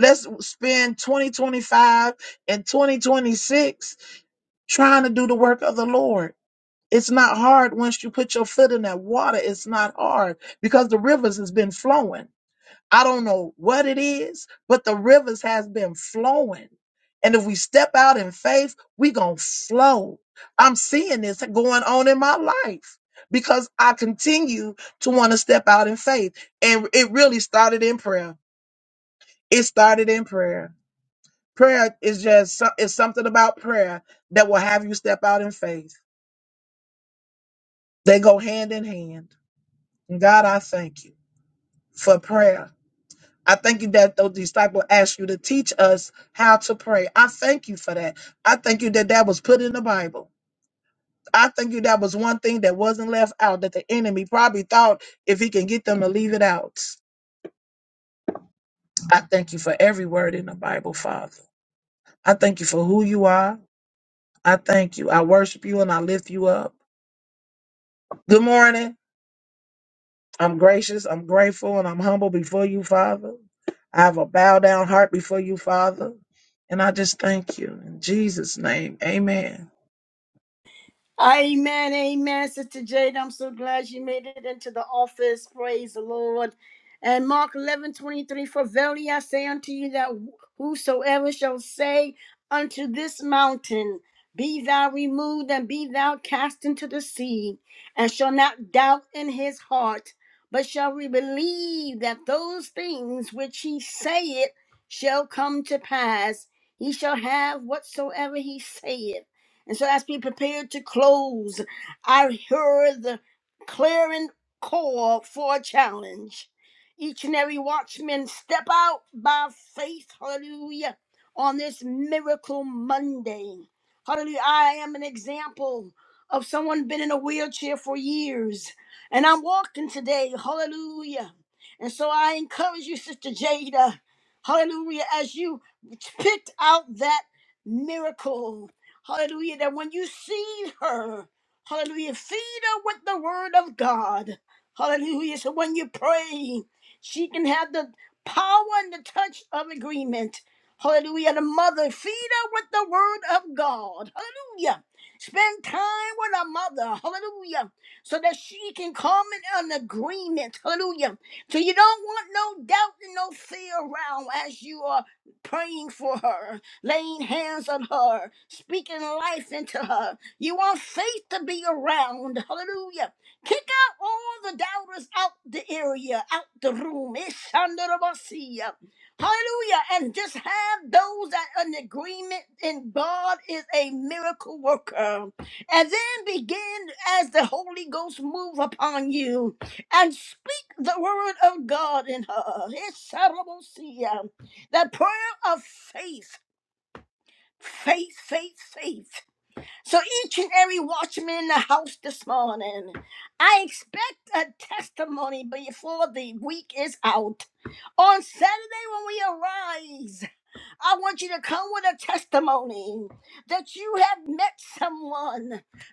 E: Let's spend 2025 and 2026 trying to do the work of the Lord. It's not hard once you put your foot in that water. It's not hard because the rivers has been flowing. I don't know what it is, but the rivers has been flowing. And if we step out in faith, we going to flow. I'm seeing this going on in my life because I continue to want to step out in faith. And it really started in prayer. It started in prayer. Prayer is just so- it's something about prayer that will have you step out in faith. They go hand in hand. And God, I thank you for prayer I thank you that those disciples asked you to teach us how to pray. I thank you for that. I thank you that that was put in the Bible. I thank you that was one thing that wasn't left out that the enemy probably thought if he can get them to leave it out. I thank you for every word in the Bible, Father. I thank you for who you are. I thank you. I worship you and I lift you up. Good morning. I'm gracious, I'm grateful, and I'm humble before you, Father. I have a bow down heart before you, Father. And I just thank you. In Jesus' name, amen.
A: Amen, amen, Sister Jade. I'm so glad you made it into the office. Praise the Lord. And Mark 11:23. For verily I say unto you that whosoever shall say unto this mountain, Be thou removed and be thou cast into the sea, and shall not doubt in his heart, but shall we believe that those things which he saith shall come to pass, he shall have whatsoever he saith. And so as we prepare to close, I heard the clearing call for a challenge. Each and every watchman step out by faith, hallelujah, on this miracle Monday. Hallelujah. I am an example of someone been in a wheelchair for years. And I'm walking today. Hallelujah. And so I encourage you, Sister Jada. Hallelujah. As you picked out that miracle. Hallelujah. That when you see her, hallelujah, feed her with the word of God. Hallelujah. So when you pray, she can have the power and the touch of agreement. Hallelujah. The mother, feed her with the word of God. Hallelujah. Spend time with her mother. Hallelujah. So that she can come in an agreement. Hallelujah. So you don't want no doubt and no fear around as you are praying for her laying hands on her, speaking life into her. You want faith to be around. Hallelujah. Kick out all the doubters out the area, out the room. It's under the mercy. Hallelujah. And just have those that are in agreement in God is a miracle worker. And then begin as the Holy Ghost move upon you and speak the word of God in her. It's That prayer of faith. Faith, faith, faith. So each and every watchman in the house this morning, I expect a testimony before the week is out. On Saturday when we arise, I want you to come with a testimony that you have met someone.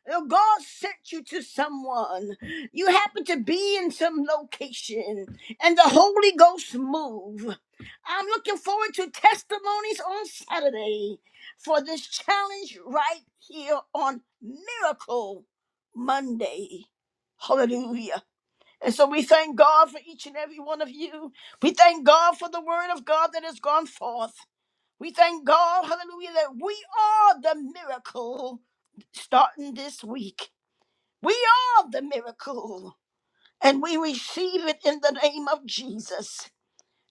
A: that God sent you to someone. You happen to be in some location and the Holy Ghost move. I'm looking forward to testimonies on Saturday for this challenge right here on Miracle Monday. Hallelujah. And so we thank God for each and every one of you. We thank God for the word of God that has gone forth. We thank God, hallelujah, that we are the miracle starting this week. We are the miracle, and we receive it in the name of Jesus.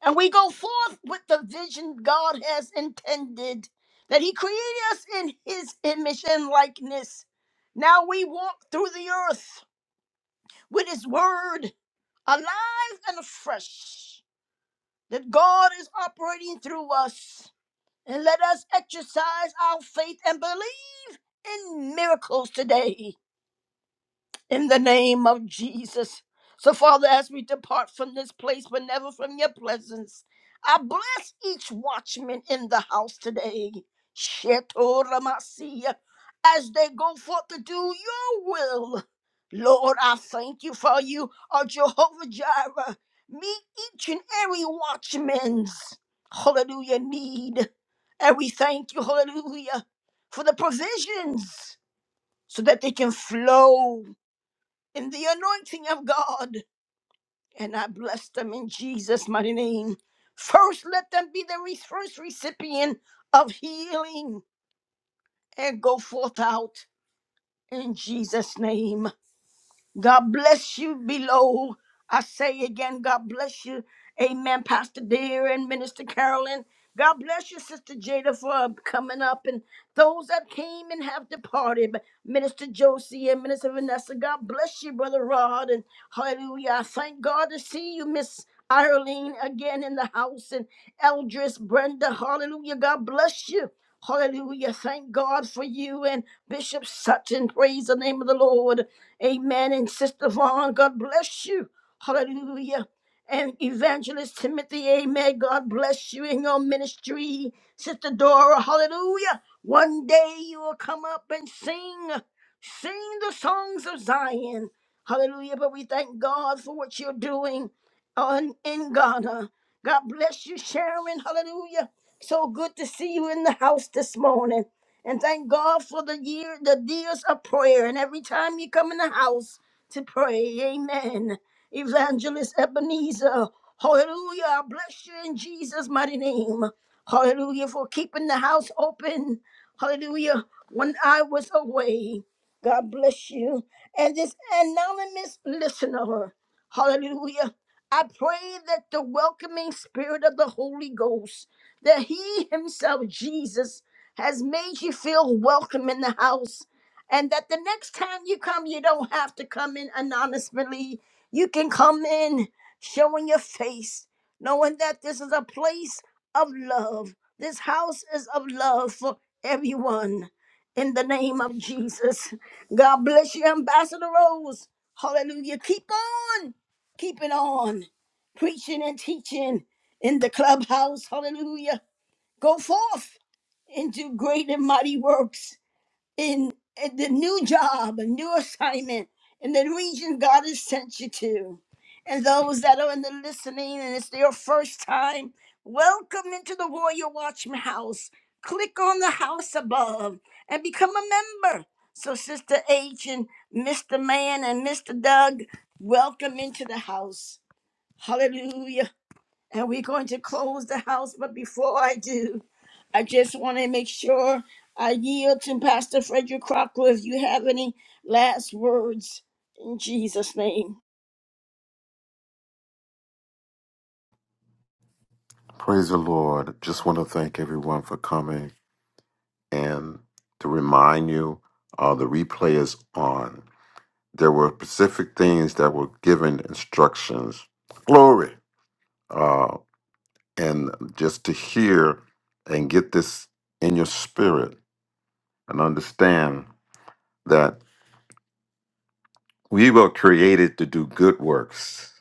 A: And we go forth with the vision God has intended that He created us in His image and likeness. Now we walk through the earth with His word alive and afresh, that God is operating through us. And let us exercise our faith and believe and miracles today in the name of Jesus. So, Father, as we depart from this place, but never from your presence, I bless each watchman in the house today. Shetoramasiya, As they go forth to do your will, Lord, I thank you for you are Jehovah Jireh. Meet each and every watchman's hallelujah need. And we thank you, hallelujah, for the provisions so that they can flow in the anointing of God. And I bless them in Jesus' mighty name. First, let them be the re- first recipient of healing and go forth out in Jesus' name. God bless you below. I say again, God bless you. Amen, Pastor Dear and Minister Carolyn. God bless you, Sister Jada, for coming up and. Those that came and have departed, but Minister Josie and Minister Vanessa, God bless you, Brother Rod. And hallelujah. I thank God to see you, Miss Irene, again in the house. And Eldris, Brenda, hallelujah. God bless you. Hallelujah. Thank God for you and Bishop Sutton. Praise the name of the Lord. Amen. And Sister Vaughn, God bless you. Hallelujah and Evangelist Timothy. Amen. God bless you in your ministry, Sister Dora. Hallelujah. One day you will come up and sing, sing the songs of Zion. Hallelujah. But we thank God for what you're doing on in Ghana. God bless you, Sharon. Hallelujah. So good to see you in the house this morning. And thank God for the year, the years of prayer. And every time you come in the house to pray, amen. Evangelist Ebenezer. Hallelujah. I bless you in Jesus' mighty name. Hallelujah for keeping the house open. Hallelujah. When I was away. God bless you. And this anonymous listener. Hallelujah. I pray that the welcoming spirit of the Holy Ghost, that He Himself, Jesus, has made you feel welcome in the house. And that the next time you come, you don't have to come in anonymously. You can come in showing your face, knowing that this is a place of love. This house is of love for everyone. In the name of Jesus. God bless you, Ambassador Rose. Hallelujah. Keep on keeping on, preaching and teaching in the clubhouse. Hallelujah. Go forth and do great and mighty works in, in the new job, a new assignment, in the region God has sent you to. And those that are in the listening and it's their first time, welcome into the Warrior Watchman House. Click on the house above and become a member. So, Sister H and Mr. Man and Mr. Doug, welcome into the house. Hallelujah and we're going to close the house. But before I do, I just want to make sure I yield to Pastor Frederick Crocker if you have any last words in Jesus' name.
B: Praise the Lord. Just want to thank everyone for coming and to remind you uh, the replay is on. There were specific things that were given instructions. Glory. uh, and just to hear and get this in your spirit and understand that we were created to do good works.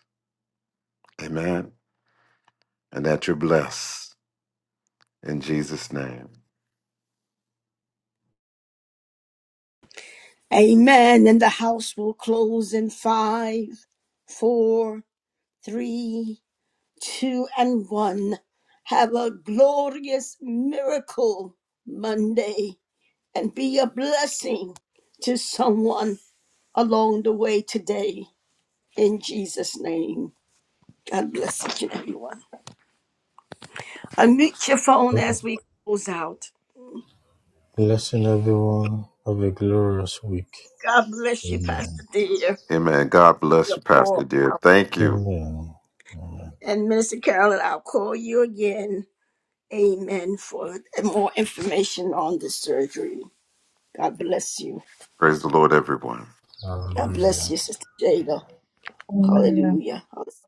B: Amen. And that you're blessed in Jesus' name.
A: Amen. And the house will close in five, four, three, two, and one. Have a glorious miracle Monday and be a blessing to someone along the way today in Jesus' name. God bless each and everyone. Unmute your phone as we close out.
C: blessing everyone. Have a glorious week.
A: God bless you,
C: Amen.
A: Pastor Dear.
B: Amen. God bless
A: Your
B: you,
A: poor
B: Pastor dear.
A: out.
B: Thank you.
C: Amen. Amen.
A: And Minister Carolyn, I'll call you again. Amen. For more information on the surgery. God bless you.
B: Praise the Lord, everyone.
A: God
C: Hallelujah.
A: bless you, Sister Jada.
E: Amen.
A: Hallelujah. Hallelujah.